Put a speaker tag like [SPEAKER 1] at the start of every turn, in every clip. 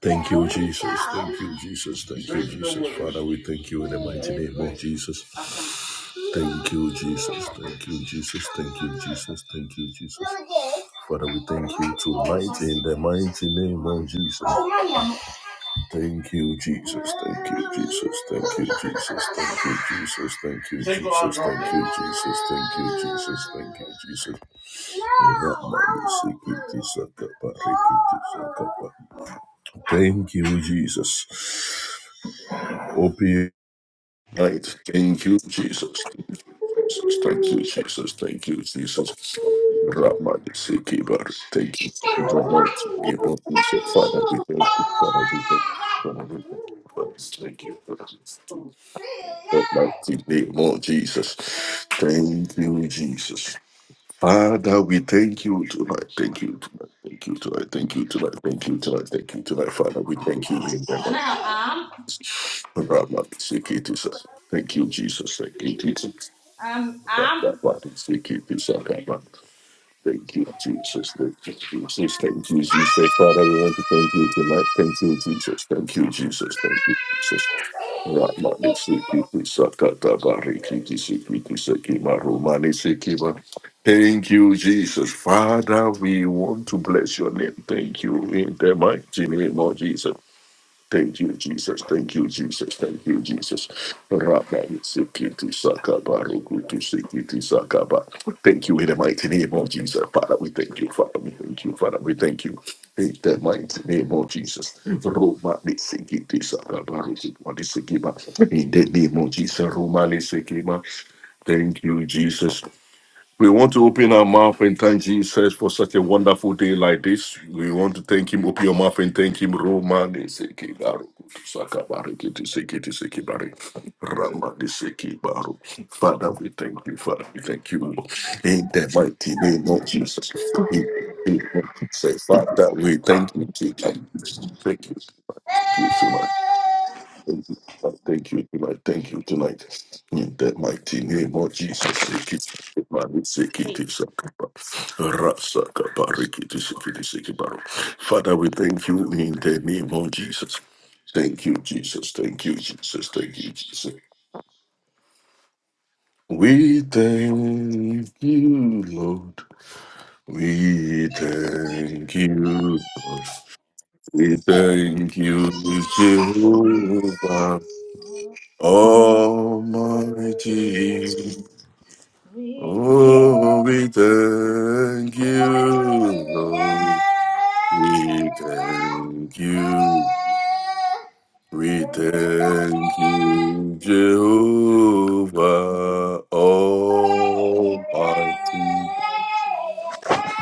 [SPEAKER 1] Thank you, Jesus. Thank you, Jesus. Thank you, Jesus. Father, we thank you in the mighty name of Jesus. Thank you, Jesus. Thank you, Jesus. Thank you, Jesus. Thank you, Jesus. Father, we thank you tonight in the mighty name of Jesus. Thank you, Jesus. Thank you, Jesus. Thank you, Jesus. Thank you, Jesus. Thank you, Jesus. Thank you, Jesus. Thank you, Jesus. Thank you, Jesus. Thank you, Jesus. Thank you, Jesus. Open. Right. Thank you, Jesus. Thank you, Jesus. Thank you, Jesus. Ramadisikibar. Thank you. We are
[SPEAKER 2] What?
[SPEAKER 1] not able to say, Father, we thank you. Father, we thank you. Father, we thank you. Father, thank you. Father. That mighty name of Jesus. Thank you, Jesus. Father, we thank you tonight. Thank you tonight. Thank you tonight. Thank you tonight. Thank you tonight. Thank you tonight. Father, we thank you in heaven.
[SPEAKER 2] Amp?
[SPEAKER 1] Rabakisikitisaka. Thank you, Jesus. Thank you, Jesus.
[SPEAKER 2] Amp? Amp?
[SPEAKER 1] Rabakisikitisaka. Thank you, Jesus. Thank you, Jesus. Thank you, Jesus. Father, we want to thank you tonight. Thank you, Jesus. Thank you, Jesus. Thank you, Jesus. Rabakisikitisaka. Tabarikitisikitisaki. Marumanisikiba. Thank you, Jesus. Father, we want to bless your name. Thank you in the mighty name of Jesus. Thank you, Jesus. Thank you, Jesus. Thank you, Jesus. Rabba Sikiti Sakaba Rukutu Sikiti Sakaba. Thank you in the mighty name of Jesus. Father, we thank you. Father, we thank you. Father, we thank you. In the mighty name of Jesus. Roma Sikiti Sakaba Rukutu Sikiba. In the name of Jesus. Roma Sikima. Thank you, Jesus. We want to open our mouth and thank Jesus for such a wonderful day like this. We want to thank Him. Open your mouth and thank Him. Roman Seki Baru. Sakabari Kiti Seki Seki Bari. Ramani Seki Baru. Father, we thank you. Father, we thank you. In the mighty name of Jesus. In the name of Jesus. Father, we thank you. Jesus. Thank you. so much. Thank you so much. Thank you tonight. Thank you tonight. Thank you tonight. In that mighty name of Jesus, seek it. man, seek it, it's a cup of- Rasaka Father, we thank you in the name of Jesus. Thank you, Jesus. Thank you, Jesus. Thank you, Jesus. We thank you, Lord. We thank you, Lord. We thank you, Jehovah. Almighty,
[SPEAKER 2] Wait.
[SPEAKER 1] oh, we thank
[SPEAKER 2] What a
[SPEAKER 1] you, Lord. We thank you. We thank you, Jehovah Almighty.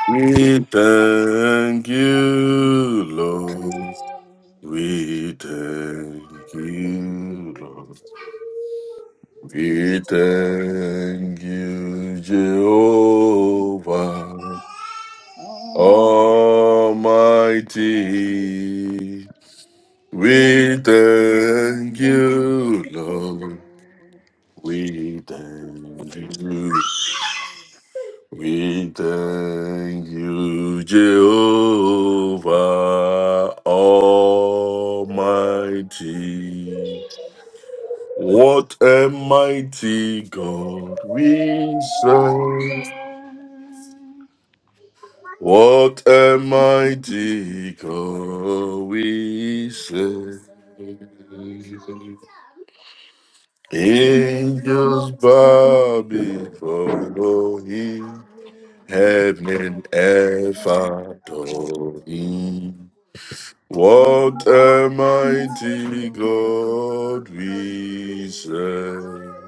[SPEAKER 1] We thank you, Lord. We thank you, Lord. We thank you, Jehovah Almighty. We thank you, Lord. We thank you. We thank you, Jehovah Almighty. What a mighty God we serve. What a mighty God we serve. Angels bow before him. Heaven and earth adore him. What a mighty
[SPEAKER 2] mighty
[SPEAKER 1] God
[SPEAKER 2] God
[SPEAKER 1] we
[SPEAKER 2] we
[SPEAKER 1] serve.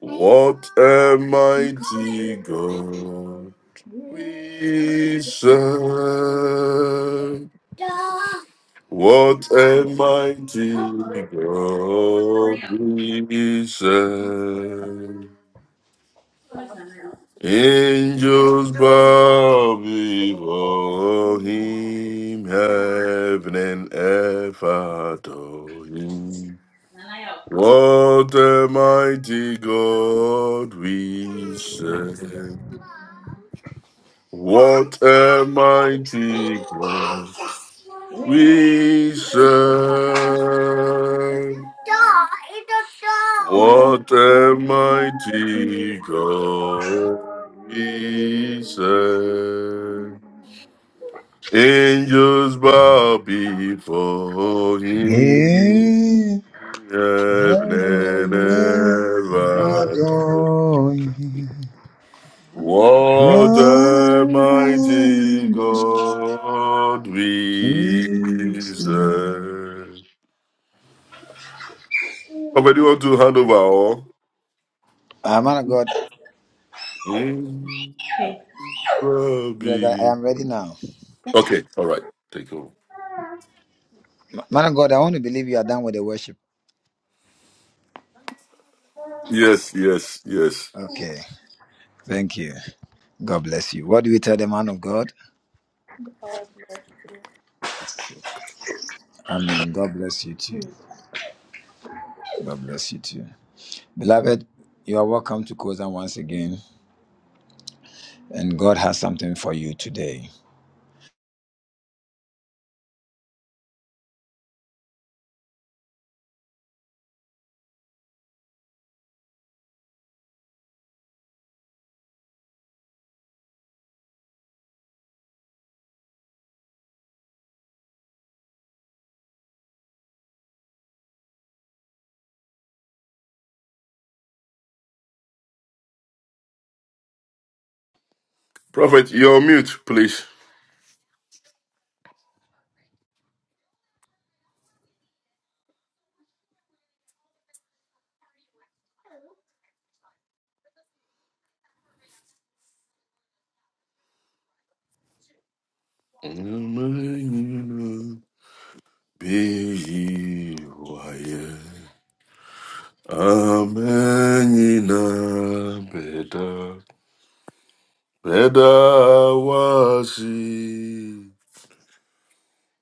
[SPEAKER 1] What a mighty
[SPEAKER 2] serve.
[SPEAKER 1] God we serve. What a mighty God we serve. Angels bow before him, heaven and earth adore him. What a mighty God we serve. What a mighty God we serve. What a mighty God we serve. Angels bow before him.
[SPEAKER 3] Yeah,
[SPEAKER 1] Heaven and
[SPEAKER 3] Adonai,
[SPEAKER 1] earth adore.
[SPEAKER 3] Adonai,
[SPEAKER 1] What
[SPEAKER 3] what
[SPEAKER 1] a
[SPEAKER 3] Adonai,
[SPEAKER 1] mighty God we serve. Papa, do you want to hand over all?
[SPEAKER 3] Ah, man of God,
[SPEAKER 1] Mm,
[SPEAKER 3] yes, I, I
[SPEAKER 1] baby.
[SPEAKER 3] am ready now.
[SPEAKER 1] Okay, all right. Take over.
[SPEAKER 3] Ma- Man of God, I want to believe you are done with the worship.
[SPEAKER 1] Yes, yes, yes.
[SPEAKER 3] Okay, thank you. God bless you. What do we tell the man of God? Amen. God bless you too. God bless you too. Beloved, you are welcome to Kozan once again, and God has something for you today.
[SPEAKER 1] Prophet, you're on mute, please. Amen. Be quiet. Amen. Beta. Eda wasi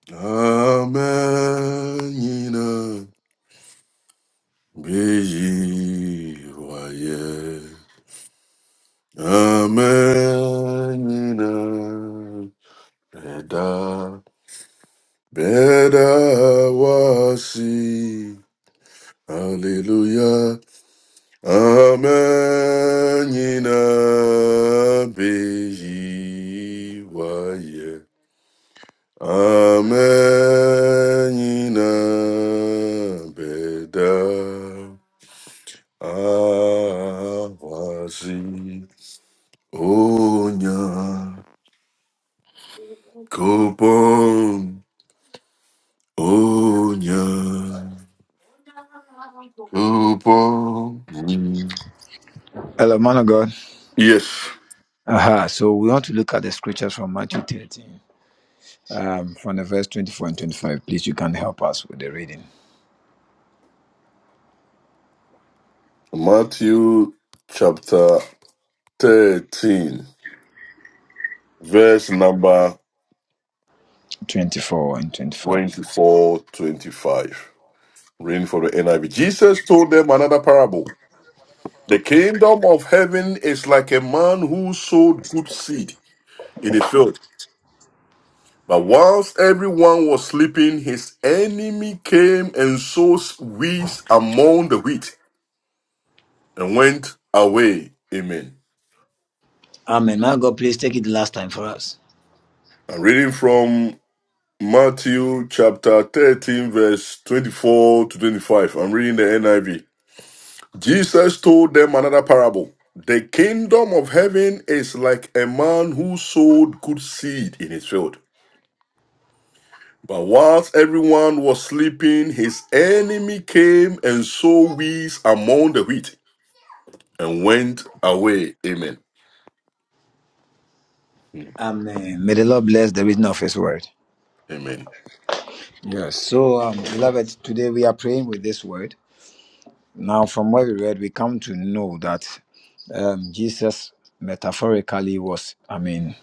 [SPEAKER 1] amenina beji waye amenina eda beda wasi hallelujah amenina beji waye Amenina beda awazi onya kupon onya kupon.
[SPEAKER 3] Hello, man of God.
[SPEAKER 1] Yes,
[SPEAKER 3] Aha! So we want to look at the scriptures from Matthew 13, um, from the verse 24 and 25. Please, you can help us with the reading.
[SPEAKER 1] Matthew chapter 13, verse number
[SPEAKER 3] 24 and 25.
[SPEAKER 1] twenty four, twenty five. 25. Reading for the NIV. Jesus told them another parable. The kingdom of heaven is like a man who sowed good seed in his field. But whilst everyone was sleeping, his enemy came and sowed weeds among the wheat and went away. Amen.
[SPEAKER 3] Amen. Now, God, please take it the last time for us.
[SPEAKER 1] I'm reading from Matthew chapter 13, verse 24 to 25. I'm reading the NIV. Jesus told them another parable. The kingdom of heaven is like a man who sowed good seed in his field. But whilst everyone was sleeping, his enemy came and sowed weeds among the wheat and went away. Amen.
[SPEAKER 3] Amen. May the Lord bless the reading of His word.
[SPEAKER 1] Amen.
[SPEAKER 3] Yes. So, um, beloved, today we are praying with this word. Now, from what we read, we come to know that um, Jesus metaphorically was, I mean,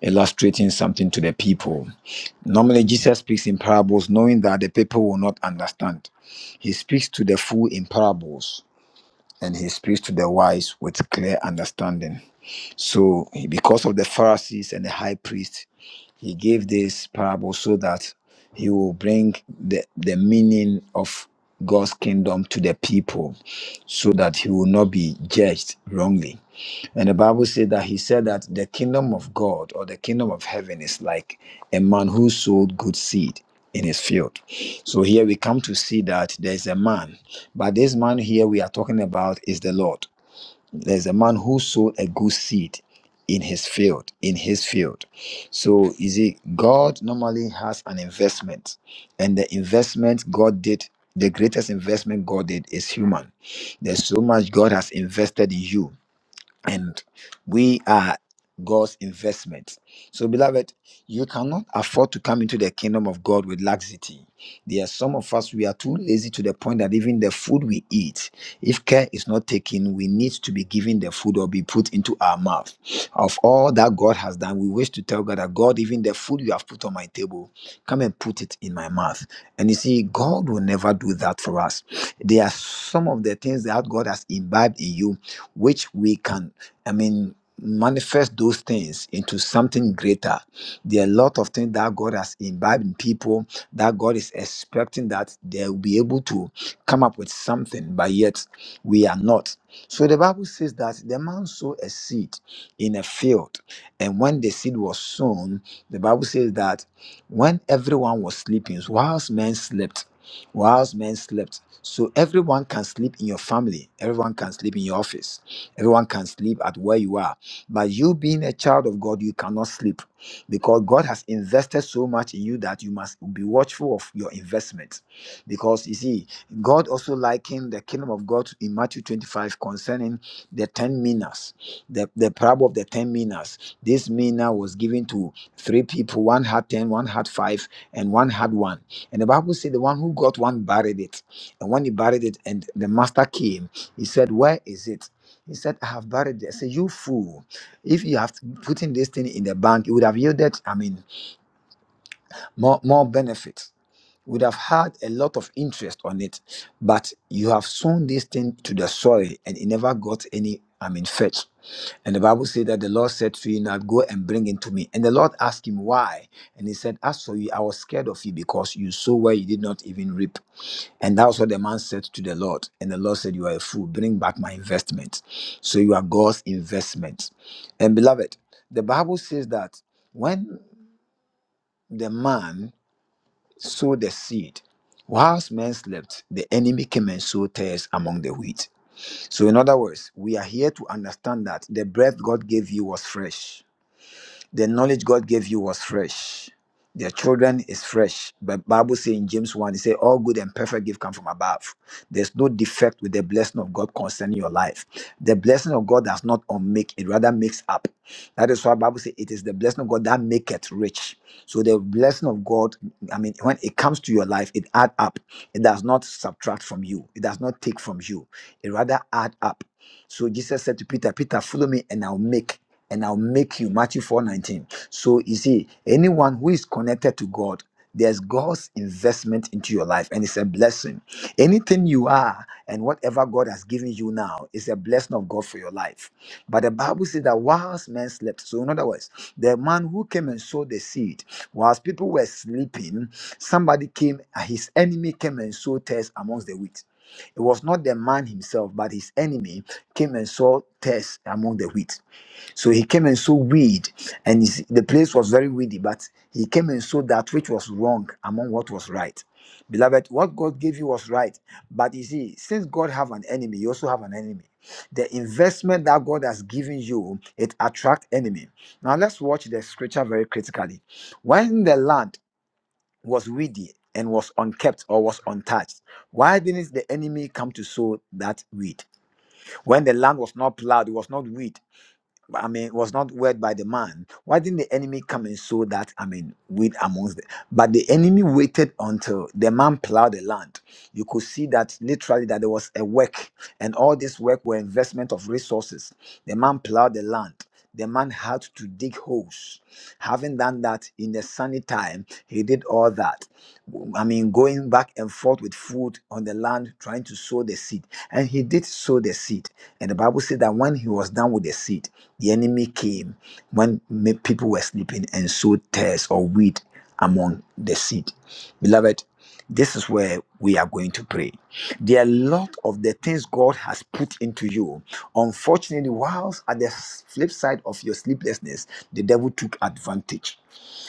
[SPEAKER 3] illustrating something to the people. Normally, Jesus speaks in parables knowing that the people will not understand. He speaks to the fool in parables and he speaks to the wise with clear understanding. So, because of the Pharisees and the high priest, he gave this parable so that he will bring the, the meaning of God's kingdom to the people so that he will not be judged wrongly. And the Bible said that he said that the kingdom of God or the kingdom of heaven is like a man who sowed good seed in his field. So here we come to see that there's a man, but this man here we are talking about is the Lord. There's a man who sowed a good seed in his field, in his field. So you see, God normally has an investment, and the investment God did, the greatest investment God did is human. There's so much God has invested in you and we are God's investment. So, beloved, you cannot afford to come into the kingdom of God with laxity. There are some of us, we are too lazy to the point that even the food we eat, if care is not taken, we need to be given the food or be put into our mouth. Of all that God has done, we wish to tell God that God, even the food you have put on my table, come and put it in my mouth. And you see, God will never do that for us. There are some of the things that God has imbibed in you which we can, I mean, manifest those things into something greater. There are a lot of things that God has imbibed in people that God is expecting that they'll be able to come up with something, but yet we are not. So the Bible says that the man sowed a seed in a field, and when the seed was sown, the Bible says that when everyone was sleeping, whilst men slept, whilst men slept. So everyone can sleep in your family, everyone can sleep in your office, everyone can sleep at where you are. But you being a child of God, you cannot sleep because God has invested so much in you that you must be watchful of your investment because you see god also likened the kingdom of god in matthew 25 concerning the 10 minas the, the parable of the 10 minas this mina was given to three people one had ten, one had 5 and one had 1 and the bible said the one who got one buried it and when he buried it and the master came he said where is it he said, I have buried it. I said, You fool. If you have put in this thing in the bank, it would have yielded, I mean, more, more benefits would have had a lot of interest on it, but you have sown this thing to the soil and it never got any, I mean, fetch. And the Bible said that the Lord said to you, Now go and bring it to me. And the Lord asked him why. And he said, As for you, I was scared of you because you sow where you did not even reap. And that was what the man said to the Lord. And the Lord said, You are a fool, bring back my investment. So you are God's investment. And beloved, the Bible says that when the man sow the seed. Whilst men slept, the enemy came and sowed tares among the wheat. So, in other words, we are here to understand that the breath God gave you was fresh the knowledge God gave you was fresh. Their children is fresh. But Bible say in James 1, it say all good and perfect gift come from above. There's no defect with the blessing of God concerning your life. The blessing of God does not unmake, it rather makes up. That is why Bible say it is the blessing of God that maketh rich. So the blessing of God, I mean, when it comes to your life, it add up. It does not subtract from you. It does not take from you. It rather add up. So Jesus said to Peter, Peter, follow me and I'll make and I'll make you. Matthew 4 19. So you see, anyone who is connected to God, there's God's investment into your life, and it's a blessing. Anything you are and whatever God has given you now is a blessing of God for your life. But the Bible says that whilst men slept, so in other words, the man who came and sowed the seed, whilst people were sleeping, somebody came, his enemy came and sowed tares amongst the wheat. It was not the man himself, but his enemy came and sowed tares among the wheat. So he came and sowed weed, and he s- the place was very weedy, but he came and sowed that which was wrong among what was right. Beloved, what God gave you was right. But you see, since God have an enemy, you also have an enemy. The investment that God has given you, it attract enemy. Now let's watch the scripture very critically. When the land was weedy and was unkept or was untouched, why didn't the enemy come to sow that weed? When the land was not plowed, it was not weed I mean, was not worked by the man. Why didn't the enemy come and sow that? I mean, weed amongst them? But the enemy waited until the man plowed the land. You could see that literally that there was a work. And all this work were investment of resources. The man plowed the land. The man had to dig holes. Having done that in the sunny time, he did all that. I mean, going back and forth with food on the land, trying to sow the seed. And he did sow the seed. And the Bible said that when he was done with the seed, the enemy came when ma- people were sleeping and sowed tares or wheat among the seed. Beloved, this is where we are going to pray. There are a lot of the things God has put into you. Unfortunately, whilst at the flip side of your sleeplessness, the devil took advantage.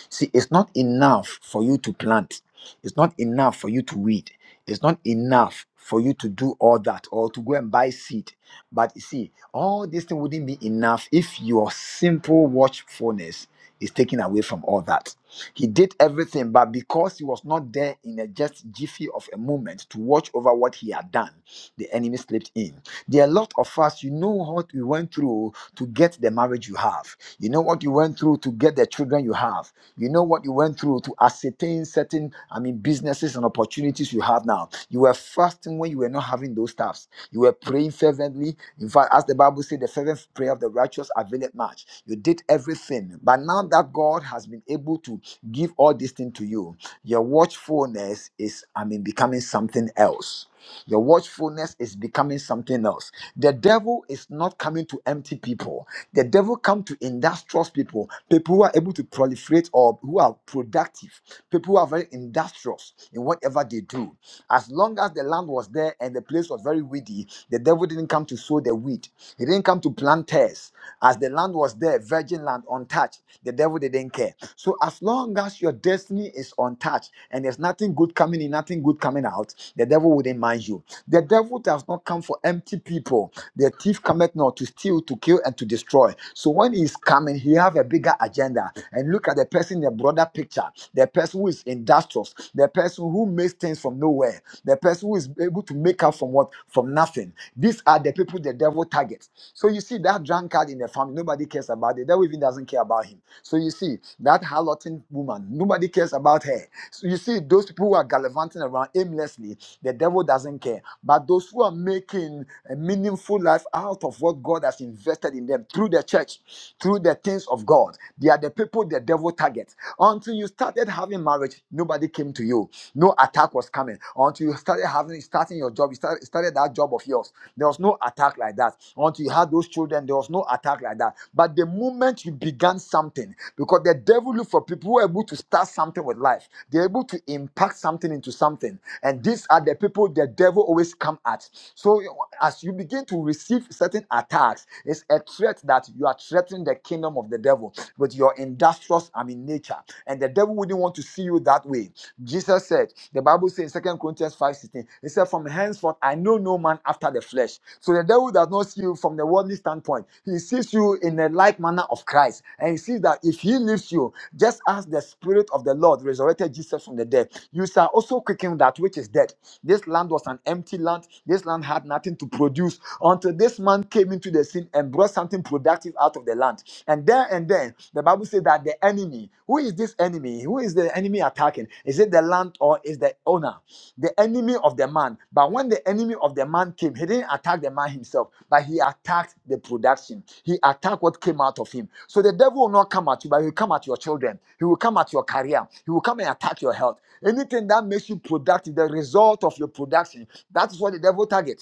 [SPEAKER 3] See, it's not enough for you to plant. It's not enough for you to weed. It's not enough for you to do all that or to go and buy seed. But you see, all this thing wouldn't be enough if your simple watchfulness is taken away from all that. He did everything, but because he was not there in a just jiffy of a moment to watch over what he had done, the enemy slipped in. There are a lot of us, you know what we went through to get the marriage you have. You know what you went through to get the children you have. You know what you went through to ascertain certain, I mean, businesses and opportunities you have now. You were fasting when you were not having those stuffs. You were praying fervently. In fact, as the Bible said, the fervent prayer of the righteous availeth much. You did everything. But now that God has been able to give all this thing to you, your watchfulness is, I mean, becoming something else. Your watchfulness is becoming something else. The devil is not coming to empty people. The devil comes to industrious people, people who are able to proliferate or who are productive, people who are very industrious in whatever they do. As long as the land was there and the place was very weedy, the devil didn't come to sow the wheat. He didn't come to plant tares. As the land was there, virgin land, untouched, the devil didn't care. So as long as your destiny is untouched and there's nothing good coming in, nothing good coming out, the devil wouldn't mind you. The devil does not come for empty people. The thief cometh not to steal, to kill, and to destroy. So when he's coming, he have a bigger agenda. And look at the person in the broader picture, the person who is industrious, the person who makes things from nowhere, the person who is able to make up from what from nothing. These are the people the devil targets. So you see that drunkard in the family, nobody cares about it. The devil even doesn't care about him. So you see, that harloting woman, nobody cares about her. So you see, those people who are gallivanting around aimlessly, the devil doesn't care. But those who are making a meaningful life out of what God has invested in them through the church, through the things of God, they are the people the devil targets. Until you started having marriage, nobody came to you. No attack was coming. Until you started having starting your job, you started, started that job of yours. There was no attack like that. Until you had those children, there was no attack like that. But the moment you began something, because the devil look for people who are able to start something with life, they're able to impact something into something. And these are the people the devil always come at. So as you begin to receive certain attacks, it's a threat that you are threatening the kingdom of the devil with your industrious, I mean, nature. And the devil wouldn't want to see you that way. Jesus said, the Bible says in 2 Corinthians 5:16, it said, From henceforth I know no man after the flesh. So the devil does not see you from the worldly standpoint. He sees you in the like manner of Christ. And he sees that if he leaves you, just as the spirit of the Lord resurrected Jesus from the dead, you shall also quicken that which is dead. This land was an empty land. This land had nothing to produce until this man came into the scene and brought something productive out of the land. And there and then, the Bible says that the enemy, who is this enemy? Who is the enemy attacking? Is it the land or is the owner? The enemy of the man. But when the enemy of the man came, he didn't attack the man himself, but he attacked the production. He attacked what came out of him. So the devil will not come at you, but he will come at your children. He will come at your career. He will come and attack your health. Anything that makes you productive, the result of your production, that's what the devil targets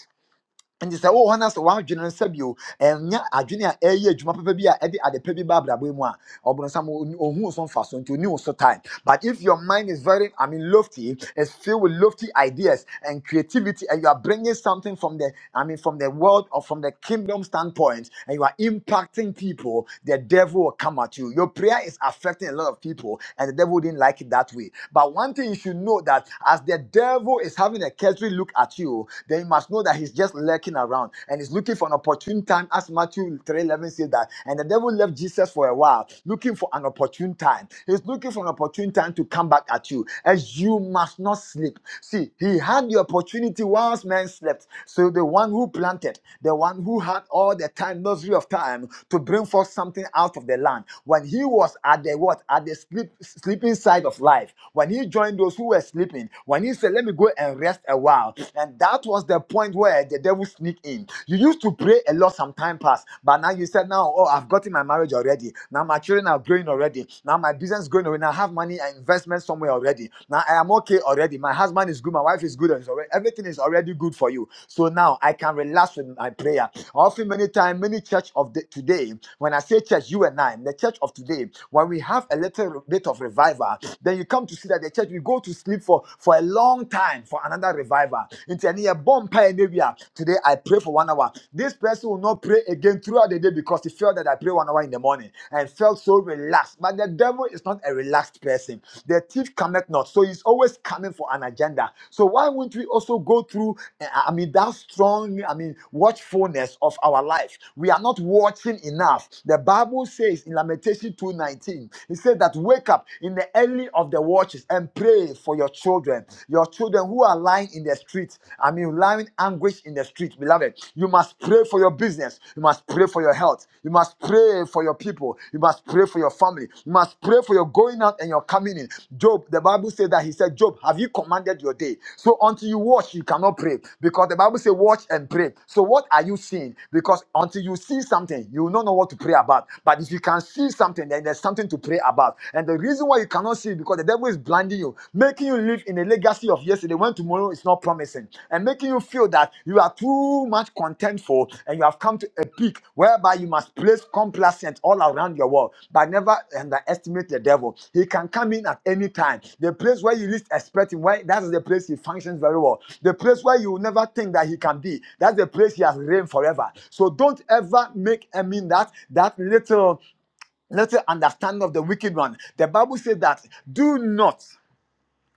[SPEAKER 3] nti sɛ wowɔ hɔ na sɛ woadwene no sɛbio ɛnyɛ adwene a ɛyɛ adwuma papa bi a ɛde adepa bi ba abrabɔ mu a so so so time but if your mind is very i mean lofty it's filled with lofty ideas and creativity and you are bringing something from the i mean from the world or from the kingdom standpoint and you are impacting people the devil will come at you your prayer is affecting a lot of people and the devil didn't like it that way but one thing you should know that as the devil is having a cursory look at you then you must know that he's just lurking around and he's looking for an opportune time as matthew 3:11 11 says that. And the devil left Jesus for a while, looking for an opportune time. He's looking for an opportune time to come back at you, as you must not sleep. See, he had the opportunity whilst men slept. So the one who planted, the one who had all the time, luxury of time, to bring forth something out of the land. When he was at the what? At the sleep, sleeping side of life, when he joined those who were sleeping, when he said, Let me go and rest a while. And that was the point where the devil sneaked in in. You used to pray a lot some time past, but now you said, now, oh, I've gotten my marriage already. Now my children are growing already. Now my business is growing already. Now I have money and investment somewhere already. Now I am okay already. My husband is good. My wife is good. and it's already- everything is already good for you. So now I can relax with my prayer. Often, many times, many church of the, today, when I say church, you and I, the church of today, when we have a little bit of revival, then you come to see that the church, we go to sleep for, for a long time for another revival hour. Nti ɛne yɛ bɔ mpaeɛ no Today I pray for one hour. This person will not pray again throughout the day because he felt that I pray one hour in the morning and felt so relaxed. But the devil is not a relaxed person. The thief cometh not. So he's always coming for an agenda. So why wouldn't we also go through, eh, I mean, that strong, I mean, watchfulness of our life? We are not watching enough. The Bible says in Lamentation 2.19, it says that wake up in the early of the watches and pray for your children, your children who are lying in the street. I mean, lying anguish in the street, beloved. You must pray for your business. You must pray for your health. You must pray for your people. You must pray for your family. You must pray for your going out and your coming in. Job, the Bible said that he said, Job, have you commanded your day? So until you watch, you cannot pray because the Bible says, watch and pray. So what are you seeing? Because until you see something, you will not know what to pray about. But if you can see something, then there's something to pray about. and. And the reason why you cannot see it because the devil is blinding you, making you live in a legacy of yesterday when tomorrow is not promising, and making you feel that you are too much contentful and you have come to a peak whereby you must place complacent all around your world. But never underestimate the devil. He can come in at any time. The place where you least expect him, where that is the place he functions very well. The place where you will never think that he can be. That's the place he has reigned forever. So don't ever make I mean that that little let the understanding of the wicked one. The Bible says that do not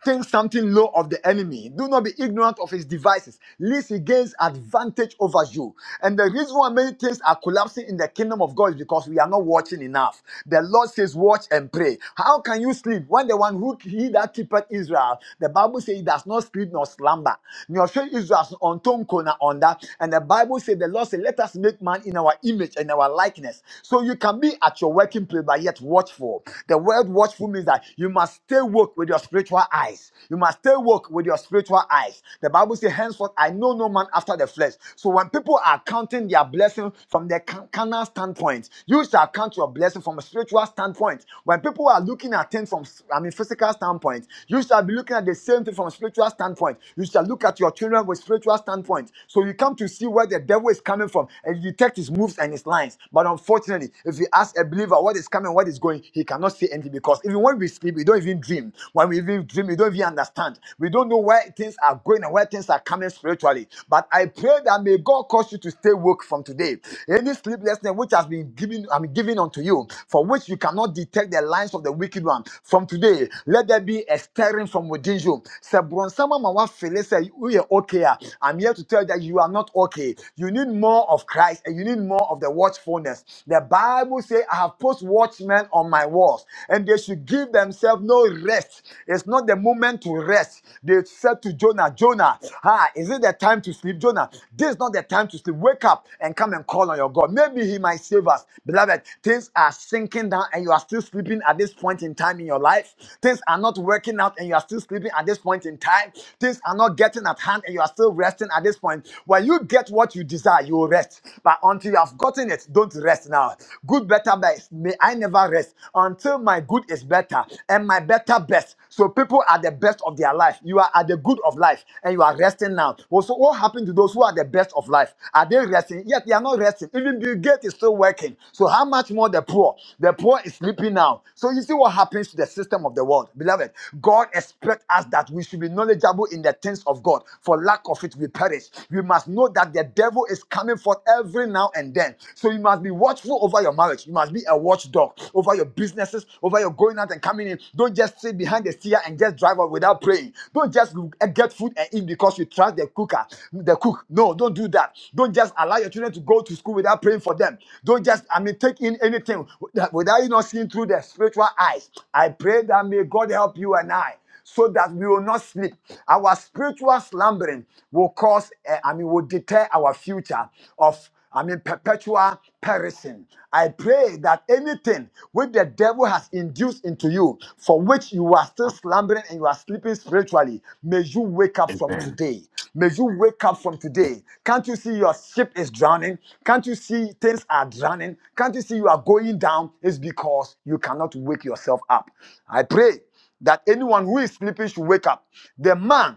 [SPEAKER 3] think something low of the enemy. Do not be ignorant of his devices, lest he gains advantage over you. And the reason why many things are collapsing in the kingdom of God is because we are not watching enough. The Lord says, Watch and pray. How can you sleep when the one who he that keepeth Israel, the Bible says, he does not sleep nor slumber? Nyɔhwɛ Israel so ɔntɔ nko na ɔnda. And the Bible says, The Lord said, Let us make man in our image and our likeness. So you can be at your working place, but yet watchful. The word watchful means that you must stay woke with your spiritual eyes. You must stay woke with your spiritual eyes. The Bible says, Henceforth, I know no man after the flesh. So when people are counting their blessing from their can- carnal standpoint, you shall count your blessing from a spiritual standpoint. When people are looking at things from, I mean, physical standpoint, you shall be looking at the same thing from a spiritual standpoint. You shall look look at your children with spiritual standpoint. So you come to see where the devil is coming from and you detect his moves and his lines. But unfortunately, if you ask a believer what is coming, what is going, he cannot see anything because even when we sleep, we don't even dream. When we even dream, we don't even understand. We don't know where things are going and where things are coming spiritually. But I pray that may God cause you to stay woke from today. Any sleeplessness which has been given, I mean, given unto you, for which you cannot detect the lines of the wicked one, from today, let there be a stirring from within you. Sɛ borɔnsam ama woafele sɛ say we are okay. ah, I'm here to tell you that you are not okay. You need more of Christ and you need more of the watchfulness. The Bible says, I have put watchmen on my walls, and they should give themselves no rest. It's not the moment to rest. They said to Jonah, Jonah, ah, is it the time to sleep? Jonah, this is not the time to sleep. Wake up and come and call on your God. Maybe he might save us. Beloved, things are sinking down and you are still sleeping at this point in time in your life. Things are not working out and you are still sleeping at this point in time. Things are not not getting at hand and you are still resting at this point, when you get what you desire, you will rest. But until you have gotten it, don't rest now. Good, better, best. May I never rest until my good is better and my better best. So people are the best of their life. You are at the good of life and you are resting now. Well, so what happened to those who are the best of life? Are they resting? Yet they are not resting. Even Bill Gates is still working. So how much more the poor? The poor is sleeping now. So you see what happens to the system of the world. Beloved, God expects us that we should be knowledgeable in the things things of God. For lack of it, we perish. We must know that the devil is coming forth every now and then. So you must be watchful over your marriage. You must be a watchdog over your businesses, over your going out and coming in. Don't just sit behind the steer and just drive out without praying. Don't just get food and eat because you trust the cooker, the cook. No, don't do that. Don't just allow your children to go to school without praying for them. Don't just, I mean, take in anything without you not seeing through the spiritual eyes. I pray that may God help you and I so that we will not sleep. Our spiritual slumbering will cause, eh, I mean, will deter our future of I mean, perpetual perishing. I pray that anything which the devil has induced into you, for which you are still slumbering and you are sleeping spiritually, may you wake up from
[SPEAKER 1] Amen.
[SPEAKER 3] today. May you wake up from today. Can't you see your ship is drowning? Can't you see things are drowning? Can't you see you are going down? It's because you cannot wake yourself up. I pray that anyone who is sleeping should wake up. The man,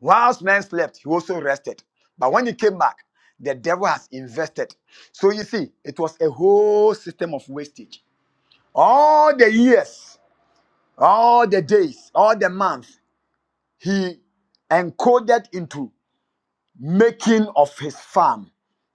[SPEAKER 3] whilst men slept, he also rested. But when he came back, the devil has invested. So you see, it was a whole system of wastage. All the years, all the days, all the months, he encoded into making of his farm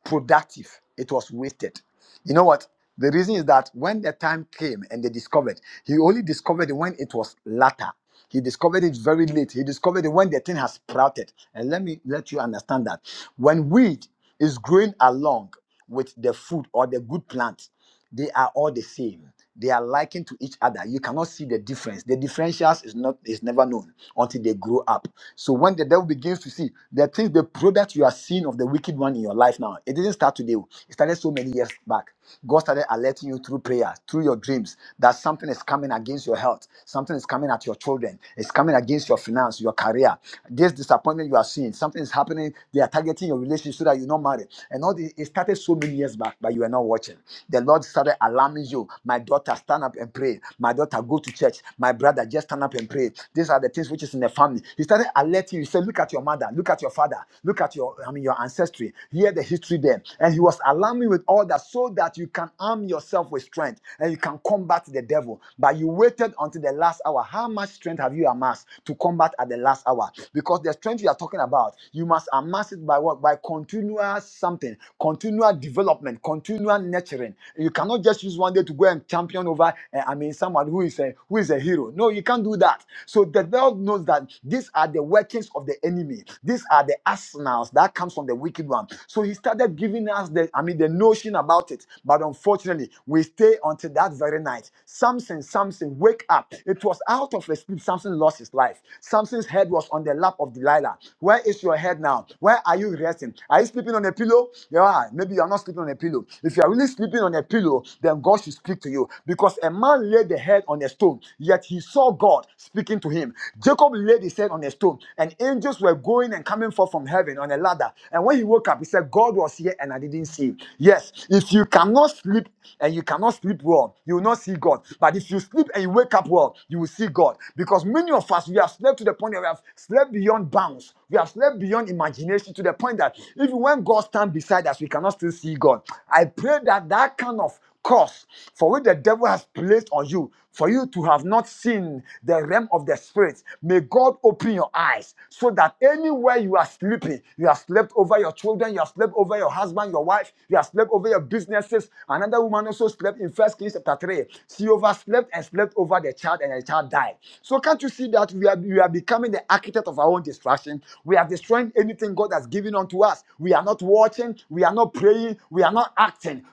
[SPEAKER 3] productive, it was wasted. You know what? The reason is that when the time came and they discovered, he only discovered it when it was latter. He discovered it very late. He discovered it when the thing has sprouted. And let me let you understand that when weed is growing along with the food or the good plant, they are all the same. They are likened to each other. You cannot see the difference. The differentials is not is never known until they grow up. So when the devil begins to see the things, the product you are seeing of the wicked one in your life now, it didn't start today. oh. It started so many years back. God started alerting you through prayer, through your dreams, that something is coming against your health, something is coming at your children, it's coming against your finance, your career. This disappointment you are seeing, something is happening. They are targeting your relationship so that you're not married. And all this, it started so many years back, but you are not watching the Lord started alarming you. My daughter, stand up and pray. My daughter, go to church. My brother, just stand up and pray. These are the things which is in the family. He started alerting you. He said, Look at your mother, look at your father, look at your I mean your ancestry. Hear the history there. And he was alarming with all that so that you can arm yourself with strength and you can combat the devil. But you waited until the last hour. How much strength have you amassed to combat at the last hour? Because the strength you are talking about, you must amass it by what? By continual something, continual development, continual nurturing champion. You cannot just use one day to go and champion over. eh, I mean, someone who is a who is a hero. No, you can't do that. So the Lord knows that these are the workings of the enemy. These are the arsenals that comes from the wicked one. So He started giving us the I mean the notion about it. But unfortunately, we stay until that very night. Samson, Samson, wake up! It was out of a sleep. Samson lost his life. Samson's head was on the lap of Delilah. Where is your head now? Where are you resting? Are you sleeping on a pillow? Yeah, maybe you are not sleeping on a pillow. If you are really sleeping sleeping on a pillow, then God should speak to you. Because a man laid the head on a stone, yet he saw God speaking to him. Jacob laid his head on a stone, and angels were going and coming forth from heaven on a ladder. And when he woke up, he said, God was here and I didn't see him. Yes, if you cannot sleep and you cannot sleep well, you will not see God. But if you sleep and you wake up well, you will see God. Because many of us, we have slept to the point that we have slept beyond bounds. We have slept beyond imagination to the point that even when God stands beside us, we cannot still see God. I pray that that that kind of cause for which the devil has placed on you, for you to have not seen the realm of the spirit, may God open your eyes so that anywhere you are sleeping, you have slept over your children, you have slept over your husband, your wife, you have slept over your businesses. Another woman also slept in First Kings chapter 3. She overslept and slept over the child, and the child died. So can't you see that we are we are becoming the architect of our own destruction? We are destroying anything God has given unto us. We are not watching, we are not praying, we are not acting.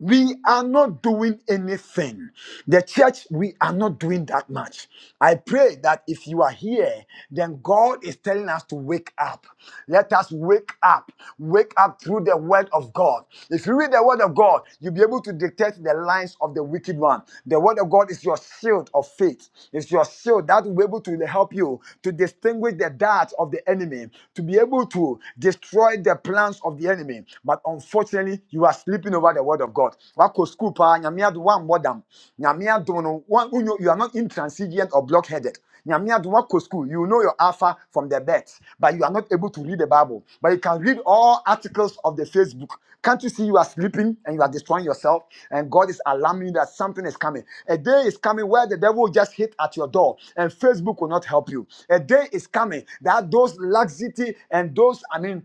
[SPEAKER 3] We are not doing anything. The church, we are not doing that much. I pray that if you are here, then God is telling us to wake up. Let us wake up. Wake up through the word of God. If you read the word of God, you'll be able to detect the lines of the wicked one. The word of God is your shield of faith. It's your shield that will be able to help you to distinguish the darts of the enemy, to be able to destroy the plans of the enemy. But unfortunately you are sleeping over the word of God. Wako school pa nyamia do one modam. Nyamia do no one unyo- you are not intransigent or blockheaded. Nyamia do wako school. You know your alpha from the bet, but you are not able to read the Bible. But you can read all articles of the Facebook. Can't you see you are sleeping and you are destroying yourself? And God is alarming you that something is coming. A day is coming where the devil will just hit at your door and Facebook will not help you. A day is coming that those laxity and those, I mean,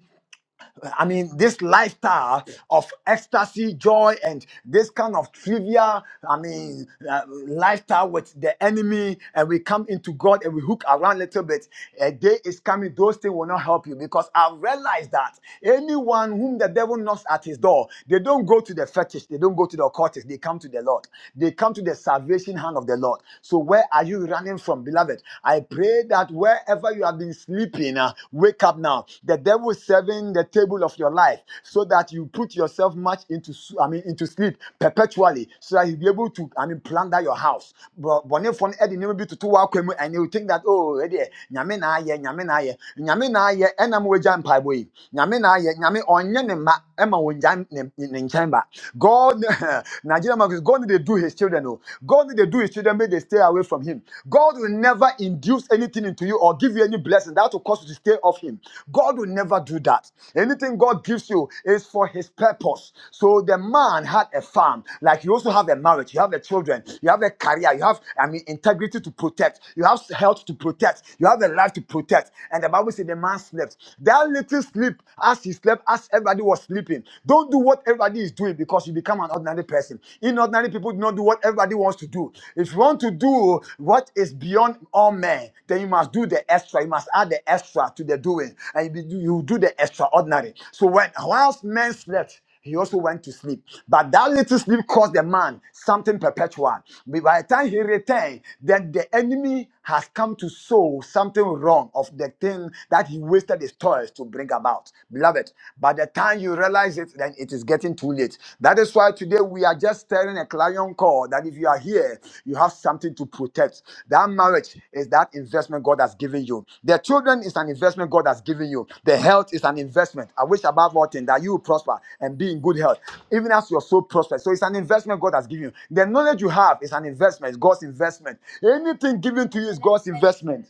[SPEAKER 3] I mean, this lifestyle of ecstasy, joy, and this kind of trivial, I mean, uh, lifestyle with the enemy, and we come into God and we hook around a little bit. A day is coming, those things will not help you because I realize that anyone whom the devil knocks at his door, they don't go to the fetish, they don't go to the occultist, they come to the Lord. They come to the salvation hand of the Lord. So, where are you running from, beloved? I pray that wherever wherever you have been sleeping, uh, wake up now. The devil is serving the table of your life so that you put yourself much into, I mean, into sleep perpetually, so that you'll be able to, I mean, plunder your house. But when you find Eddie, you to two and you think that oh, Eddie, nyame na aye, nyame na aye, nyame na aye, enam weja mpa boy, nyame na aye, nyame onye ne ma, ema onye ne ne nchamba. God, Nigeria, God need to do His children. Oh, God need to do His children children, may they stay away from him. God will never induce anything into you or give you any blessing that will cause you to stay off him. God will never do that. Anything God gives you is for his purpose. So the man had a farm. Like you also have a marriage, you have the children, you have a career, you have, I mean, integrity to protect, you have health to protect, you have a life to protect. And the Bible says the man slept. That little sleep, as he slept, as everybody was sleeping. Don't do what everybody is doing because because you become an ordinary person. Inordinary people do not do what everybody wants to do. If you want to do what is beyond all men, then you must do the extra. You must add the extra to the doing, and you, be- you do the extraordinary. So when whilst men slept, he also went to sleep. But that little sleep caused the man something perpetual. But by the time he returned, then the enemy has come to sow something wrong of the thing that he wasted his toils to bring about about. Beloved, by the time you realize it, then it is getting too late. That is why today we are just stirring a clarion call that if you are here, you have something to protect. That marriage is that investment God has given you. The children is an investment God has given you. The health is an investment. I wish above all things that you will prosper and be in good health, even as your soul prospers. So it's an investment God has given you. The knowledge you have is an investment, it's God's investment. Anything given to you is God's investment.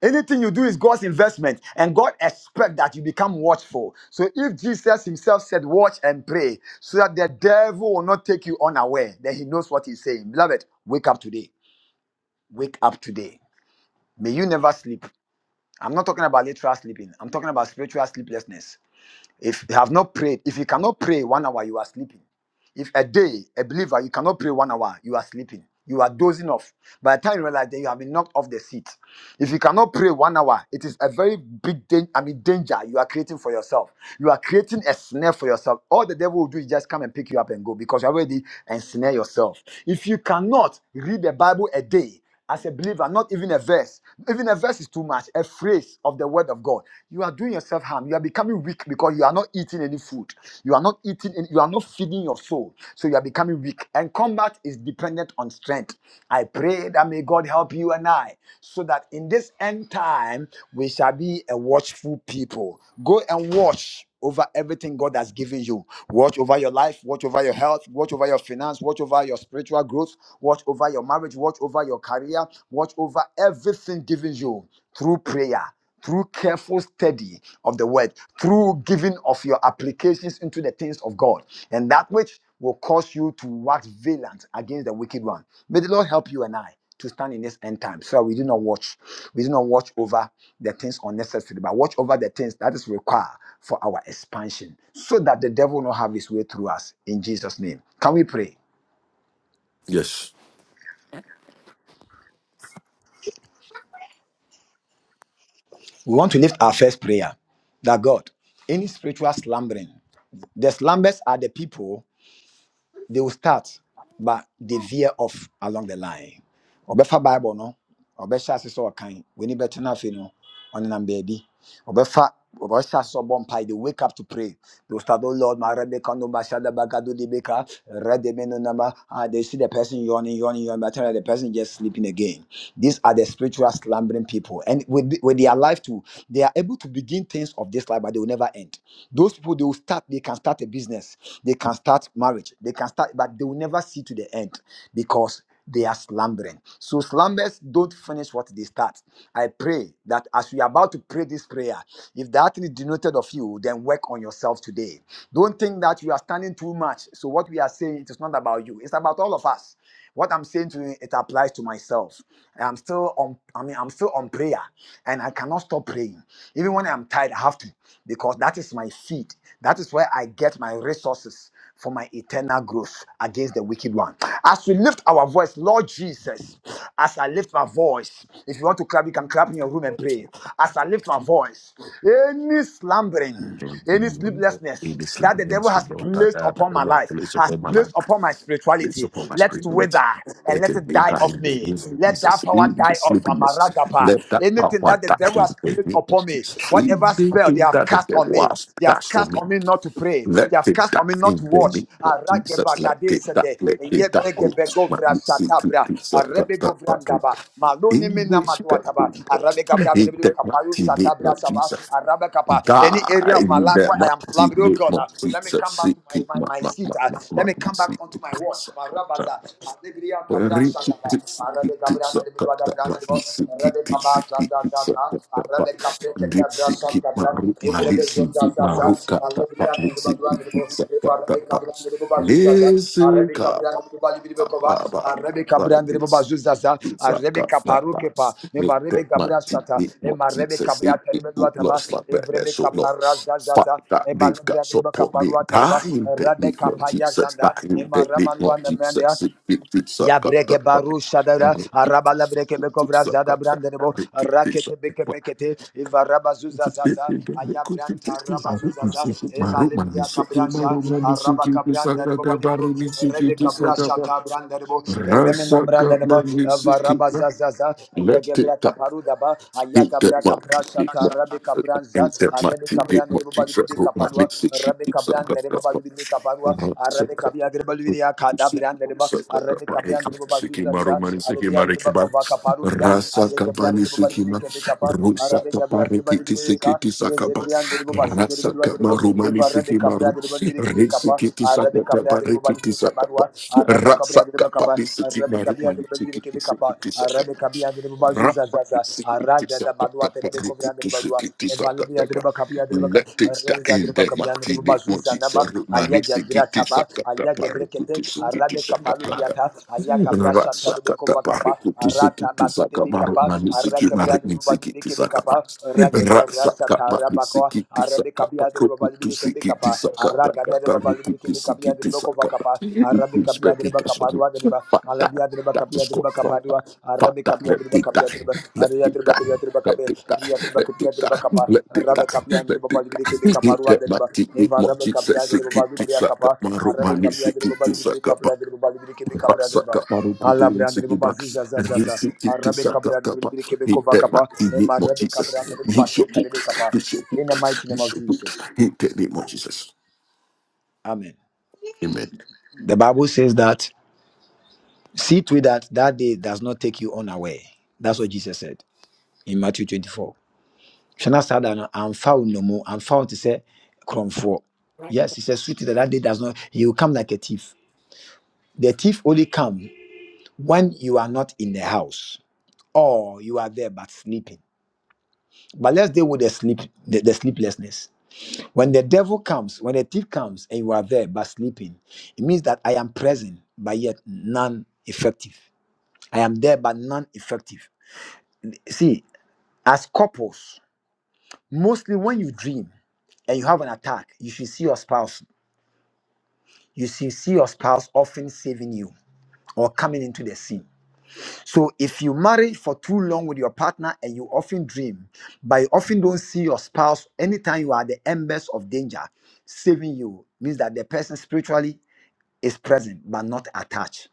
[SPEAKER 3] Anything you do is God's investment, and God expects that you become watchful. So if Jesus himself said, Watch and pray, so that the devil will not take you unaware, then he knows what he's saying. Beloved, wake up today. Wake up today. May you never sleep. I'm not talking about literal sleeping, I'm talking about spiritual sleeplessness. If you have not prayed, if you cannot pray one hour, you are sleeping. If a day, a believer, you cannot pray one hour, you are sleeping. You are dozing off. By the time you realize that you have been knocked off the seat. If you cannot pray one hour, it is a very big danger. I mean, danger you are creating for yourself. You are creating a snare for yourself. All the devil will do is just come and pick you up and go because you already ensnare yourself. If you cannot read the Bible a day, as a believer, not even a verse. Even a verse is too much. A phrase of the word of God you are doing yourself harm. You are becoming weak because you are not eating any food. You are not eating, any, you are not feeding your soul. So you are becoming weak. And combat is dependent on strength. I pray that may God help you and I so that in this end time we shall be a watchful people. Go and watch over everything God has given you. Watch over your life, watch over your health, watch over your finance, watch over your spiritual growth, watch over your marriage, watch over your career, watch over everything given you through prayer through careful study of the word, through giving of your applications into the things of God, and that which will cause you to wax valiant against the wicked one. May the Lord help you and I to stand in this end time so that we do not watch, we do not watch over the things unnecessary, but watch over the things that is required for our expansion so that the devil will not have his way through us in Jesus' name. Can we pray?
[SPEAKER 1] Yes.
[SPEAKER 3] We want to lift our first prayer that God, any spiritual slumbering, the slumbers are the people. They will start, but they veer off along the line ɔbɛfa bible no ɔbɛhyɛ ase sɛ ɔkan w'ani bɛtena afei no ɔnenam baabi ɔbɛfa ɔbɛhyɛ ase sɛ ɔbɔ mpae they wake up to pray they will start oh lord my rebecca no bashada bagado libeka rede meno nama ah they see the person yawning yawning yawning but the person just sleeping again these are the spiritual slumbering people and with, the- with their life too they are able to begin things of this life but they will never end those people they will start they can start a business they can start marriage they can start but they will never see to the end because they are slumbering. So slumbers don't finish what they start. I pray that as we are about to pray this prayer, if that is denoted of you, then work on yourself today. Don't think that you are standing too much. So what we are saying, it is not about you. It's about all of us. What I'm saying to you, it applies to myself. I'm still on. I mean, I'm still on prayer, and I cannot stop praying. Even when I'm tired, I have to, because that is my feed. That is where I get my resources for my eternal growth against the wicked one. As we lift our voice, Lord Jesus, as I lift my voice, if you want to clap, you can clap in your room and pray. As I lift my voice, any slumbering, any
[SPEAKER 1] In
[SPEAKER 3] sleeplessness
[SPEAKER 1] the
[SPEAKER 3] that the devil
[SPEAKER 1] sleepiness
[SPEAKER 3] has
[SPEAKER 1] of God,
[SPEAKER 3] placed
[SPEAKER 1] Father,
[SPEAKER 3] upon
[SPEAKER 1] the
[SPEAKER 3] my
[SPEAKER 1] Lord,
[SPEAKER 3] life,
[SPEAKER 1] place
[SPEAKER 3] has
[SPEAKER 1] upon my life,
[SPEAKER 3] placed upon my
[SPEAKER 1] place
[SPEAKER 3] spirituality,
[SPEAKER 1] upon my
[SPEAKER 3] let it wither
[SPEAKER 1] spirituality.
[SPEAKER 3] and
[SPEAKER 1] Let
[SPEAKER 3] let
[SPEAKER 1] it
[SPEAKER 3] it
[SPEAKER 1] be
[SPEAKER 3] die
[SPEAKER 1] that
[SPEAKER 3] off
[SPEAKER 1] in the name
[SPEAKER 3] me.
[SPEAKER 1] of
[SPEAKER 3] Let that
[SPEAKER 1] Jesus.
[SPEAKER 3] power
[SPEAKER 1] In the
[SPEAKER 3] die off.
[SPEAKER 1] sleepiness,
[SPEAKER 3] Amaragapa.
[SPEAKER 1] let that
[SPEAKER 3] Anything
[SPEAKER 1] power
[SPEAKER 3] that the
[SPEAKER 1] die
[SPEAKER 3] devil
[SPEAKER 1] in
[SPEAKER 3] has
[SPEAKER 1] the
[SPEAKER 3] placed
[SPEAKER 1] name of
[SPEAKER 3] upon me,
[SPEAKER 1] Jesus.
[SPEAKER 3] whatever spell they
[SPEAKER 1] Anything
[SPEAKER 3] have
[SPEAKER 1] that the
[SPEAKER 3] cast on
[SPEAKER 1] devil
[SPEAKER 3] me,
[SPEAKER 1] has
[SPEAKER 3] they
[SPEAKER 1] done
[SPEAKER 3] have
[SPEAKER 1] for
[SPEAKER 3] cast
[SPEAKER 1] me,
[SPEAKER 3] on me not to pray.
[SPEAKER 1] Let
[SPEAKER 3] They have
[SPEAKER 1] it
[SPEAKER 3] cast
[SPEAKER 1] die
[SPEAKER 3] on me not
[SPEAKER 1] in
[SPEAKER 3] to
[SPEAKER 1] the
[SPEAKER 3] watch.
[SPEAKER 1] name of Jesus. Let it die.
[SPEAKER 3] Aragebagadesete,
[SPEAKER 1] Let it die. Oh, my sick
[SPEAKER 3] yebregebegovrashatabra,
[SPEAKER 1] pizza. That, that, that,
[SPEAKER 3] arebegovrandaba,
[SPEAKER 1] that. In this spirit, oh
[SPEAKER 3] maloniminamadwataba,
[SPEAKER 1] God, in the mighty name of
[SPEAKER 3] arabegabraberebekapalusatabrasaba,
[SPEAKER 1] Jesus.
[SPEAKER 3] arabekapa. Any
[SPEAKER 1] Die
[SPEAKER 3] area of my
[SPEAKER 1] in
[SPEAKER 3] life
[SPEAKER 1] the
[SPEAKER 3] where I am
[SPEAKER 1] mighty
[SPEAKER 3] slumbering, oh
[SPEAKER 1] name of
[SPEAKER 3] God. Let me
[SPEAKER 1] Jesus.
[SPEAKER 3] come back
[SPEAKER 1] Seek
[SPEAKER 3] to my,
[SPEAKER 1] it,
[SPEAKER 3] my,
[SPEAKER 1] my,
[SPEAKER 3] my
[SPEAKER 1] my, my,
[SPEAKER 3] seat. ah.
[SPEAKER 1] my,
[SPEAKER 3] let
[SPEAKER 1] my,
[SPEAKER 3] me come
[SPEAKER 1] seek
[SPEAKER 3] back onto
[SPEAKER 1] it,
[SPEAKER 3] my watch. My rabaza.
[SPEAKER 1] Jesus.
[SPEAKER 3] Alebriya kabra
[SPEAKER 1] Dipsy,
[SPEAKER 3] shakaba. Arabe kabra nere bidwa da bra nere bo. Arabe kaba Zaza. za za za. Arabe kapre keke bra shakabra. Ibrebe zo za za za. Alebriya nere badwa nere bo. Ibrebe kabra bazu za Arabi kabriyan ribu bali biri bekova. Arabi kabriyan ribu bazu zaza.
[SPEAKER 1] that
[SPEAKER 3] Arabi
[SPEAKER 1] got flat
[SPEAKER 3] kaparu kepa.
[SPEAKER 1] bats. Me
[SPEAKER 3] Eva
[SPEAKER 1] that
[SPEAKER 3] rebi
[SPEAKER 1] my
[SPEAKER 3] kabriya
[SPEAKER 1] teeth,
[SPEAKER 3] shata.
[SPEAKER 1] me more
[SPEAKER 3] Ema rebi
[SPEAKER 1] Jesus. They
[SPEAKER 3] kabriya
[SPEAKER 1] it
[SPEAKER 3] teribe
[SPEAKER 1] do
[SPEAKER 3] dua
[SPEAKER 1] not
[SPEAKER 3] taba.
[SPEAKER 1] slap
[SPEAKER 3] Ev
[SPEAKER 1] that that
[SPEAKER 3] rebi
[SPEAKER 1] so no.
[SPEAKER 3] zaza
[SPEAKER 1] Fuck
[SPEAKER 3] za.
[SPEAKER 1] that
[SPEAKER 3] Ema
[SPEAKER 1] they've got
[SPEAKER 3] rebi
[SPEAKER 1] support me.
[SPEAKER 3] kaparu atariba.
[SPEAKER 1] Dying that
[SPEAKER 3] Rabe
[SPEAKER 1] they more
[SPEAKER 3] kapaya
[SPEAKER 1] Jesus.
[SPEAKER 3] zanda.
[SPEAKER 1] Dying
[SPEAKER 3] Ema
[SPEAKER 1] that they more Jesus. It it it
[SPEAKER 3] Ya
[SPEAKER 1] suck up
[SPEAKER 3] breke
[SPEAKER 1] the butt.
[SPEAKER 3] baru
[SPEAKER 1] I'm
[SPEAKER 3] shadara
[SPEAKER 1] gonna keep
[SPEAKER 3] arabala
[SPEAKER 1] this.
[SPEAKER 3] breke bekovra
[SPEAKER 1] Suck
[SPEAKER 3] zada
[SPEAKER 1] up that that
[SPEAKER 3] brandenebo
[SPEAKER 1] they keep this up.
[SPEAKER 3] rakete beke
[SPEAKER 1] But
[SPEAKER 3] pekete ivaraba
[SPEAKER 1] it's
[SPEAKER 3] zuza
[SPEAKER 1] a big
[SPEAKER 3] zaza
[SPEAKER 1] thing that they could
[SPEAKER 3] ayabran
[SPEAKER 1] be
[SPEAKER 3] taraba
[SPEAKER 1] fifty. I
[SPEAKER 3] raba zuza
[SPEAKER 1] wouldn't
[SPEAKER 3] za
[SPEAKER 1] say with my
[SPEAKER 3] ena
[SPEAKER 1] room and me
[SPEAKER 3] libria
[SPEAKER 1] sick. My
[SPEAKER 3] kabrasha
[SPEAKER 1] room and me sick.
[SPEAKER 3] araba
[SPEAKER 1] You suck up
[SPEAKER 3] kabrandenebo
[SPEAKER 1] the
[SPEAKER 3] malibro
[SPEAKER 1] body. Me sick.
[SPEAKER 3] rebe
[SPEAKER 1] You suck up.
[SPEAKER 3] kabrasha kabrandenebo remena
[SPEAKER 1] Rasa got my
[SPEAKER 3] brandenebo
[SPEAKER 1] music.
[SPEAKER 3] varaba zaza zaza aya
[SPEAKER 1] Let it
[SPEAKER 3] gebra
[SPEAKER 1] tap.
[SPEAKER 3] kaparu daba aya
[SPEAKER 1] Hit that
[SPEAKER 3] gabra
[SPEAKER 1] my
[SPEAKER 3] kaprasha
[SPEAKER 1] hit my
[SPEAKER 3] karabe kabranza
[SPEAKER 1] and that my
[SPEAKER 3] Arabe Cabran,
[SPEAKER 1] hit
[SPEAKER 3] the
[SPEAKER 1] my
[SPEAKER 3] Rebobal
[SPEAKER 1] Jesus. Put my
[SPEAKER 3] Bicapalua,
[SPEAKER 1] lips it shit
[SPEAKER 3] Arabe
[SPEAKER 1] it suck
[SPEAKER 3] Cabran, the
[SPEAKER 1] up that
[SPEAKER 3] Rebobal
[SPEAKER 1] fuck.
[SPEAKER 3] Bicapalua,
[SPEAKER 1] And I am not
[SPEAKER 3] Arabe Cabia Grebalia, Cadabran, the Reba,
[SPEAKER 1] Suck up that
[SPEAKER 3] Arabe
[SPEAKER 1] my hit.
[SPEAKER 3] Cabran, the Rebobal
[SPEAKER 1] Siki maru mani siki
[SPEAKER 3] Alebia, the
[SPEAKER 1] mari kebab.
[SPEAKER 3] Rebacova Caparudia,
[SPEAKER 1] Rasa
[SPEAKER 3] Ale the
[SPEAKER 1] kabani
[SPEAKER 3] Rebobal
[SPEAKER 1] siki ma.
[SPEAKER 3] Bicapa,
[SPEAKER 1] Rusa
[SPEAKER 3] Arabe Cabia, the
[SPEAKER 1] kapari
[SPEAKER 3] Rebal
[SPEAKER 1] kiti siki tisa kaba.
[SPEAKER 3] Yezebrian, the Rebobashu, the
[SPEAKER 1] Rasa
[SPEAKER 3] Rebobal, the Rebo,
[SPEAKER 1] kamaru mani
[SPEAKER 3] Eva Rabe
[SPEAKER 1] siki
[SPEAKER 3] Cabra,
[SPEAKER 1] maru.
[SPEAKER 3] the Rebobal
[SPEAKER 1] Risi
[SPEAKER 3] Bicapa,
[SPEAKER 1] kiti
[SPEAKER 3] Arabe
[SPEAKER 1] saka
[SPEAKER 3] Cabra, the
[SPEAKER 1] kapari
[SPEAKER 3] Rebobal
[SPEAKER 1] kiti saka ba.
[SPEAKER 3] Bicaparua, Arabe Cabra,
[SPEAKER 1] Rasa
[SPEAKER 3] the
[SPEAKER 1] kapari
[SPEAKER 3] Rebacapa,
[SPEAKER 1] siki
[SPEAKER 3] Arabe
[SPEAKER 1] maru
[SPEAKER 3] kabia de
[SPEAKER 1] mani
[SPEAKER 3] beli bide
[SPEAKER 1] siki
[SPEAKER 3] kapa.
[SPEAKER 1] tisa
[SPEAKER 3] Arabe kabia de baba
[SPEAKER 1] let
[SPEAKER 3] zuza
[SPEAKER 1] it
[SPEAKER 3] Arada da
[SPEAKER 1] start
[SPEAKER 3] badua de bebe kovra de badua. Evale de baba de baba. Arabe bia de
[SPEAKER 1] in
[SPEAKER 3] baba
[SPEAKER 1] the
[SPEAKER 3] de baba
[SPEAKER 1] Martini
[SPEAKER 3] zuza
[SPEAKER 1] Moses,
[SPEAKER 3] Aya
[SPEAKER 1] Romani
[SPEAKER 3] gebra
[SPEAKER 1] Sikiti
[SPEAKER 3] taba.
[SPEAKER 1] Sakata
[SPEAKER 3] Aya gebre kete.
[SPEAKER 1] Parakutu
[SPEAKER 3] Arabe kapalu diata. Aya kabra shata de
[SPEAKER 1] Ratsakata
[SPEAKER 3] kova kapa.
[SPEAKER 1] parikutu
[SPEAKER 3] Arata
[SPEAKER 1] sikiti
[SPEAKER 3] batu de be
[SPEAKER 1] sakamaru
[SPEAKER 3] kapa.
[SPEAKER 1] mani siki
[SPEAKER 3] Arake bria de
[SPEAKER 1] marini
[SPEAKER 3] baba bide
[SPEAKER 1] sikiti sakama.
[SPEAKER 3] kapa. Rageda
[SPEAKER 1] Ratsakapa ni
[SPEAKER 3] rasa bako
[SPEAKER 1] sikiti
[SPEAKER 3] arabe
[SPEAKER 1] sakapa
[SPEAKER 3] kabia de baba
[SPEAKER 1] rukutu
[SPEAKER 3] libi ke
[SPEAKER 1] sikiti
[SPEAKER 3] bekapa
[SPEAKER 1] sakata
[SPEAKER 3] araga de
[SPEAKER 1] kata
[SPEAKER 3] baba libi ke
[SPEAKER 1] rukutu
[SPEAKER 3] de
[SPEAKER 1] sikiti
[SPEAKER 3] bako
[SPEAKER 1] sakapa.
[SPEAKER 3] vakapa arabe
[SPEAKER 1] Ikut
[SPEAKER 3] de
[SPEAKER 1] sepedika
[SPEAKER 3] baka
[SPEAKER 1] sotu.
[SPEAKER 3] parwa de ba
[SPEAKER 1] Fata,
[SPEAKER 3] alabia de
[SPEAKER 1] tak
[SPEAKER 3] baka kabia de
[SPEAKER 1] sesko
[SPEAKER 3] baka
[SPEAKER 1] fata.
[SPEAKER 3] parwa arabe
[SPEAKER 1] Fata,
[SPEAKER 3] kabia
[SPEAKER 1] let
[SPEAKER 3] de
[SPEAKER 1] it
[SPEAKER 3] baka kabia de
[SPEAKER 1] die,
[SPEAKER 3] ba
[SPEAKER 1] let it
[SPEAKER 3] de baka
[SPEAKER 1] die.
[SPEAKER 3] kabia de baka
[SPEAKER 1] Let
[SPEAKER 3] be
[SPEAKER 1] it die,
[SPEAKER 3] ariya de
[SPEAKER 1] let
[SPEAKER 3] baka kabia
[SPEAKER 1] it
[SPEAKER 3] de
[SPEAKER 1] die,
[SPEAKER 3] baka pa
[SPEAKER 1] let it
[SPEAKER 3] arabe
[SPEAKER 1] die,
[SPEAKER 3] kabia de
[SPEAKER 1] let
[SPEAKER 3] baba
[SPEAKER 1] it
[SPEAKER 3] libi ke
[SPEAKER 1] die. Eat that,
[SPEAKER 3] de
[SPEAKER 1] my
[SPEAKER 3] ba
[SPEAKER 1] eat
[SPEAKER 3] eva
[SPEAKER 1] more
[SPEAKER 3] arabe
[SPEAKER 1] Jesus,
[SPEAKER 3] kabia de baba
[SPEAKER 1] sikiti
[SPEAKER 3] libi ke kapa
[SPEAKER 1] sakamaru
[SPEAKER 3] arabe
[SPEAKER 1] mani
[SPEAKER 3] kabia de baba
[SPEAKER 1] sikiti
[SPEAKER 3] libi ke kapra de baba libi
[SPEAKER 1] in that
[SPEAKER 3] de ba Allah brande ne baba zuza Arabe kabrande ne bilibili kapa.
[SPEAKER 1] mighty name
[SPEAKER 3] Nema
[SPEAKER 1] of
[SPEAKER 3] arabe
[SPEAKER 1] Jesus,
[SPEAKER 3] kabrande ne baba
[SPEAKER 1] use your boot,
[SPEAKER 3] kapa.
[SPEAKER 1] use your
[SPEAKER 3] In the
[SPEAKER 1] boot,
[SPEAKER 3] mighty name
[SPEAKER 1] use
[SPEAKER 3] of
[SPEAKER 1] your boot.
[SPEAKER 3] Jesus.
[SPEAKER 1] In the name of Jesus,
[SPEAKER 3] Amen.
[SPEAKER 1] Amen.
[SPEAKER 3] The Bible says that see to it that that day does not take you unaware. That's what Jesus said in Matthew 24. Shana sada that I'm found no more. I'm found to say come for. Yes, he says see to it that that day does not. He will come like a thief. The thief only come when you are not in the house or you are there but sleeping. But let's deal with the sleep, the, the sleeplessness. When the devil comes, when the thief comes, and you are there but sleeping, it means that I am present but yet non-effective. I am there but non-effective. See, as couples, mostly when you dream and you have an attack, you should see your spouse. You should see your spouse often saving you or coming into the scene. So if you marry for too long with your partner and you often dream, but you often don't see your spouse anytime you are at the embers of danger, saving you means that the person spiritually is present but not attached,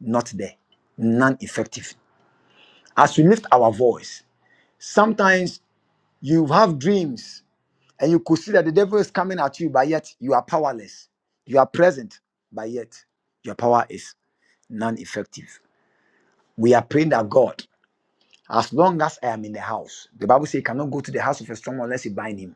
[SPEAKER 3] not there, non-effective. As we lift our voice, sometimes you have dreams and you could see that the devil is coming at you, but yet you are powerless. You are present, but yet your power is non-effective. We are praying that God As long as I am in the house, the Bible says he cannot go to the house of a strong man unless he bind him.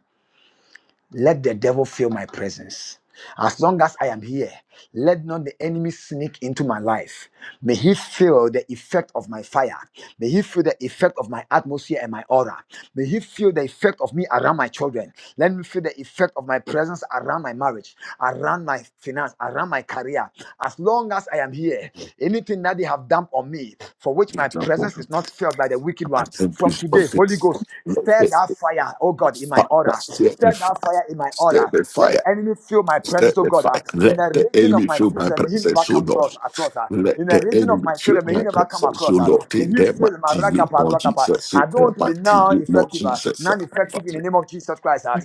[SPEAKER 3] Let the devil feel my presence. As long as I am here, let not the enemy sneak into my life. May he feel the effect of my fire. May he feel the effect of my atmosphere and my aura. May he feel the effect of me around my children. Let me feel the effect of my presence around my marriage, around my finance, around my career. As long as I am here, anything that they have done on me, for which
[SPEAKER 1] In
[SPEAKER 3] my
[SPEAKER 1] that
[SPEAKER 3] presence is
[SPEAKER 1] moment,
[SPEAKER 3] not felt by the wicked
[SPEAKER 1] I
[SPEAKER 3] one,
[SPEAKER 1] think
[SPEAKER 3] from
[SPEAKER 1] it's
[SPEAKER 3] today,
[SPEAKER 1] something.
[SPEAKER 3] Holy Ghost,
[SPEAKER 1] Let
[SPEAKER 3] stir that that
[SPEAKER 1] the
[SPEAKER 3] fire, oh God, in my
[SPEAKER 1] fire,
[SPEAKER 3] order.
[SPEAKER 1] stir the
[SPEAKER 3] Stir that
[SPEAKER 1] fire,
[SPEAKER 3] fire in my
[SPEAKER 1] stir
[SPEAKER 3] order.
[SPEAKER 1] the
[SPEAKER 3] Let the
[SPEAKER 1] fire,
[SPEAKER 3] enemy feel my
[SPEAKER 1] stir
[SPEAKER 3] presence, oh
[SPEAKER 1] the
[SPEAKER 3] God. ah.
[SPEAKER 1] fire.
[SPEAKER 3] In
[SPEAKER 1] Let
[SPEAKER 3] the
[SPEAKER 1] the
[SPEAKER 3] region of
[SPEAKER 1] enemy
[SPEAKER 3] my
[SPEAKER 1] feel my
[SPEAKER 3] prison, may he never
[SPEAKER 1] presence, O
[SPEAKER 3] come
[SPEAKER 1] Lord.
[SPEAKER 3] across. across ah.
[SPEAKER 1] Let
[SPEAKER 3] In the
[SPEAKER 1] the
[SPEAKER 3] region of
[SPEAKER 1] enemy
[SPEAKER 3] my
[SPEAKER 1] feel
[SPEAKER 3] children, may he
[SPEAKER 1] my
[SPEAKER 3] never come
[SPEAKER 1] presence, O
[SPEAKER 3] across. ah.
[SPEAKER 1] Lord,
[SPEAKER 3] May
[SPEAKER 1] in
[SPEAKER 3] he
[SPEAKER 1] the
[SPEAKER 3] feel my
[SPEAKER 1] mighty name
[SPEAKER 3] ragapa,
[SPEAKER 1] of
[SPEAKER 3] ragapa.
[SPEAKER 1] Jesus,
[SPEAKER 3] I
[SPEAKER 1] in
[SPEAKER 3] don't
[SPEAKER 1] the
[SPEAKER 3] want to be
[SPEAKER 1] mighty
[SPEAKER 3] now
[SPEAKER 1] name of
[SPEAKER 3] effective, ah,
[SPEAKER 1] Jesus.
[SPEAKER 3] non-effective in the name of Jesus Christ. ah.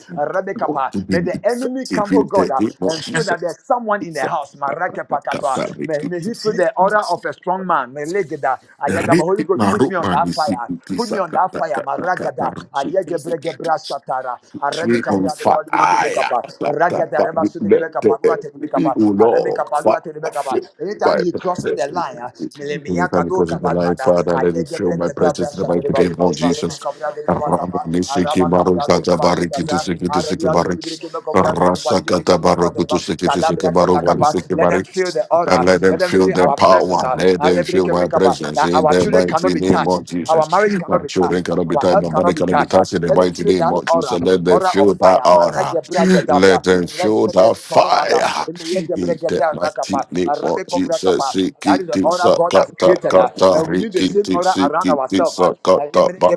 [SPEAKER 1] want to
[SPEAKER 3] Rabekapa.
[SPEAKER 1] be
[SPEAKER 3] May the enemy
[SPEAKER 1] effective
[SPEAKER 3] come, oh
[SPEAKER 1] in
[SPEAKER 3] God,
[SPEAKER 1] the
[SPEAKER 3] ah,
[SPEAKER 1] name of
[SPEAKER 3] and feel that
[SPEAKER 1] Jesus.
[SPEAKER 3] there's someone in the house. Marakepakatoa. May, may he feel the order of a strong man. May legeda. Ayagaba. Holy
[SPEAKER 1] Repeat
[SPEAKER 3] Ghost,
[SPEAKER 1] my
[SPEAKER 3] put
[SPEAKER 1] rope,
[SPEAKER 3] me on
[SPEAKER 1] man. You
[SPEAKER 3] that
[SPEAKER 1] see,
[SPEAKER 3] fire.
[SPEAKER 1] you see,
[SPEAKER 3] Put me on
[SPEAKER 1] saka,
[SPEAKER 3] that fire,
[SPEAKER 1] taka, taka,
[SPEAKER 3] Maragada, Ayegebregebra
[SPEAKER 1] taka,
[SPEAKER 3] Satara,
[SPEAKER 1] Tree
[SPEAKER 3] Arabica
[SPEAKER 1] on fire.
[SPEAKER 3] Rebecca,
[SPEAKER 1] That, that,
[SPEAKER 3] Ragada
[SPEAKER 1] that, you
[SPEAKER 3] Rebasu de
[SPEAKER 1] let
[SPEAKER 3] Rebecca,
[SPEAKER 1] the
[SPEAKER 3] Palua
[SPEAKER 1] enemy,
[SPEAKER 3] Tebecapa,
[SPEAKER 1] oh Lord,
[SPEAKER 3] Arabica
[SPEAKER 1] fire
[SPEAKER 3] Palua Tebecapa.
[SPEAKER 1] fill my
[SPEAKER 3] Anytime he crosses the
[SPEAKER 1] presence.
[SPEAKER 3] line, ah,
[SPEAKER 1] In this time
[SPEAKER 3] Melemiaka
[SPEAKER 1] the
[SPEAKER 3] do
[SPEAKER 1] presence of the life,
[SPEAKER 3] Capaluada,
[SPEAKER 1] Father, let it fill my
[SPEAKER 3] Ayegebregebra
[SPEAKER 1] presence in the mighty
[SPEAKER 3] Satereba,
[SPEAKER 1] name of
[SPEAKER 3] if arabe
[SPEAKER 1] Jesus.
[SPEAKER 3] Rebecca Brava Capa,
[SPEAKER 1] Ramanisiki
[SPEAKER 3] Araba Cabra de
[SPEAKER 1] Marukata Barikiti
[SPEAKER 3] Babazuza,
[SPEAKER 1] Sikiti
[SPEAKER 3] Arabia de
[SPEAKER 1] Sikibarik.
[SPEAKER 3] Rebecca Cabra de Babalica
[SPEAKER 1] Rasakata
[SPEAKER 3] Parua
[SPEAKER 1] Barokutu
[SPEAKER 3] Terba,
[SPEAKER 1] Sikiti
[SPEAKER 3] Cadabra
[SPEAKER 1] Sikabaru
[SPEAKER 3] Capacapa.
[SPEAKER 1] Barisiki
[SPEAKER 3] Let them feel
[SPEAKER 1] Barik.
[SPEAKER 3] the
[SPEAKER 1] And
[SPEAKER 3] aura,
[SPEAKER 1] let them
[SPEAKER 3] let them
[SPEAKER 1] feel
[SPEAKER 3] feel
[SPEAKER 1] their
[SPEAKER 3] our presence.
[SPEAKER 1] power.
[SPEAKER 3] ah.
[SPEAKER 1] Let them feel
[SPEAKER 3] Alebreke
[SPEAKER 1] my
[SPEAKER 3] Becapa,
[SPEAKER 1] presence
[SPEAKER 3] that
[SPEAKER 1] in
[SPEAKER 3] our
[SPEAKER 1] the
[SPEAKER 3] children cannot
[SPEAKER 1] mighty
[SPEAKER 3] be
[SPEAKER 1] name
[SPEAKER 3] touched,
[SPEAKER 1] of
[SPEAKER 3] our
[SPEAKER 1] Jesus.
[SPEAKER 3] marriage cannot
[SPEAKER 1] My
[SPEAKER 3] be
[SPEAKER 1] children
[SPEAKER 3] touched,
[SPEAKER 1] cannot be
[SPEAKER 3] our
[SPEAKER 1] touched.
[SPEAKER 3] health
[SPEAKER 1] My body
[SPEAKER 3] cannot be
[SPEAKER 1] cannot be
[SPEAKER 3] touched. Uh,
[SPEAKER 1] touched in the
[SPEAKER 3] Let them
[SPEAKER 1] mighty
[SPEAKER 3] feel
[SPEAKER 1] name
[SPEAKER 3] that
[SPEAKER 1] of
[SPEAKER 3] aura,
[SPEAKER 1] Jesus. Let them
[SPEAKER 3] aura of
[SPEAKER 1] feel that
[SPEAKER 3] fire.
[SPEAKER 1] aura. Let
[SPEAKER 3] Maragebragedabra,
[SPEAKER 1] them feel that
[SPEAKER 3] rezedebekonomada,
[SPEAKER 1] fire. In the mighty
[SPEAKER 3] emeyegebregedabrakapa,
[SPEAKER 1] name of Jesus.
[SPEAKER 3] arabekovrakapa. That is the
[SPEAKER 1] Sikiti
[SPEAKER 3] aura God has
[SPEAKER 1] sakata
[SPEAKER 3] created, uh, and
[SPEAKER 1] kata
[SPEAKER 3] we need the same
[SPEAKER 1] rikiti
[SPEAKER 3] aura around
[SPEAKER 1] sikiti
[SPEAKER 3] ourselves. Uh, and
[SPEAKER 1] sakata ba.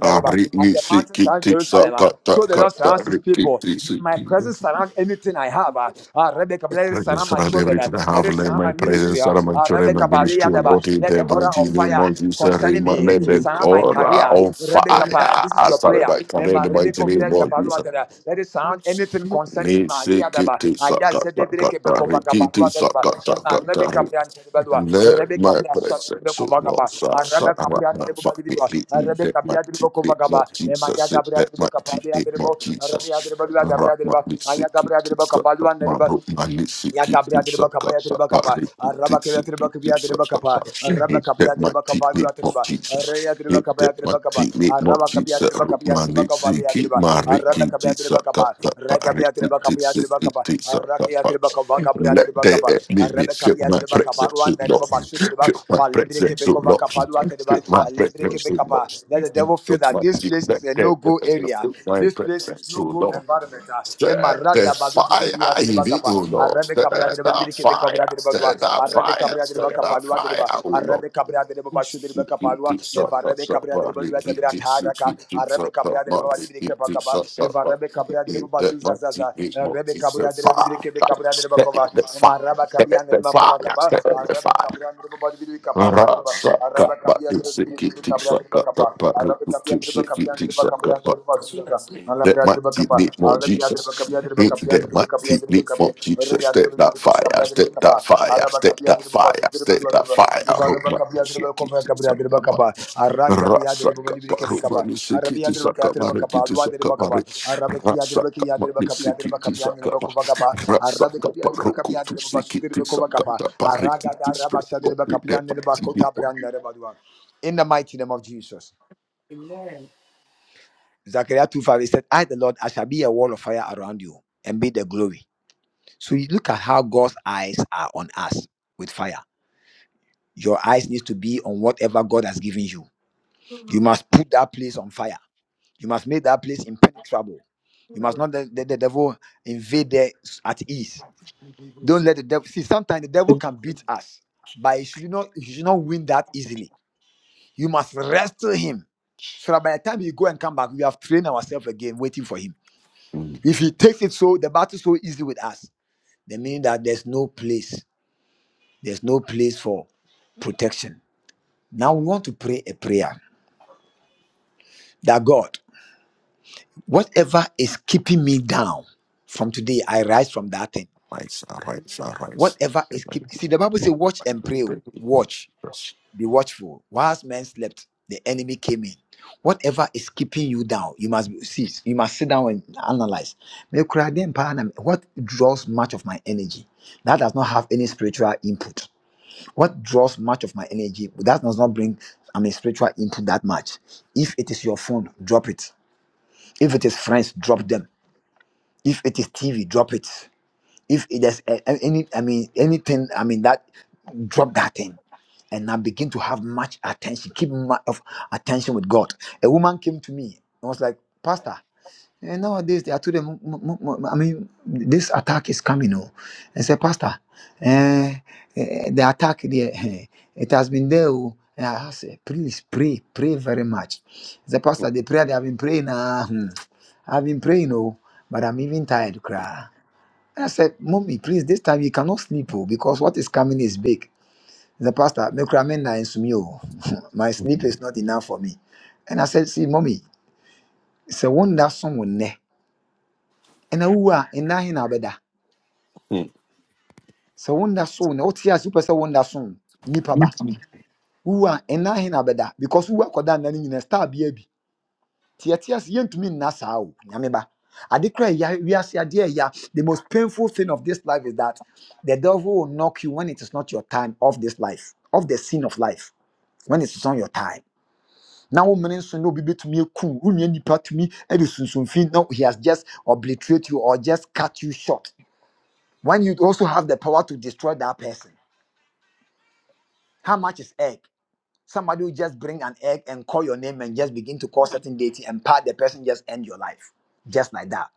[SPEAKER 1] Ariki
[SPEAKER 3] mountains surround
[SPEAKER 1] sikiti
[SPEAKER 3] Jerusalem, uh,
[SPEAKER 1] sakata
[SPEAKER 3] so the Lord
[SPEAKER 1] kata
[SPEAKER 3] surrounds His people.
[SPEAKER 1] rikiti
[SPEAKER 3] May my
[SPEAKER 1] sikiti.
[SPEAKER 3] presence surround anything I have. Uh, uh, Rebecca, let it
[SPEAKER 1] Presence
[SPEAKER 3] surround my
[SPEAKER 1] surround
[SPEAKER 3] children. uh,
[SPEAKER 1] everything I
[SPEAKER 3] Let
[SPEAKER 1] have.
[SPEAKER 3] it
[SPEAKER 1] Let
[SPEAKER 3] surround my
[SPEAKER 1] my
[SPEAKER 3] my ministry.
[SPEAKER 1] presence
[SPEAKER 3] ah.
[SPEAKER 1] out of my
[SPEAKER 3] Ah,
[SPEAKER 1] children, my
[SPEAKER 3] Rebecca Balia
[SPEAKER 1] ministry, O
[SPEAKER 3] Deba.
[SPEAKER 1] Lord, in
[SPEAKER 3] Let the
[SPEAKER 1] the
[SPEAKER 3] aura of
[SPEAKER 1] mighty name
[SPEAKER 3] fire
[SPEAKER 1] of Jesus.
[SPEAKER 3] concerning me
[SPEAKER 1] Remain the
[SPEAKER 3] surround my
[SPEAKER 1] God uh,
[SPEAKER 3] career.
[SPEAKER 1] on
[SPEAKER 3] Rebecca,
[SPEAKER 1] fire.
[SPEAKER 3] Pa, this is
[SPEAKER 1] I
[SPEAKER 3] your
[SPEAKER 1] started
[SPEAKER 3] prayer.
[SPEAKER 1] by
[SPEAKER 3] Eh,
[SPEAKER 1] career in
[SPEAKER 3] ma
[SPEAKER 1] the
[SPEAKER 3] Rebecca
[SPEAKER 1] mighty name
[SPEAKER 3] Vreka
[SPEAKER 1] of
[SPEAKER 3] Balua
[SPEAKER 1] Jesus.
[SPEAKER 3] Deba. Let it surround anything concerning my Lia Deba.
[SPEAKER 1] Nisikiti
[SPEAKER 3] Ah, yes,
[SPEAKER 1] sakata
[SPEAKER 3] Zede Breke
[SPEAKER 1] kata
[SPEAKER 3] Beko Vaka
[SPEAKER 1] rikiti
[SPEAKER 3] Balua Deba. Eh, ma Rebecca
[SPEAKER 1] sakata
[SPEAKER 3] Brian Deba Dua.
[SPEAKER 1] let
[SPEAKER 3] Rebecca
[SPEAKER 1] my
[SPEAKER 3] Brian Shot
[SPEAKER 1] presence,
[SPEAKER 3] Deba
[SPEAKER 1] so
[SPEAKER 3] Vaga
[SPEAKER 1] Lord,
[SPEAKER 3] Ba.
[SPEAKER 1] sa-
[SPEAKER 3] Ah,
[SPEAKER 1] sa-
[SPEAKER 3] Rebecca
[SPEAKER 1] ra-
[SPEAKER 3] Brian
[SPEAKER 1] ma-
[SPEAKER 3] Deba
[SPEAKER 1] fa-
[SPEAKER 3] Bali
[SPEAKER 1] mi-
[SPEAKER 3] Deba.
[SPEAKER 1] li-
[SPEAKER 3] Ah,
[SPEAKER 1] in that
[SPEAKER 3] Rebecca Brian
[SPEAKER 1] mighty
[SPEAKER 3] Deba
[SPEAKER 1] name
[SPEAKER 3] Vaga
[SPEAKER 1] of
[SPEAKER 3] Ba. Eh, ma Ya
[SPEAKER 1] Jesus, in
[SPEAKER 3] Gabriel
[SPEAKER 1] that
[SPEAKER 3] Deba
[SPEAKER 1] mighty
[SPEAKER 3] Kapabia
[SPEAKER 1] name
[SPEAKER 3] Deba.
[SPEAKER 1] of
[SPEAKER 3] Ah, Rebecca
[SPEAKER 1] Jesus.
[SPEAKER 3] Deba Dua
[SPEAKER 1] Ra-
[SPEAKER 3] Gabriel
[SPEAKER 1] ma-
[SPEAKER 3] Deba.
[SPEAKER 1] li-
[SPEAKER 3] Ah,
[SPEAKER 1] si-
[SPEAKER 3] Ya
[SPEAKER 1] ki-
[SPEAKER 3] Gabriel
[SPEAKER 1] ti-
[SPEAKER 3] Deba
[SPEAKER 1] sa- ka-
[SPEAKER 3] Kabalua
[SPEAKER 1] ma-
[SPEAKER 3] Deba.
[SPEAKER 1] ro- ma- li- si-
[SPEAKER 3] Ya
[SPEAKER 1] ki- ti-
[SPEAKER 3] Yagabria de
[SPEAKER 1] sa-
[SPEAKER 3] Bacaba,
[SPEAKER 1] ka- sa- pa-
[SPEAKER 3] Yadribacapa,
[SPEAKER 1] ri- ki- ti-
[SPEAKER 3] Arabaca,
[SPEAKER 1] si- ki- ti-
[SPEAKER 3] Yatribacabia de Bacabia de
[SPEAKER 1] sa- ka- sa.
[SPEAKER 3] Bacapa,
[SPEAKER 1] In
[SPEAKER 3] Rabacapia
[SPEAKER 1] that
[SPEAKER 3] de
[SPEAKER 1] mighty
[SPEAKER 3] Bacapa,
[SPEAKER 1] name of
[SPEAKER 3] Yatriba,
[SPEAKER 1] Jesus,
[SPEAKER 3] Rea de
[SPEAKER 1] in
[SPEAKER 3] Bacaba,
[SPEAKER 1] that
[SPEAKER 3] Yatribacapa,
[SPEAKER 1] mighty name of
[SPEAKER 3] Arabacapia
[SPEAKER 1] Jesus,
[SPEAKER 3] de
[SPEAKER 1] ro-
[SPEAKER 3] Bacapia
[SPEAKER 1] ma-
[SPEAKER 3] de
[SPEAKER 1] li-
[SPEAKER 3] Bacapa,
[SPEAKER 1] si- ki-
[SPEAKER 3] Yatriba,
[SPEAKER 1] ma- ri- ki-
[SPEAKER 3] Arabacapia
[SPEAKER 1] ti-
[SPEAKER 3] de
[SPEAKER 1] sa- ka-
[SPEAKER 3] Bacapa,
[SPEAKER 1] sa- pa- ri-
[SPEAKER 3] Racapia de
[SPEAKER 1] ki- ti-
[SPEAKER 3] Bacapia de
[SPEAKER 1] si- ki-
[SPEAKER 3] Bacapa,
[SPEAKER 1] ti- sa- ka-
[SPEAKER 3] Aracia de
[SPEAKER 1] pa.
[SPEAKER 3] Bacapa, Capria de
[SPEAKER 1] Let
[SPEAKER 3] Bacapa,
[SPEAKER 1] the enemy fill
[SPEAKER 3] Arabacapia
[SPEAKER 1] my
[SPEAKER 3] de Bacapa,
[SPEAKER 1] presence,
[SPEAKER 3] Ruan,
[SPEAKER 1] O
[SPEAKER 3] the
[SPEAKER 1] Lord.
[SPEAKER 3] Reba Basu de Reba,
[SPEAKER 1] Fill my
[SPEAKER 3] Falebrique
[SPEAKER 1] presence, O
[SPEAKER 3] Becova
[SPEAKER 1] Lord.
[SPEAKER 3] Capadua de Reba,
[SPEAKER 1] Fill my
[SPEAKER 3] Alebre
[SPEAKER 1] presence, O
[SPEAKER 3] Quebecapa,
[SPEAKER 1] Lord.
[SPEAKER 3] power. Let
[SPEAKER 1] In
[SPEAKER 3] the
[SPEAKER 1] the
[SPEAKER 3] devil feel that
[SPEAKER 1] mighty
[SPEAKER 3] this
[SPEAKER 1] name,
[SPEAKER 3] place
[SPEAKER 1] let
[SPEAKER 3] is a
[SPEAKER 1] the
[SPEAKER 3] no-go
[SPEAKER 1] enemy
[SPEAKER 3] area.
[SPEAKER 1] fill my
[SPEAKER 3] This place is
[SPEAKER 1] presence, O
[SPEAKER 3] no-go
[SPEAKER 1] Lord.
[SPEAKER 3] environment. ah. Emma
[SPEAKER 1] Stir the
[SPEAKER 3] Badu de Beria
[SPEAKER 1] fire
[SPEAKER 3] de
[SPEAKER 1] in me,
[SPEAKER 3] Bacapa,
[SPEAKER 1] O Lord.
[SPEAKER 3] Arabe
[SPEAKER 1] Stir
[SPEAKER 3] Cabria de
[SPEAKER 1] the
[SPEAKER 3] Belibiri Kit de
[SPEAKER 1] fire,
[SPEAKER 3] de Bagua,
[SPEAKER 1] stir the
[SPEAKER 3] Arabe
[SPEAKER 1] fire,
[SPEAKER 3] Cabria de
[SPEAKER 1] stir the
[SPEAKER 3] Bacapalua de
[SPEAKER 1] fire,
[SPEAKER 3] Ba,
[SPEAKER 1] O Lord.
[SPEAKER 3] Arabe Cabria de
[SPEAKER 1] That
[SPEAKER 3] Babashu de Bacapalua,
[SPEAKER 1] mighty
[SPEAKER 3] Evarabe Cabria de Bolivia de
[SPEAKER 1] name of
[SPEAKER 3] Brataraca, Arabe Cabria de Babalibiri Capacaba, Evarabe
[SPEAKER 1] Jesus.
[SPEAKER 3] Cabria de
[SPEAKER 1] In that
[SPEAKER 3] Babazuza
[SPEAKER 1] mighty
[SPEAKER 3] Zaza,
[SPEAKER 1] name of
[SPEAKER 3] Arabe Cabria
[SPEAKER 1] Jesus.
[SPEAKER 3] de Bidikebe Cabra de
[SPEAKER 1] Step
[SPEAKER 3] Bacova,
[SPEAKER 1] that
[SPEAKER 3] and
[SPEAKER 1] fire.
[SPEAKER 3] Maraba Cabian de Bacova Capa, Arabic Cabra de Babadi Caparua de Ba, Araba Cabia de Bidikebe Cabra de Bacapa, Arabic Cabia de Bacapian de Bacabra de Bacazuza, Alabra de Bacapa, Alabia de Bacapia de Bacapian de Bacapia de Bacapia, Ria de Bidikebe Cabra de
[SPEAKER 1] Step that
[SPEAKER 3] Bacapa,
[SPEAKER 1] fire.
[SPEAKER 3] Araba
[SPEAKER 1] Step
[SPEAKER 3] Cabia
[SPEAKER 1] that
[SPEAKER 3] de Bacasu
[SPEAKER 1] fire.
[SPEAKER 3] de
[SPEAKER 1] Step
[SPEAKER 3] Badua de
[SPEAKER 1] that
[SPEAKER 3] Ba,
[SPEAKER 1] fire.
[SPEAKER 3] Varaba Cabia de Bacova Cabra de
[SPEAKER 1] Rock my
[SPEAKER 3] Bacapa, Ara Cabia de
[SPEAKER 1] Rasaka
[SPEAKER 3] Babadi
[SPEAKER 1] parumani
[SPEAKER 3] Arabia
[SPEAKER 1] sikiti
[SPEAKER 3] de Baka de
[SPEAKER 1] sakamari
[SPEAKER 3] Bakapa,
[SPEAKER 1] kiti
[SPEAKER 3] Dua de Bakapa,
[SPEAKER 1] sakamari
[SPEAKER 3] Arabakia de
[SPEAKER 1] Rasaka
[SPEAKER 3] Bakia de
[SPEAKER 1] mani
[SPEAKER 3] Bakapia de
[SPEAKER 1] sikiti
[SPEAKER 3] Bakapia de
[SPEAKER 1] sakama
[SPEAKER 3] Bakovagaba, Arabia
[SPEAKER 1] Rasaka
[SPEAKER 3] de Bakapia de
[SPEAKER 1] parukutu
[SPEAKER 3] Babasu de
[SPEAKER 1] sikiti
[SPEAKER 3] Bakovagapa,
[SPEAKER 1] sakata pari
[SPEAKER 3] Araga de
[SPEAKER 1] kiti spread
[SPEAKER 3] Rabasha de
[SPEAKER 1] God with
[SPEAKER 3] Bakapia
[SPEAKER 1] the
[SPEAKER 3] de
[SPEAKER 1] mighty name
[SPEAKER 3] Bakota
[SPEAKER 1] of
[SPEAKER 3] Branda de Badua. In the mighty name of Jesus. Zechariah 2 5, he said, I, the Lord, I shall be a wall of fire around you and be the glory. So you look at how God's eyes are on us with fire. Your eyes need to be on whatever God has given you. You must put that place on fire. You must make that place impenetrable. You must not let, let the devil invade there at ease. Don't let the devil see. Sometimes the devil can beat us, but he should not. He should not win that easily. You must wrestle him, so that by the time you go and come back, we have trained ourselves again, waiting for him.
[SPEAKER 1] Mm,
[SPEAKER 3] If he takes it so, the battle so easy with us, then meaning that there's no place, there's no place for protection. Now we want to pray a prayer that God, whatever is keeping me down from today, I rise from that thing.
[SPEAKER 1] Rise, arise, arise
[SPEAKER 3] Whatever
[SPEAKER 1] The
[SPEAKER 3] is keep
[SPEAKER 1] mighty
[SPEAKER 3] see the Bible say watch and
[SPEAKER 1] mighty
[SPEAKER 3] pray. oh.
[SPEAKER 1] name of
[SPEAKER 3] Watch,
[SPEAKER 1] Jesus.
[SPEAKER 3] be watchful. Whilst men slept, the enemy came in. Whatever is keeping you down, you must be, see. You must sit down and analyze. Me kura dem pa na What draws much of my energy that does not have any spiritual input? What draws I mean, them that thing? And I begin to have much attention, keep much of attention with God. A woman came to me and was like, Pastor, coming on and say, Pastor, eh, eh, the attack there, eh, it has been there. oh." And I say, please pray, pray very much. The pastor, the prayer they have been praying, ah, hmm, I've been praying, oh, but I'm even tired, cry. And I said, Mommy, please, this time you cannot sleep, oh, because what is coming is big. The pastor, "Me kura me na nsumi, oh. my sleep
[SPEAKER 1] Mm,
[SPEAKER 3] is not enough for me. And I said, See, Mommy, it's a wonder someone there. And I, in that, in our bed.
[SPEAKER 1] mm,
[SPEAKER 3] sɛ wonna so na wote ase wopɛ sɛ wonna so nipa
[SPEAKER 1] mm.
[SPEAKER 3] ba wowu a ɛna he na bɛda because wowu akɔda nna no nyina star bia bi nti yɛte ase yɛntumi nna saa o nyame ba ade kora ɛya wiase adeɛ ɛya the most painful thing of this life is that the devil will knock you when it is not your time of this life of the sin of life when it is not your time na wo mmene nso na obi me? ekum wonua nipa tumi ɛde sunsumfin Now he has just obliterate you or just cut you short when you also have the power to destroy that person how much is egg Somebody will just bring an egg and call your name and just begin to call certain deity and part the person just end your life. Just like that.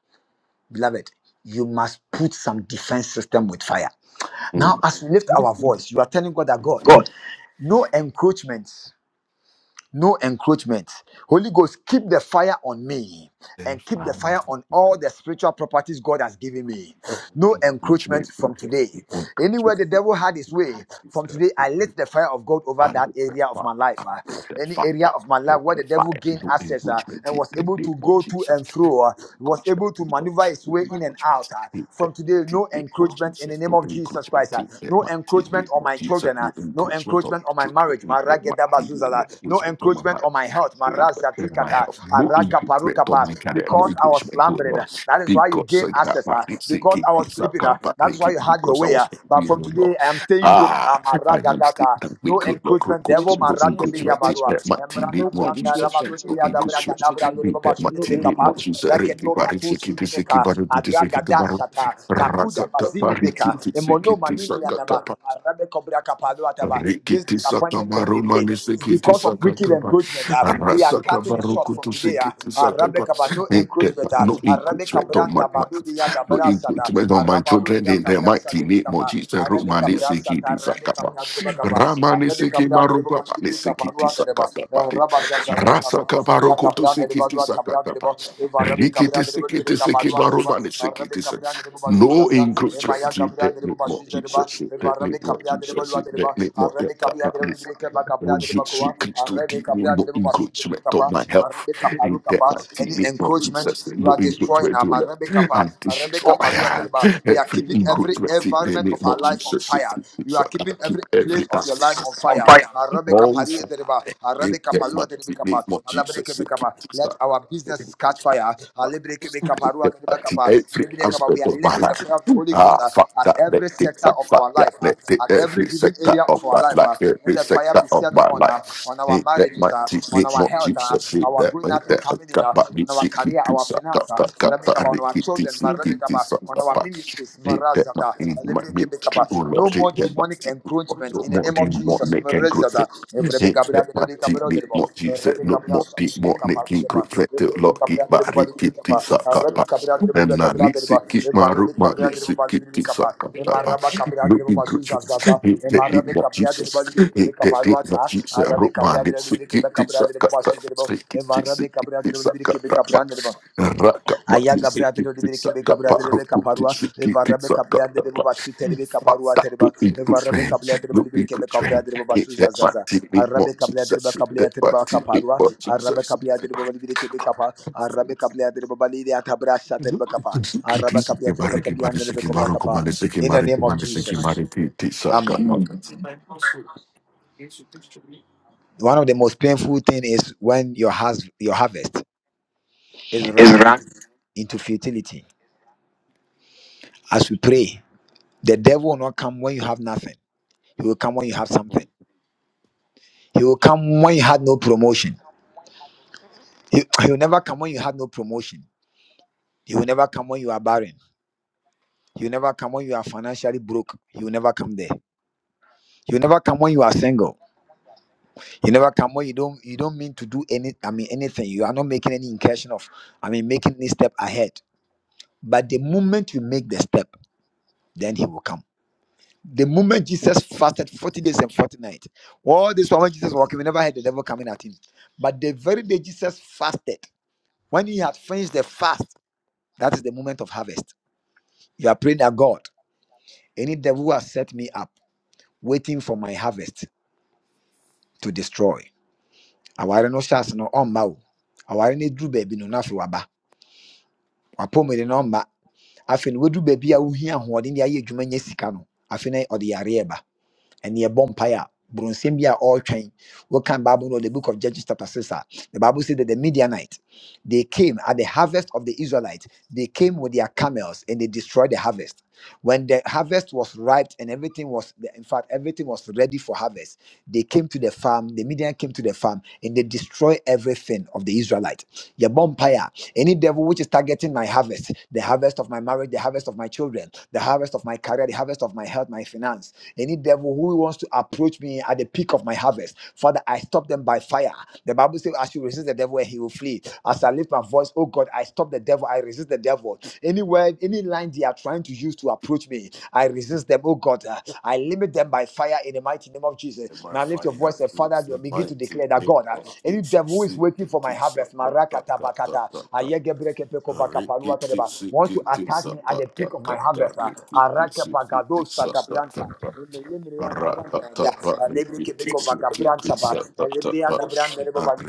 [SPEAKER 3] Beloved, you must put some defense system with fire. Now,
[SPEAKER 1] Mm.
[SPEAKER 3] as we lift our voice, you are telling God that God, no encroachment no encroachment. Holy Ghost, keep the fire on me
[SPEAKER 1] Thank you,
[SPEAKER 3] and keep the
[SPEAKER 1] Father.
[SPEAKER 3] fire on all the spiritual properties God has given me. No encroachment
[SPEAKER 1] Encouragement,
[SPEAKER 3] from today. Anywhere
[SPEAKER 1] encouragement.
[SPEAKER 3] the devil had his way, from
[SPEAKER 1] Take
[SPEAKER 3] today I let the fire of God over that
[SPEAKER 1] that
[SPEAKER 3] area of
[SPEAKER 1] fire.
[SPEAKER 3] my life. ah.
[SPEAKER 1] take that
[SPEAKER 3] Any
[SPEAKER 1] fire.
[SPEAKER 3] area of my
[SPEAKER 1] I
[SPEAKER 3] life where the
[SPEAKER 1] that fire.
[SPEAKER 3] devil gained
[SPEAKER 1] No
[SPEAKER 3] access ah,
[SPEAKER 1] enrichment
[SPEAKER 3] and
[SPEAKER 1] in
[SPEAKER 3] was
[SPEAKER 1] the
[SPEAKER 3] able
[SPEAKER 1] name
[SPEAKER 3] to
[SPEAKER 1] of
[SPEAKER 3] go to and
[SPEAKER 1] Jesus
[SPEAKER 3] fro, ah, was
[SPEAKER 1] encouragement
[SPEAKER 3] able
[SPEAKER 1] to
[SPEAKER 3] to
[SPEAKER 1] God.
[SPEAKER 3] maneuver his
[SPEAKER 1] We
[SPEAKER 3] way
[SPEAKER 1] will
[SPEAKER 3] in and out.
[SPEAKER 1] encouragement
[SPEAKER 3] ah. From today, no encroachment in the name of Jesus Christ. ah.
[SPEAKER 1] in the
[SPEAKER 3] No no
[SPEAKER 1] mighty
[SPEAKER 3] encroachment
[SPEAKER 1] name
[SPEAKER 3] on
[SPEAKER 1] of
[SPEAKER 3] my
[SPEAKER 1] Jesus.
[SPEAKER 3] children. ah.
[SPEAKER 1] No
[SPEAKER 3] No
[SPEAKER 1] encouragement in the mighty name of Jesus. No encouragement of
[SPEAKER 3] encroachment
[SPEAKER 1] my
[SPEAKER 3] on my
[SPEAKER 1] children
[SPEAKER 3] marriage.
[SPEAKER 1] in the
[SPEAKER 3] Marageda
[SPEAKER 1] mighty name
[SPEAKER 3] bazuzala.
[SPEAKER 1] of
[SPEAKER 3] No
[SPEAKER 1] encouragement of my
[SPEAKER 3] encroachment on
[SPEAKER 1] marriage.
[SPEAKER 3] my health.
[SPEAKER 1] No encouragement of my
[SPEAKER 3] Marazatikata.
[SPEAKER 1] health. No
[SPEAKER 3] Araka
[SPEAKER 1] encouragement of
[SPEAKER 3] parukapa.
[SPEAKER 1] my career. No
[SPEAKER 3] Because I was
[SPEAKER 1] encouragement, oh
[SPEAKER 3] slumbering. ah,
[SPEAKER 1] Lord.
[SPEAKER 3] That is why you
[SPEAKER 1] Because
[SPEAKER 3] gain
[SPEAKER 1] I got
[SPEAKER 3] access.
[SPEAKER 1] back,
[SPEAKER 3] ah.
[SPEAKER 1] it's a
[SPEAKER 3] Because
[SPEAKER 1] kid,
[SPEAKER 3] I was
[SPEAKER 1] it's a
[SPEAKER 3] sleeping. ah,
[SPEAKER 1] got back,
[SPEAKER 3] That
[SPEAKER 1] it's
[SPEAKER 3] is
[SPEAKER 1] a
[SPEAKER 3] why
[SPEAKER 1] kid,
[SPEAKER 3] you had your
[SPEAKER 1] because I
[SPEAKER 3] way.
[SPEAKER 1] was
[SPEAKER 3] ah. But
[SPEAKER 1] angry,
[SPEAKER 3] from
[SPEAKER 1] oh
[SPEAKER 3] today,
[SPEAKER 1] Lord.
[SPEAKER 3] I am staying woke.
[SPEAKER 1] Ah,
[SPEAKER 3] ah,
[SPEAKER 1] I am still that
[SPEAKER 3] Maragadaka.
[SPEAKER 1] we
[SPEAKER 3] No
[SPEAKER 1] could not go
[SPEAKER 3] encroachment. Devil
[SPEAKER 1] to
[SPEAKER 4] encroachment,
[SPEAKER 1] no
[SPEAKER 4] no
[SPEAKER 3] maragebelia
[SPEAKER 1] encouragement in
[SPEAKER 3] barua.
[SPEAKER 1] the
[SPEAKER 4] encroachment,
[SPEAKER 1] mighty name
[SPEAKER 3] Emranda
[SPEAKER 4] no
[SPEAKER 1] of
[SPEAKER 3] branda
[SPEAKER 1] Jesus.
[SPEAKER 3] rabado
[SPEAKER 4] encroachment.
[SPEAKER 1] No
[SPEAKER 3] niya
[SPEAKER 4] Ewu
[SPEAKER 3] da
[SPEAKER 4] Jesu
[SPEAKER 1] encouragement
[SPEAKER 4] Kristo din mu.
[SPEAKER 1] Bite
[SPEAKER 3] baba shudi
[SPEAKER 4] No
[SPEAKER 3] de
[SPEAKER 1] matili
[SPEAKER 3] bekapa.
[SPEAKER 4] encroachment.
[SPEAKER 1] mochisa reki bariki kiti siki
[SPEAKER 3] Meka,
[SPEAKER 1] baru kiti siki baru
[SPEAKER 3] Adragadashata, Makuda
[SPEAKER 1] rakata bariki
[SPEAKER 3] Mazinibika,
[SPEAKER 1] kiti
[SPEAKER 3] Emono
[SPEAKER 1] siki
[SPEAKER 3] Manini Yanaba, Arabe Kobra Kapalo Ataba. This
[SPEAKER 1] Rikiti
[SPEAKER 3] disappointment and
[SPEAKER 1] sakamaru
[SPEAKER 3] delay
[SPEAKER 1] mani
[SPEAKER 3] is
[SPEAKER 1] sikiti
[SPEAKER 3] because of wicked
[SPEAKER 1] sakataba.
[SPEAKER 3] encroachment. ah. We are cutting it
[SPEAKER 1] Arasakavaru
[SPEAKER 3] short from
[SPEAKER 1] kutu
[SPEAKER 3] today. ah.
[SPEAKER 1] sikiti
[SPEAKER 3] Arabe
[SPEAKER 1] sakaba.
[SPEAKER 3] Kaba, no
[SPEAKER 1] Ete-
[SPEAKER 3] encroachment. ah.
[SPEAKER 1] No
[SPEAKER 3] Arabe
[SPEAKER 1] increment on my
[SPEAKER 3] Kabranda Badudi
[SPEAKER 1] life. No
[SPEAKER 3] Yadabra Sata,
[SPEAKER 1] increment on my
[SPEAKER 3] Arabaludi
[SPEAKER 1] children in the
[SPEAKER 3] Yadabra
[SPEAKER 1] mighty
[SPEAKER 3] Sata
[SPEAKER 1] name of
[SPEAKER 3] Kapa,
[SPEAKER 1] Jesus.
[SPEAKER 3] Arabe
[SPEAKER 1] Rumani
[SPEAKER 3] Kabra Sata,
[SPEAKER 1] sikiti
[SPEAKER 3] Arabe
[SPEAKER 1] sakaba.
[SPEAKER 3] Kabra Deba Kapa,
[SPEAKER 1] Ramani
[SPEAKER 3] Arabe Kabra
[SPEAKER 1] sikimaru
[SPEAKER 3] Deba
[SPEAKER 1] kwabani
[SPEAKER 3] Mandiri Kapa,
[SPEAKER 1] sikiti
[SPEAKER 3] Arabe Kabra
[SPEAKER 1] sakataba.
[SPEAKER 3] Deba Kapa,
[SPEAKER 1] Rasakavaru
[SPEAKER 3] Ya
[SPEAKER 1] kutu
[SPEAKER 3] kabra de ba
[SPEAKER 1] sikiti
[SPEAKER 3] dua tabra de
[SPEAKER 1] sakataba.
[SPEAKER 3] ba evara be
[SPEAKER 1] Rikiti
[SPEAKER 3] kabra de ba de
[SPEAKER 1] sikiti
[SPEAKER 3] ka ba dua de
[SPEAKER 1] sikimaru
[SPEAKER 3] ba
[SPEAKER 1] mani
[SPEAKER 3] ara be
[SPEAKER 1] sikiti
[SPEAKER 3] kabra de ba juza
[SPEAKER 1] no
[SPEAKER 3] sa e ma ya
[SPEAKER 1] encroachment in
[SPEAKER 3] kabra
[SPEAKER 1] the
[SPEAKER 3] de
[SPEAKER 1] name
[SPEAKER 3] ba juza de ba
[SPEAKER 1] Jesus, in the
[SPEAKER 3] evara
[SPEAKER 1] name
[SPEAKER 3] be kabra de ba
[SPEAKER 1] Jesus,
[SPEAKER 3] dua
[SPEAKER 1] in
[SPEAKER 3] de
[SPEAKER 1] the
[SPEAKER 3] ba
[SPEAKER 1] name of
[SPEAKER 3] ara
[SPEAKER 1] the
[SPEAKER 3] be kabra de
[SPEAKER 1] Kabbalists.
[SPEAKER 3] ba de ka ba
[SPEAKER 1] Oh,
[SPEAKER 3] kabra de ba
[SPEAKER 1] Jesus
[SPEAKER 3] kwa
[SPEAKER 1] Christ, to
[SPEAKER 3] ara be
[SPEAKER 1] thee,
[SPEAKER 3] kabra
[SPEAKER 1] no
[SPEAKER 3] de ba shu de ba
[SPEAKER 1] encroachment on
[SPEAKER 3] kapa
[SPEAKER 1] my
[SPEAKER 3] ara
[SPEAKER 1] health.
[SPEAKER 3] be
[SPEAKER 1] In
[SPEAKER 3] kaparu
[SPEAKER 1] that
[SPEAKER 3] kapa
[SPEAKER 1] mighty
[SPEAKER 3] any
[SPEAKER 1] name of Jesus,
[SPEAKER 3] encroachment you
[SPEAKER 1] no
[SPEAKER 3] are destroying
[SPEAKER 1] encroachment
[SPEAKER 3] am
[SPEAKER 1] on
[SPEAKER 3] ara be
[SPEAKER 1] them.
[SPEAKER 3] kapa
[SPEAKER 1] I
[SPEAKER 3] ara be
[SPEAKER 1] destroy
[SPEAKER 3] kaparu
[SPEAKER 1] uh,
[SPEAKER 3] de ba we are
[SPEAKER 1] every
[SPEAKER 3] keeping every
[SPEAKER 1] encroachment in the
[SPEAKER 3] environment of
[SPEAKER 1] name
[SPEAKER 3] our
[SPEAKER 1] of
[SPEAKER 3] life on
[SPEAKER 1] Jesus.
[SPEAKER 3] fire you
[SPEAKER 1] So
[SPEAKER 3] are keeping
[SPEAKER 1] I
[SPEAKER 3] keeping every
[SPEAKER 1] keep
[SPEAKER 3] place
[SPEAKER 1] every
[SPEAKER 3] of your life on
[SPEAKER 1] ass on
[SPEAKER 3] fire.
[SPEAKER 1] fire.
[SPEAKER 3] Arabe
[SPEAKER 1] On
[SPEAKER 3] kapalua dereba,
[SPEAKER 1] fire. In
[SPEAKER 3] arabe
[SPEAKER 1] that
[SPEAKER 3] kapalua derebe
[SPEAKER 1] mighty name
[SPEAKER 3] kapa,
[SPEAKER 1] of
[SPEAKER 3] alabre
[SPEAKER 1] Jesus,
[SPEAKER 3] kebe
[SPEAKER 1] keep
[SPEAKER 3] kapa.
[SPEAKER 1] the
[SPEAKER 3] Let
[SPEAKER 1] up
[SPEAKER 3] our businesses catch fire.
[SPEAKER 1] at
[SPEAKER 3] Alebre kebe kaparua derebe kapa,
[SPEAKER 1] every
[SPEAKER 3] alebre kapa. We
[SPEAKER 1] aspect
[SPEAKER 3] are
[SPEAKER 1] of my
[SPEAKER 3] letting the
[SPEAKER 1] life.
[SPEAKER 3] fire of the Holy
[SPEAKER 1] Ah,
[SPEAKER 3] Ghost uh,
[SPEAKER 1] fuck
[SPEAKER 3] at
[SPEAKER 1] that, let
[SPEAKER 3] every
[SPEAKER 1] take
[SPEAKER 3] sector
[SPEAKER 1] that,
[SPEAKER 3] of
[SPEAKER 1] fuck
[SPEAKER 3] our
[SPEAKER 1] that,
[SPEAKER 3] life, uh,
[SPEAKER 1] let take
[SPEAKER 3] at every
[SPEAKER 1] every
[SPEAKER 3] given
[SPEAKER 1] sector
[SPEAKER 3] area
[SPEAKER 1] of
[SPEAKER 3] of our
[SPEAKER 1] my
[SPEAKER 3] life.
[SPEAKER 1] life,
[SPEAKER 3] uh. Let
[SPEAKER 1] every
[SPEAKER 3] the fire
[SPEAKER 1] sector
[SPEAKER 3] be
[SPEAKER 1] of
[SPEAKER 3] set
[SPEAKER 1] my
[SPEAKER 3] on
[SPEAKER 1] life.
[SPEAKER 3] uh, on our
[SPEAKER 1] Need that my
[SPEAKER 3] marriages, uh,
[SPEAKER 1] teeth,
[SPEAKER 3] on
[SPEAKER 1] need
[SPEAKER 3] our
[SPEAKER 1] more
[SPEAKER 3] health, uh,
[SPEAKER 1] Jesus, see
[SPEAKER 3] our
[SPEAKER 1] that
[SPEAKER 3] going
[SPEAKER 1] when
[SPEAKER 3] out and
[SPEAKER 1] that I
[SPEAKER 3] coming in,
[SPEAKER 1] got
[SPEAKER 3] uh,
[SPEAKER 1] my
[SPEAKER 3] on
[SPEAKER 1] meat,
[SPEAKER 3] our
[SPEAKER 1] see keep
[SPEAKER 3] career,
[SPEAKER 1] it,
[SPEAKER 3] our
[SPEAKER 1] suck
[SPEAKER 3] finance,
[SPEAKER 1] up,
[SPEAKER 3] uh,
[SPEAKER 1] got
[SPEAKER 3] let
[SPEAKER 1] got
[SPEAKER 3] me
[SPEAKER 1] that,
[SPEAKER 3] on our
[SPEAKER 1] Ricky,
[SPEAKER 3] children
[SPEAKER 1] see keep it, suck
[SPEAKER 3] on
[SPEAKER 1] up,
[SPEAKER 3] our
[SPEAKER 1] but
[SPEAKER 3] ministries,
[SPEAKER 1] need that my
[SPEAKER 3] Marazada,
[SPEAKER 1] need my ministry,
[SPEAKER 3] Alebrekebekaba.
[SPEAKER 1] oh
[SPEAKER 3] no
[SPEAKER 1] Lord, need
[SPEAKER 3] more
[SPEAKER 1] that my
[SPEAKER 3] demonic
[SPEAKER 1] teeth, more,
[SPEAKER 3] encroachment in the
[SPEAKER 1] more,
[SPEAKER 3] name of
[SPEAKER 1] more, more,
[SPEAKER 3] Jesus.
[SPEAKER 1] make and grow.
[SPEAKER 3] Marazada,
[SPEAKER 1] It's
[SPEAKER 3] Evrebekabra,
[SPEAKER 1] that party,
[SPEAKER 3] Evrebekabra,
[SPEAKER 1] Nick
[SPEAKER 3] Derebo,
[SPEAKER 1] Motti said, Look,
[SPEAKER 3] Rebekabra,
[SPEAKER 1] Motti, Mot, Nick,
[SPEAKER 3] Shakebekapa,
[SPEAKER 1] King,
[SPEAKER 3] Dereba,
[SPEAKER 1] Crook, Fletcher, Lock,
[SPEAKER 3] Evrebekabra,
[SPEAKER 1] Kick,
[SPEAKER 3] Derebo,
[SPEAKER 1] Barry, Kick, Tick,
[SPEAKER 3] Balibrekapa,
[SPEAKER 1] Saka, Ba.
[SPEAKER 3] Arabekabra, Derebo,
[SPEAKER 1] And now, Nick,
[SPEAKER 3] Derebo,
[SPEAKER 1] Sick,
[SPEAKER 3] Derebo,
[SPEAKER 1] Kick, Maru, Ma,
[SPEAKER 3] Evarabekabra,
[SPEAKER 1] Nick,
[SPEAKER 3] Derebo,
[SPEAKER 1] Sick, Kick, Tick,
[SPEAKER 3] Balibrekapa,
[SPEAKER 1] Saka, Ba, Ba.
[SPEAKER 3] Emarabakabra,
[SPEAKER 1] Look,
[SPEAKER 3] Derebo,
[SPEAKER 1] King, Crook,
[SPEAKER 3] Bazuza,
[SPEAKER 1] Fletcher,
[SPEAKER 3] Zaza,
[SPEAKER 1] Hit that, Nick, Mot,
[SPEAKER 3] Emarabekabra, Derebo,
[SPEAKER 1] Jesus. Hit
[SPEAKER 3] Balibrekebekapa,
[SPEAKER 1] that, Nick, Mot,
[SPEAKER 3] Luata,
[SPEAKER 1] Jesus. Rook, Ma,
[SPEAKER 3] Arabekabra,
[SPEAKER 1] Nick,
[SPEAKER 3] Derebo,
[SPEAKER 1] Sick, Kick, Tick,
[SPEAKER 3] Balibrekebekabra, Derebo,
[SPEAKER 1] Saka, Ba.
[SPEAKER 3] Basu, Derebo,
[SPEAKER 1] Sick, Kick, Tick,
[SPEAKER 3] Evarabe
[SPEAKER 1] Sick, Kick,
[SPEAKER 3] Cabra,
[SPEAKER 1] Tick,
[SPEAKER 3] Derebo, Libre,
[SPEAKER 1] Saka,
[SPEAKER 3] Kebe,
[SPEAKER 1] Ba, Ba.
[SPEAKER 3] Cabra, Derebo.
[SPEAKER 1] Raka, Ma,
[SPEAKER 3] Aya
[SPEAKER 1] Nick,
[SPEAKER 3] gabra
[SPEAKER 1] Sick,
[SPEAKER 3] de
[SPEAKER 1] Kick,
[SPEAKER 3] no
[SPEAKER 1] Tick, Saka,
[SPEAKER 3] gabra
[SPEAKER 1] Ba.
[SPEAKER 3] de
[SPEAKER 1] Rook,
[SPEAKER 3] lebe
[SPEAKER 1] Kick, Tick,
[SPEAKER 3] kaparua
[SPEAKER 1] Sick, Kick,
[SPEAKER 3] evara
[SPEAKER 1] Tick,
[SPEAKER 3] me
[SPEAKER 1] Saka,
[SPEAKER 3] de
[SPEAKER 1] Ba, Ba.
[SPEAKER 3] lebo terebe
[SPEAKER 1] Fuck
[SPEAKER 3] kaparua
[SPEAKER 1] that,
[SPEAKER 3] tereba
[SPEAKER 1] look, King, Crook,
[SPEAKER 3] evara me de lebe
[SPEAKER 1] Look,
[SPEAKER 3] libere
[SPEAKER 1] King, Crook,
[SPEAKER 3] de lebo
[SPEAKER 1] Get that back
[SPEAKER 3] zazaza
[SPEAKER 1] to me, more
[SPEAKER 3] arabe kabla de lebo
[SPEAKER 1] Jesus. Get
[SPEAKER 3] kabla
[SPEAKER 1] that
[SPEAKER 3] de
[SPEAKER 1] back to me, more
[SPEAKER 3] arabe
[SPEAKER 1] Jesus. Get
[SPEAKER 3] kabla de
[SPEAKER 1] that
[SPEAKER 3] lebo
[SPEAKER 1] back.
[SPEAKER 3] libere arabe kabla de lebo atabra sha de arabe kabla de lebo
[SPEAKER 1] Kimari, kimari,
[SPEAKER 3] de lebo kova
[SPEAKER 1] sikimaro, kumani,
[SPEAKER 3] in the
[SPEAKER 1] sikimari,
[SPEAKER 3] name of
[SPEAKER 1] kumani,
[SPEAKER 3] Jesus
[SPEAKER 1] sikimari, titi, saka.
[SPEAKER 3] amen one of the most painful thing is when your has your harvest is run into into futility as we pray the devil will not come when you have nothing He will come when you have something. He will come when you had no promotion. He, he will never come when you had no promotion. He will never come when you are barren. He will never come when you are financially broke. He will never come there. He will never come when you are single. He will never come when you don't you don't mean to do any I mean anything. You are not making any incursion of I mean making any step ahead. But the moment you make the step, then he will come. The moment Jesus fasted 40 days and 40 nights, all this while when Jesus walking, we never had the devil coming at him. But the very day Jesus fasted. When you had finished the fast, that is the moment of harvest. You are praying that God, any devil who has set me up, waiting for my harvest to destroy. Aware no chance no ɔmma o. Aware no duru baabi no n'afei waba. Wapɔ mu de no ɔmma. Afei no waduru baabi a wohia ahoɔden de ayɛ adwuma nya sika no. Afei no ɔde yareɛ ba. and near Bompire. Bronsimbia all train. What can Bible know? The book of Judges, chapter 6. ah. The Bible says that the Midianite they came at the harvest of the Israelites, they came with their camels and they destroyed the harvest. When the harvest was ripe and everything was, in fact, everything was ready for harvest, they came to the farm, the Midian came to the farm and they destroy everything of the Israelite. Your bonfire, any devil which is targeting my harvest, the harvest of my marriage, the harvest of my children, the harvest of my career, the harvest of my health, my finance any devil who wants to approach me at the peak of my harvest, Father, I stop them by fire. The Bible says, I should resist the devil and he will flee. As I lift my voice, oh God, I stop the devil, I resist the devil. Anywhere, any line they are trying to use to approach me, I resist them, oh God. Uh, I limit them by fire in the mighty name of Jesus.
[SPEAKER 1] Am I
[SPEAKER 3] Now lift your
[SPEAKER 1] fighting
[SPEAKER 3] voice,
[SPEAKER 1] out
[SPEAKER 3] and Father,
[SPEAKER 1] fruits? Am
[SPEAKER 3] begin
[SPEAKER 1] I
[SPEAKER 3] to declare that
[SPEAKER 1] eating
[SPEAKER 3] God. uh,
[SPEAKER 1] of
[SPEAKER 3] any
[SPEAKER 1] Jesus?
[SPEAKER 3] devil who is waiting
[SPEAKER 1] Sicky,
[SPEAKER 3] for my
[SPEAKER 1] tits,
[SPEAKER 3] harvest,
[SPEAKER 1] got, got,
[SPEAKER 3] Marakata
[SPEAKER 1] got, got,
[SPEAKER 3] Bakata,
[SPEAKER 1] Ricky,
[SPEAKER 3] Ayegebrekepekovakapaluatereba,
[SPEAKER 1] tits,
[SPEAKER 3] wants to
[SPEAKER 1] sicky, tits,
[SPEAKER 3] attack me
[SPEAKER 1] got,
[SPEAKER 3] at
[SPEAKER 1] got,
[SPEAKER 3] the peak of my harvest. ah,
[SPEAKER 1] Ricky, tits, sicky,
[SPEAKER 3] Arakepagado
[SPEAKER 1] tits,
[SPEAKER 3] Satabranta.
[SPEAKER 1] got, Rakata
[SPEAKER 3] Elebriana Branda, Elebrikepekovakabranta, Elebriana Branda, Reboba,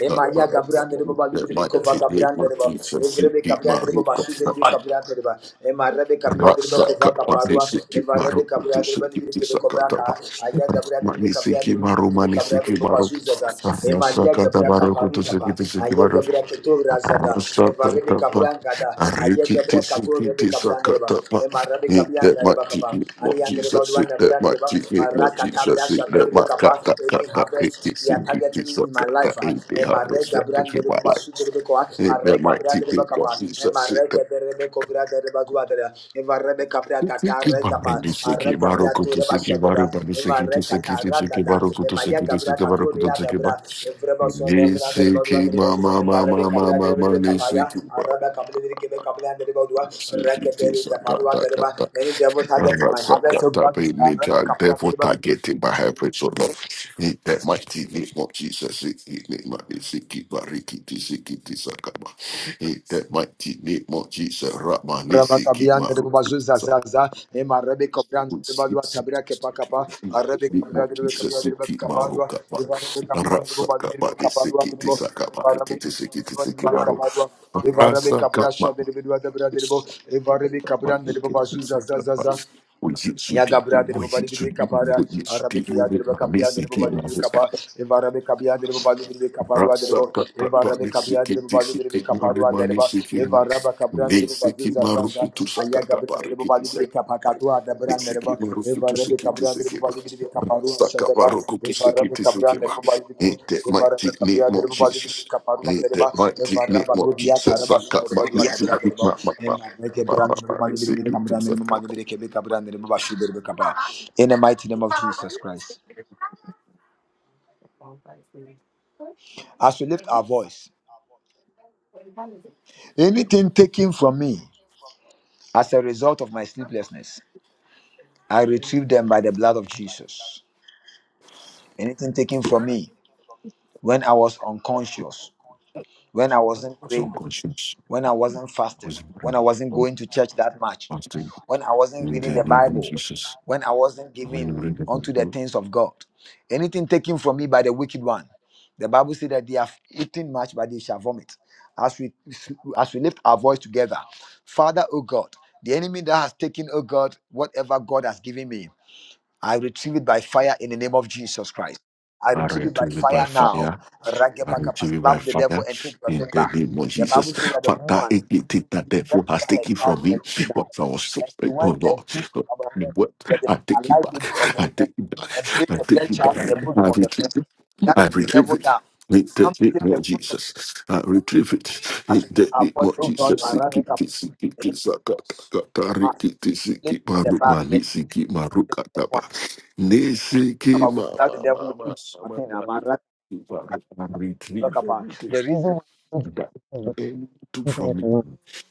[SPEAKER 3] Emaya Gabriel de Baba Lidibi Kova Gabriel de Baba, Evrebe Gabriel de Baba Sudir de Gabriel de Baba, Emarebe Gabriel de Baba Kova Caparua, Evarebe Gabriel de Baba Lidibi Kebe Kovaka, Aya Gabriel de Gabriel de Lidibi Kebe Gabriel de Baba Zuzaza, Emaya Gabriel Caparu Capa, Aya Gabriel Keto Razada, Evarebe
[SPEAKER 1] Rasakatapa,
[SPEAKER 3] Gabriel Gada, Aya
[SPEAKER 1] Arikiti
[SPEAKER 3] Gabriel Katur Rebbe
[SPEAKER 1] Sikiti
[SPEAKER 3] Kabilandereba,
[SPEAKER 1] Sakatapa,
[SPEAKER 3] Emma Rebbe
[SPEAKER 1] eat that my
[SPEAKER 3] Kabilandereba
[SPEAKER 1] teeth,
[SPEAKER 3] Kaba,
[SPEAKER 1] eat what
[SPEAKER 3] Aliandereba
[SPEAKER 1] Jesus, eat
[SPEAKER 3] Duanda
[SPEAKER 1] that my
[SPEAKER 3] Brandereba,
[SPEAKER 1] teeth, eat what
[SPEAKER 3] Rakatabra
[SPEAKER 1] Jesus, eat that
[SPEAKER 3] Shaberebe
[SPEAKER 1] my
[SPEAKER 3] Kaba,
[SPEAKER 1] kata
[SPEAKER 3] any
[SPEAKER 1] kata, kiti,
[SPEAKER 3] harvest they are
[SPEAKER 1] Sikiti
[SPEAKER 3] targeting in my
[SPEAKER 1] Sakata,
[SPEAKER 3] life,
[SPEAKER 1] eat the
[SPEAKER 3] Emma
[SPEAKER 1] harvest
[SPEAKER 3] Rega
[SPEAKER 1] that take in my
[SPEAKER 3] Brandereba
[SPEAKER 1] life,
[SPEAKER 3] Suderebe Koa,
[SPEAKER 1] eat that
[SPEAKER 3] Arega
[SPEAKER 1] my teeth,
[SPEAKER 3] Brandereba
[SPEAKER 1] eat what
[SPEAKER 3] Kaba, Emma
[SPEAKER 1] Jesus, eat that.
[SPEAKER 3] Rega Berebe Kovra Dereba Duadera, Emma Rebe Kabra Gata
[SPEAKER 1] Siki
[SPEAKER 3] Rega
[SPEAKER 1] bambi
[SPEAKER 3] Pa,
[SPEAKER 1] di siki
[SPEAKER 3] Arega
[SPEAKER 1] baru kutu
[SPEAKER 3] Bratureba
[SPEAKER 1] siki
[SPEAKER 3] Shadera,
[SPEAKER 1] baru bambi
[SPEAKER 3] Emma
[SPEAKER 1] siki tu
[SPEAKER 3] Rega
[SPEAKER 1] siki tu siki
[SPEAKER 3] Taragada,
[SPEAKER 1] baru kutu
[SPEAKER 3] Emma
[SPEAKER 1] siki tu
[SPEAKER 3] Yaga Bra
[SPEAKER 1] siki baru kutu
[SPEAKER 3] Katuria
[SPEAKER 1] siki ba.
[SPEAKER 3] Gabra, Evreba Soda
[SPEAKER 1] Ni siki
[SPEAKER 3] Brandereba
[SPEAKER 1] mama
[SPEAKER 3] Varabe
[SPEAKER 1] mama mama
[SPEAKER 3] kabra dere
[SPEAKER 1] mama
[SPEAKER 3] bire
[SPEAKER 1] ni
[SPEAKER 3] kapaya,
[SPEAKER 1] siki
[SPEAKER 3] araba kabla bire kebe kabla andere bodua, rekete
[SPEAKER 1] CGT,
[SPEAKER 3] bire kaparua
[SPEAKER 1] Sakata,
[SPEAKER 3] tereba.
[SPEAKER 1] Kata,
[SPEAKER 3] Any devil targeting my harvest, oh
[SPEAKER 1] Sakata,
[SPEAKER 3] God, arabe
[SPEAKER 1] Benita,
[SPEAKER 3] kapra
[SPEAKER 1] devil
[SPEAKER 3] tereba.
[SPEAKER 1] targeting by hybrid so Lord. In the mighty name of Jesus, in the name of Siki, Bariki, Tisiki, Tisakaba. In the mighty name of Jesus, Ramani,
[SPEAKER 3] Raba
[SPEAKER 1] Siki,
[SPEAKER 3] kabia andere
[SPEAKER 1] Maruku,
[SPEAKER 3] bazu zazaza, em arabe kabra andere
[SPEAKER 1] Sakusi,
[SPEAKER 3] bodua tabira kepa kapa,
[SPEAKER 1] in the
[SPEAKER 3] arabe
[SPEAKER 1] name
[SPEAKER 3] kabra
[SPEAKER 1] of
[SPEAKER 3] andere kabia
[SPEAKER 1] Jesus,
[SPEAKER 3] andere
[SPEAKER 1] Siki,
[SPEAKER 3] the
[SPEAKER 1] Marukaba,
[SPEAKER 3] evarabe kabia andere bazu andere
[SPEAKER 1] Rasakaba,
[SPEAKER 3] kaparua
[SPEAKER 1] Siki,
[SPEAKER 3] andere
[SPEAKER 1] Tisakaba, Riki,
[SPEAKER 3] evarabe
[SPEAKER 1] Tisiki,
[SPEAKER 3] kabia andere
[SPEAKER 1] Tisiki,
[SPEAKER 3] bire
[SPEAKER 1] Maruku.
[SPEAKER 3] the evarabe kabra sha andere bodua tabira
[SPEAKER 1] Oh
[SPEAKER 3] andere
[SPEAKER 1] Jesus,
[SPEAKER 3] the evarabe
[SPEAKER 1] oh
[SPEAKER 3] kabra andere
[SPEAKER 1] Jesus, oh
[SPEAKER 3] bazu
[SPEAKER 1] Jesus,
[SPEAKER 3] zazaza,
[SPEAKER 1] oh Jesus,
[SPEAKER 3] Ya Gabriel de
[SPEAKER 1] oh
[SPEAKER 3] Babali
[SPEAKER 1] Jesus,
[SPEAKER 3] Vidri
[SPEAKER 1] oh
[SPEAKER 3] Capara,
[SPEAKER 1] Jesus,
[SPEAKER 3] Arabic
[SPEAKER 1] oh my
[SPEAKER 3] Yadir
[SPEAKER 1] baby, my
[SPEAKER 3] Capia de
[SPEAKER 1] baby,
[SPEAKER 3] Babali
[SPEAKER 1] my
[SPEAKER 3] Vidri
[SPEAKER 1] baby.
[SPEAKER 3] Capa, Evarabe Capia de Babali Vidri
[SPEAKER 1] In
[SPEAKER 3] Caparua de
[SPEAKER 1] that
[SPEAKER 3] Eva Rabbe Kabia Dribu Balu Dribu Kaparua Dereba, Eva Rabba Kabran Dribu Bazu Zazaza, Aya Gabran Dribu de Dribu Kapakatua Dabran Dereba, Eva Rabbe Kabran Dribu Balu Dribu Kaparua Shadeba, Eva Rabbe Kabran Dribu Balu Dribu, Eva
[SPEAKER 1] mighty
[SPEAKER 3] Rabbe Kabia
[SPEAKER 1] name of
[SPEAKER 3] Dribu Balu Dribu
[SPEAKER 1] Jesus.
[SPEAKER 3] Kaparua
[SPEAKER 1] In
[SPEAKER 3] Dereba,
[SPEAKER 1] that mighty
[SPEAKER 3] Eva
[SPEAKER 1] name
[SPEAKER 3] Rabba
[SPEAKER 1] of
[SPEAKER 3] Dudia
[SPEAKER 1] Jesus.
[SPEAKER 3] Taraba
[SPEAKER 1] Saka ma
[SPEAKER 3] Sudereba Dua
[SPEAKER 1] ni si
[SPEAKER 3] Kabra
[SPEAKER 1] ki
[SPEAKER 3] Dereba,
[SPEAKER 1] ma ma ma
[SPEAKER 3] Ema Reke
[SPEAKER 1] ma
[SPEAKER 3] Bran
[SPEAKER 1] ma
[SPEAKER 3] Dribu
[SPEAKER 1] ma ni
[SPEAKER 3] Balu
[SPEAKER 1] si
[SPEAKER 3] Dribu
[SPEAKER 1] ki tu
[SPEAKER 3] Kamran Dribu
[SPEAKER 1] saka.
[SPEAKER 3] Balu Dribu Kebe Kabran Dribu Bashu Dribu Kapa. In the mighty name of Jesus Christ. As we lift our voice, anything taken from me As a result of my sleeplessness, I retrieved them by the blood of Jesus. Anything taken from me when I was unconscious, when I wasn't
[SPEAKER 1] I was
[SPEAKER 3] praying,
[SPEAKER 1] unconscious.
[SPEAKER 3] when I wasn't
[SPEAKER 1] I
[SPEAKER 3] fasting,
[SPEAKER 1] was in
[SPEAKER 3] when I wasn't
[SPEAKER 1] prison,
[SPEAKER 3] going to church that much,
[SPEAKER 1] fasting
[SPEAKER 3] when I wasn't
[SPEAKER 1] in
[SPEAKER 3] reading
[SPEAKER 1] the
[SPEAKER 3] the
[SPEAKER 1] name of
[SPEAKER 3] Bible,
[SPEAKER 1] Jesus.
[SPEAKER 3] when I wasn't
[SPEAKER 1] I was in
[SPEAKER 3] giving
[SPEAKER 1] the
[SPEAKER 3] unto the
[SPEAKER 1] Lord.
[SPEAKER 3] things of God, anything taken from me by the wicked one. The Bible said that they have eaten much, but they shall vomit. As we as we lift our voice together, Father, O God, the enemy that has taken, O God, whatever God has given me. I retrieve it by fire in the name of Jesus Christ. I
[SPEAKER 1] Are
[SPEAKER 3] retrieve it by
[SPEAKER 1] retrieve it by
[SPEAKER 3] fire
[SPEAKER 1] fire.
[SPEAKER 3] now. Ragebakapa,
[SPEAKER 1] receive by
[SPEAKER 3] Slap the devil
[SPEAKER 1] fire
[SPEAKER 3] and take your thing
[SPEAKER 1] in the
[SPEAKER 3] back.
[SPEAKER 1] name of
[SPEAKER 3] The
[SPEAKER 1] Jesus.
[SPEAKER 3] Bible says that the
[SPEAKER 1] Father,
[SPEAKER 3] woman
[SPEAKER 1] anything that
[SPEAKER 3] she
[SPEAKER 1] the devil
[SPEAKER 3] slept
[SPEAKER 1] has
[SPEAKER 3] over her
[SPEAKER 1] taken
[SPEAKER 3] child
[SPEAKER 1] from
[SPEAKER 3] and
[SPEAKER 1] me,
[SPEAKER 3] her child
[SPEAKER 1] what I
[SPEAKER 3] died.
[SPEAKER 1] was
[SPEAKER 3] And she
[SPEAKER 1] suspect, oh
[SPEAKER 3] went and
[SPEAKER 1] Lord.
[SPEAKER 3] took
[SPEAKER 1] Lord,
[SPEAKER 3] about
[SPEAKER 1] you
[SPEAKER 3] her
[SPEAKER 1] know What
[SPEAKER 3] the, the
[SPEAKER 1] I take it
[SPEAKER 3] alive baby of
[SPEAKER 1] back,
[SPEAKER 3] the
[SPEAKER 1] I
[SPEAKER 3] friend
[SPEAKER 1] take it back,
[SPEAKER 3] and placed
[SPEAKER 1] I
[SPEAKER 3] the
[SPEAKER 1] take
[SPEAKER 3] dead
[SPEAKER 1] it
[SPEAKER 3] child in the
[SPEAKER 1] back,
[SPEAKER 3] bosom
[SPEAKER 1] I
[SPEAKER 3] of the friend.
[SPEAKER 1] retrieve it,
[SPEAKER 3] That
[SPEAKER 1] I retrieve
[SPEAKER 3] devil
[SPEAKER 1] it.
[SPEAKER 3] now
[SPEAKER 1] In the
[SPEAKER 3] come to take
[SPEAKER 1] name
[SPEAKER 3] the
[SPEAKER 1] of
[SPEAKER 3] good of
[SPEAKER 1] Jesus, I retrieve it.
[SPEAKER 3] us
[SPEAKER 1] In
[SPEAKER 3] to lift
[SPEAKER 1] the
[SPEAKER 3] our
[SPEAKER 1] name
[SPEAKER 3] voice,
[SPEAKER 1] of
[SPEAKER 3] oh God,
[SPEAKER 1] Jesus,
[SPEAKER 3] my run
[SPEAKER 1] siki
[SPEAKER 3] make up
[SPEAKER 1] siki
[SPEAKER 3] make
[SPEAKER 1] siki, saka kaka
[SPEAKER 3] us
[SPEAKER 1] riki
[SPEAKER 3] lift
[SPEAKER 1] siki
[SPEAKER 3] the
[SPEAKER 1] maruma
[SPEAKER 3] back,
[SPEAKER 1] ni
[SPEAKER 3] the
[SPEAKER 1] siki maruka
[SPEAKER 3] dead
[SPEAKER 1] taba
[SPEAKER 3] one.
[SPEAKER 1] ni
[SPEAKER 3] Think
[SPEAKER 1] siki
[SPEAKER 3] about we slap the devil,
[SPEAKER 1] mama
[SPEAKER 3] we think our thing, our
[SPEAKER 1] mama
[SPEAKER 3] man, run,
[SPEAKER 1] if I can retrieve everything
[SPEAKER 3] The
[SPEAKER 1] that
[SPEAKER 3] reason
[SPEAKER 1] the enemy took from me,
[SPEAKER 3] Definitely.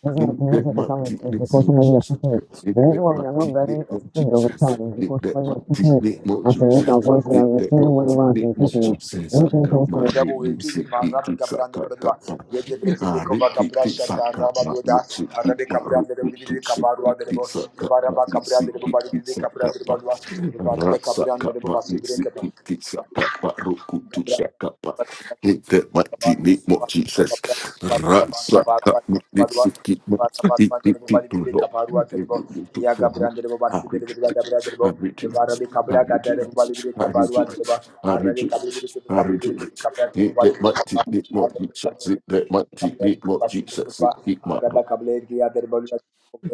[SPEAKER 3] This is
[SPEAKER 1] in
[SPEAKER 3] what most
[SPEAKER 1] the
[SPEAKER 3] people come
[SPEAKER 1] mighty
[SPEAKER 3] is
[SPEAKER 1] name of
[SPEAKER 3] because somebody are
[SPEAKER 1] Jesus.
[SPEAKER 3] picking it.
[SPEAKER 1] In
[SPEAKER 3] The
[SPEAKER 1] the
[SPEAKER 3] reason why we are not
[SPEAKER 1] mighty
[SPEAKER 3] very
[SPEAKER 1] name of
[SPEAKER 3] strict of the
[SPEAKER 1] Jesus.
[SPEAKER 3] child is
[SPEAKER 1] In
[SPEAKER 3] because
[SPEAKER 1] the
[SPEAKER 3] somebody are
[SPEAKER 1] mighty
[SPEAKER 3] picking it
[SPEAKER 1] name of
[SPEAKER 3] as a little
[SPEAKER 1] Jesus.
[SPEAKER 3] voice we
[SPEAKER 1] In
[SPEAKER 3] are
[SPEAKER 1] the
[SPEAKER 3] retrieving
[SPEAKER 1] mighty
[SPEAKER 3] whatever has been
[SPEAKER 1] name of
[SPEAKER 3] taken.
[SPEAKER 1] Jesus.
[SPEAKER 3] Anything comes to the
[SPEAKER 1] Akamari
[SPEAKER 3] devil, we retrieve it. Man,
[SPEAKER 1] misiki
[SPEAKER 3] Rabbi Gabriel, the Bedouin.
[SPEAKER 1] kisakatapa.
[SPEAKER 3] We give break it,
[SPEAKER 1] Ariki
[SPEAKER 3] Shata, Rabba
[SPEAKER 1] kisakapa
[SPEAKER 3] Doda,
[SPEAKER 1] misiki
[SPEAKER 3] Rabbi Gabriel, the
[SPEAKER 1] maruku
[SPEAKER 3] Bedouin, the
[SPEAKER 1] tusiki
[SPEAKER 3] Rebo, the
[SPEAKER 1] kisakapa
[SPEAKER 3] Varaba Gabriel, the Rebo,
[SPEAKER 1] misiki
[SPEAKER 3] the Rebo, Gabriel, the
[SPEAKER 1] kisakapa.
[SPEAKER 3] Varaba Gabriel, the Rebo,
[SPEAKER 1] Rasakapa
[SPEAKER 3] Basu,
[SPEAKER 1] misiki kisakapa roku
[SPEAKER 3] Araba
[SPEAKER 1] tusakapa. In the mighty name of Jesus. Rasa tak nak di sikit mu. Di pipi dulu. I reject it. I reject it. I reject it. I reject it. I reject it. I reject it. Eat that much, eat more, eat sex, eat that much, eat more, eat sex, eat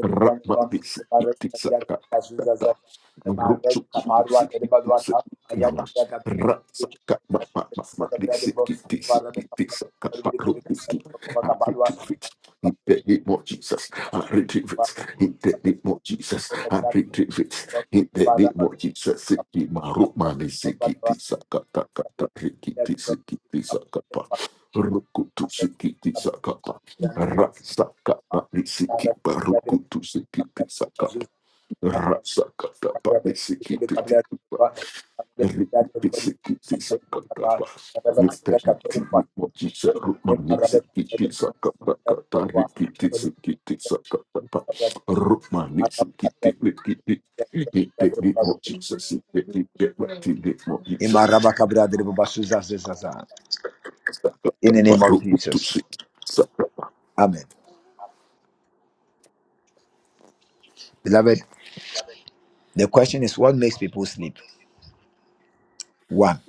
[SPEAKER 1] Rabadisa itisa kakata. Rucu ituse ituse
[SPEAKER 3] Thank
[SPEAKER 1] nama. Rasa kapa papa mati sikiti sikiti sakapa rukutu. I retrieve it. In the name of Jesus, I retrieve it. In the name of Jesus, I retrieve it. In the name of Jesus, siki maru mani sikiti sakata kata sikiti sikiti sakapa. Rukutu sikiti Rasaka Panisiki Baruku to Siki Pisaka
[SPEAKER 3] you.
[SPEAKER 1] Rasaka Panisiki Pitikupa Rikisiki Pisaka Tabas Eternity Mochisa Rumanisiki Pisaka Takata Rikisiki Pisaka Tapa Rumanisiki Tikiti Iteni Mochisa Sikiti Ketmati Mochisa Sakata
[SPEAKER 3] In the name of
[SPEAKER 1] Baruku to
[SPEAKER 3] Jesus.
[SPEAKER 1] Siki Saka
[SPEAKER 3] Amen. Beloved, the question is what makes people sleep? One,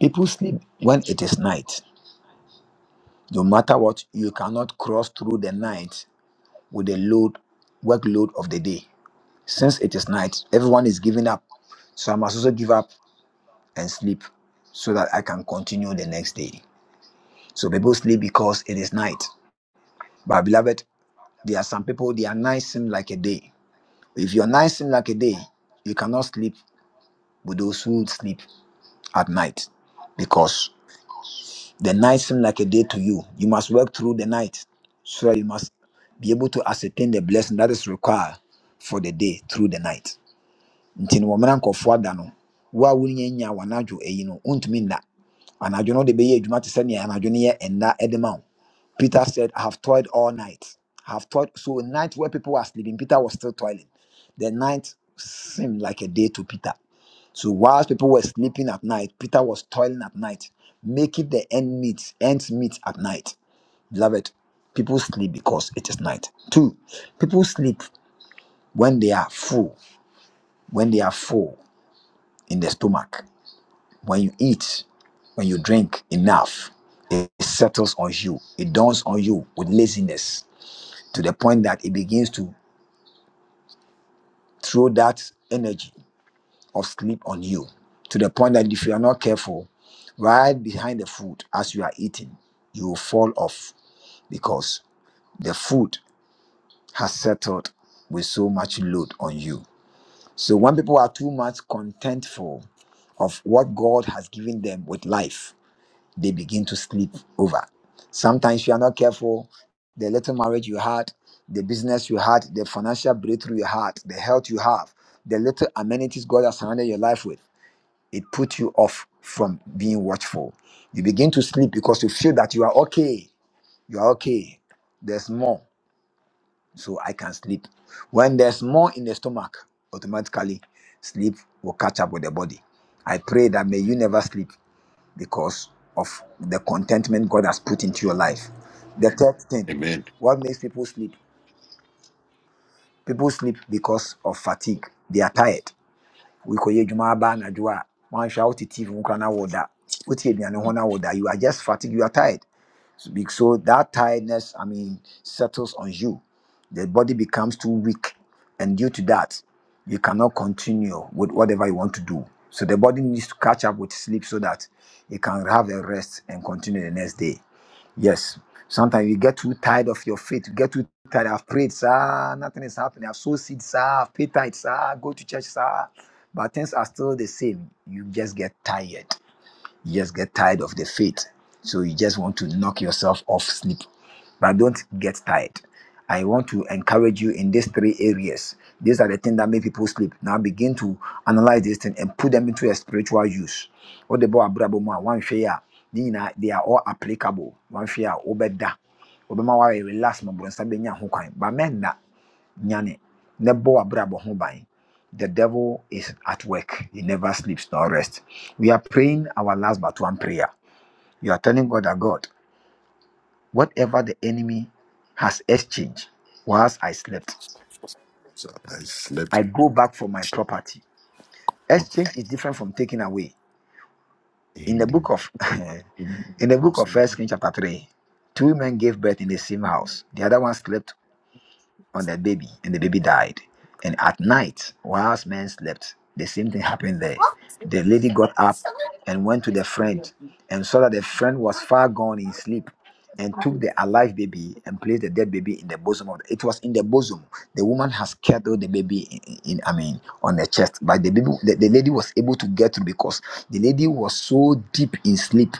[SPEAKER 3] people sleep when it is night. No matter what, you cannot cross through the night with the load workload of the day. Since it is night, everyone is giving up. So I must also give up and sleep so that I can continue the next day. So people sleep because it is night. But beloved, there are some people they are night seem like a day. If you're night seem like a day, you cannot sleep with those who sleep at night. Because the night seem like a day to you. You must work through the night. So you must be able to ascertain the blessing that is required for the day through the night. nti no wɔmmra nkɔfoɔ ada no wo a wonya nya w'anadwo ayi no wontumi nna anadwo no wode bɛyɛ adwuma te sɛnea anadwo no yɛ ɛnna de ma wo Peter said, I have toiled all night. I have toiled. So, a night where people were sleeping, Peter was still toiling. The night seemed like a day to Peter. So, whilst people were sleeping at night, Peter was toiling at night, making the end meet, ends meet at night. Beloved, people sleep because it is night. Two, people sleep when they are full. When they are full in the stomach. When you eat, when you drink enough, it settles on you. It dawns on you with laziness to the point that it begins to throw that energy of sleep on you. To the point that if you are not careful, right behind the food as you are eating, you will fall off because the food has settled with so much load on you. So when people are too much contentful of what God has given them with life, they begin to sleep over. Sometimes if you are not careful. The little marriage you had, the business you had, the financial breakthrough you had, the health you have, the little amenities God has surrounded your life with, it puts you off from being watchful. You begin to sleep because you feel that you are okay. You are okay. There's more, so I can sleep. When there's more in the stomach, automatically sleep will catch up with the body. I pray that may you never sleep because of the contentment God has put into your life. The third thing,
[SPEAKER 1] Amen.
[SPEAKER 3] what makes people sleep? People sleep because of fatigue. They are tired. Wokɔyɛ adwuma aba anadwo a, woanhwɛ a wote TV ho na woda. Wote aduane ho na woda. You are just fatigued. You are tired. So be- so that tiredness, I mean, settles on you. The body becomes too weak. And due to that, you cannot continue with whatever you want to do. So the body needs to catch up with sleep so that you can have a rest and continue the next day. Yes. Sometimes you get too tired of your faith. You get too tired. I've prayed, sir. Nothing is happening. I've sowed seeds, sir. I've paid tithes, sir. Go to church, sir. But things are still the same. You just get tired. You just get tired of the faith. So you just want to knock yourself off sleep. But don't get tired. I want to encourage you in these three areas. These are the things that make people sleep. Now begin to analyze this thing and put them into a spiritual use. What the boy abrabo ma one share, they are all applicable. One share, obeda. Obema wa relax, my boy, but men na nyane ne bɔ w'abrabɔ ho the devil is at work he never sleeps nor rests. we are praying our last but one prayer you are telling god that god whatever the enemy has exchanged whilst i slept
[SPEAKER 1] So I slept.
[SPEAKER 3] i go back for my property exchange is different from taking away in the
[SPEAKER 1] in.
[SPEAKER 3] book of in the book of first Kings chapter 3 two men gave birth in the same house the other one slept on the baby, and the baby died. And at night, whilst men slept, the same thing happened there. The lady got up and went to the friend and saw that the friend was far gone in sleep and took the alive baby and placed the dead baby in the bosom of the, it was in the bosom the woman has carried the baby in, in- i mean on the chest but the baby the, the lady was able to get through because the lady was so deep in sleep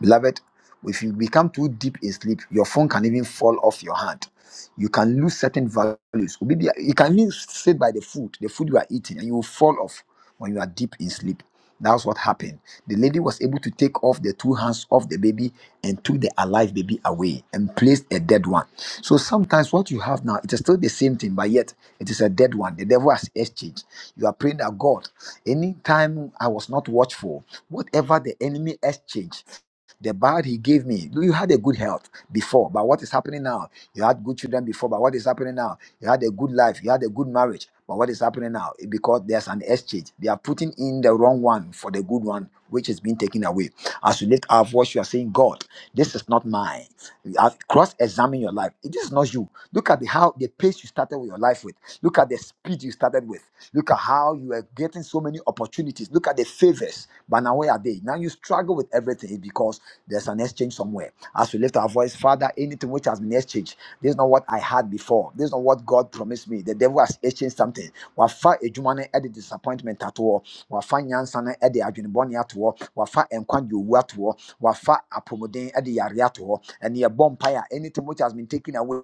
[SPEAKER 3] Beloved, if you become too deep in sleep, your phone can even fall off your hand. You can lose certain values. Obi bia- You can even sit by the food, the food you are eating, and you will fall off when you are deep in sleep. That's what happened. The lady was able to take off the two hands of the baby and took the alive baby away and placed a dead one. So sometimes what you have now, it is still the same thing, but yet it is a dead one. The devil has exchanged. You are praying that God, anytime I was not watchful, whatever the enemy exchanged. The bad he gave me. You had a good health before, but what is happening now? You had good children before, but what is happening now? You had a good life, you had a good marriage, but what is happening now? Because there's an exchange. They are putting in the wrong one for the good one, which is being taken away. As you lift our voice, you are saying, God, this is not mine cross examine your life. This is not you. Look at the, how the pace you started with your life with. Look at the speed you started with. Look at how you are getting so many opportunities. Look at the favors. But now where are they? Now you struggle with everything because there's an exchange somewhere. As we lift our voice, Father, anything which has been exchanged, this is not what I had before. This is not what God promised me. The devil has exchanged something. Wafa ejumane ɛde disappointment atoɔ. Wafa nyansa no ɛde adwenebɔne atoɔ. Wafa nkwa wafa apomuden ɛde yare ato hɔ ɛne yɛbɔ anything which has been taken away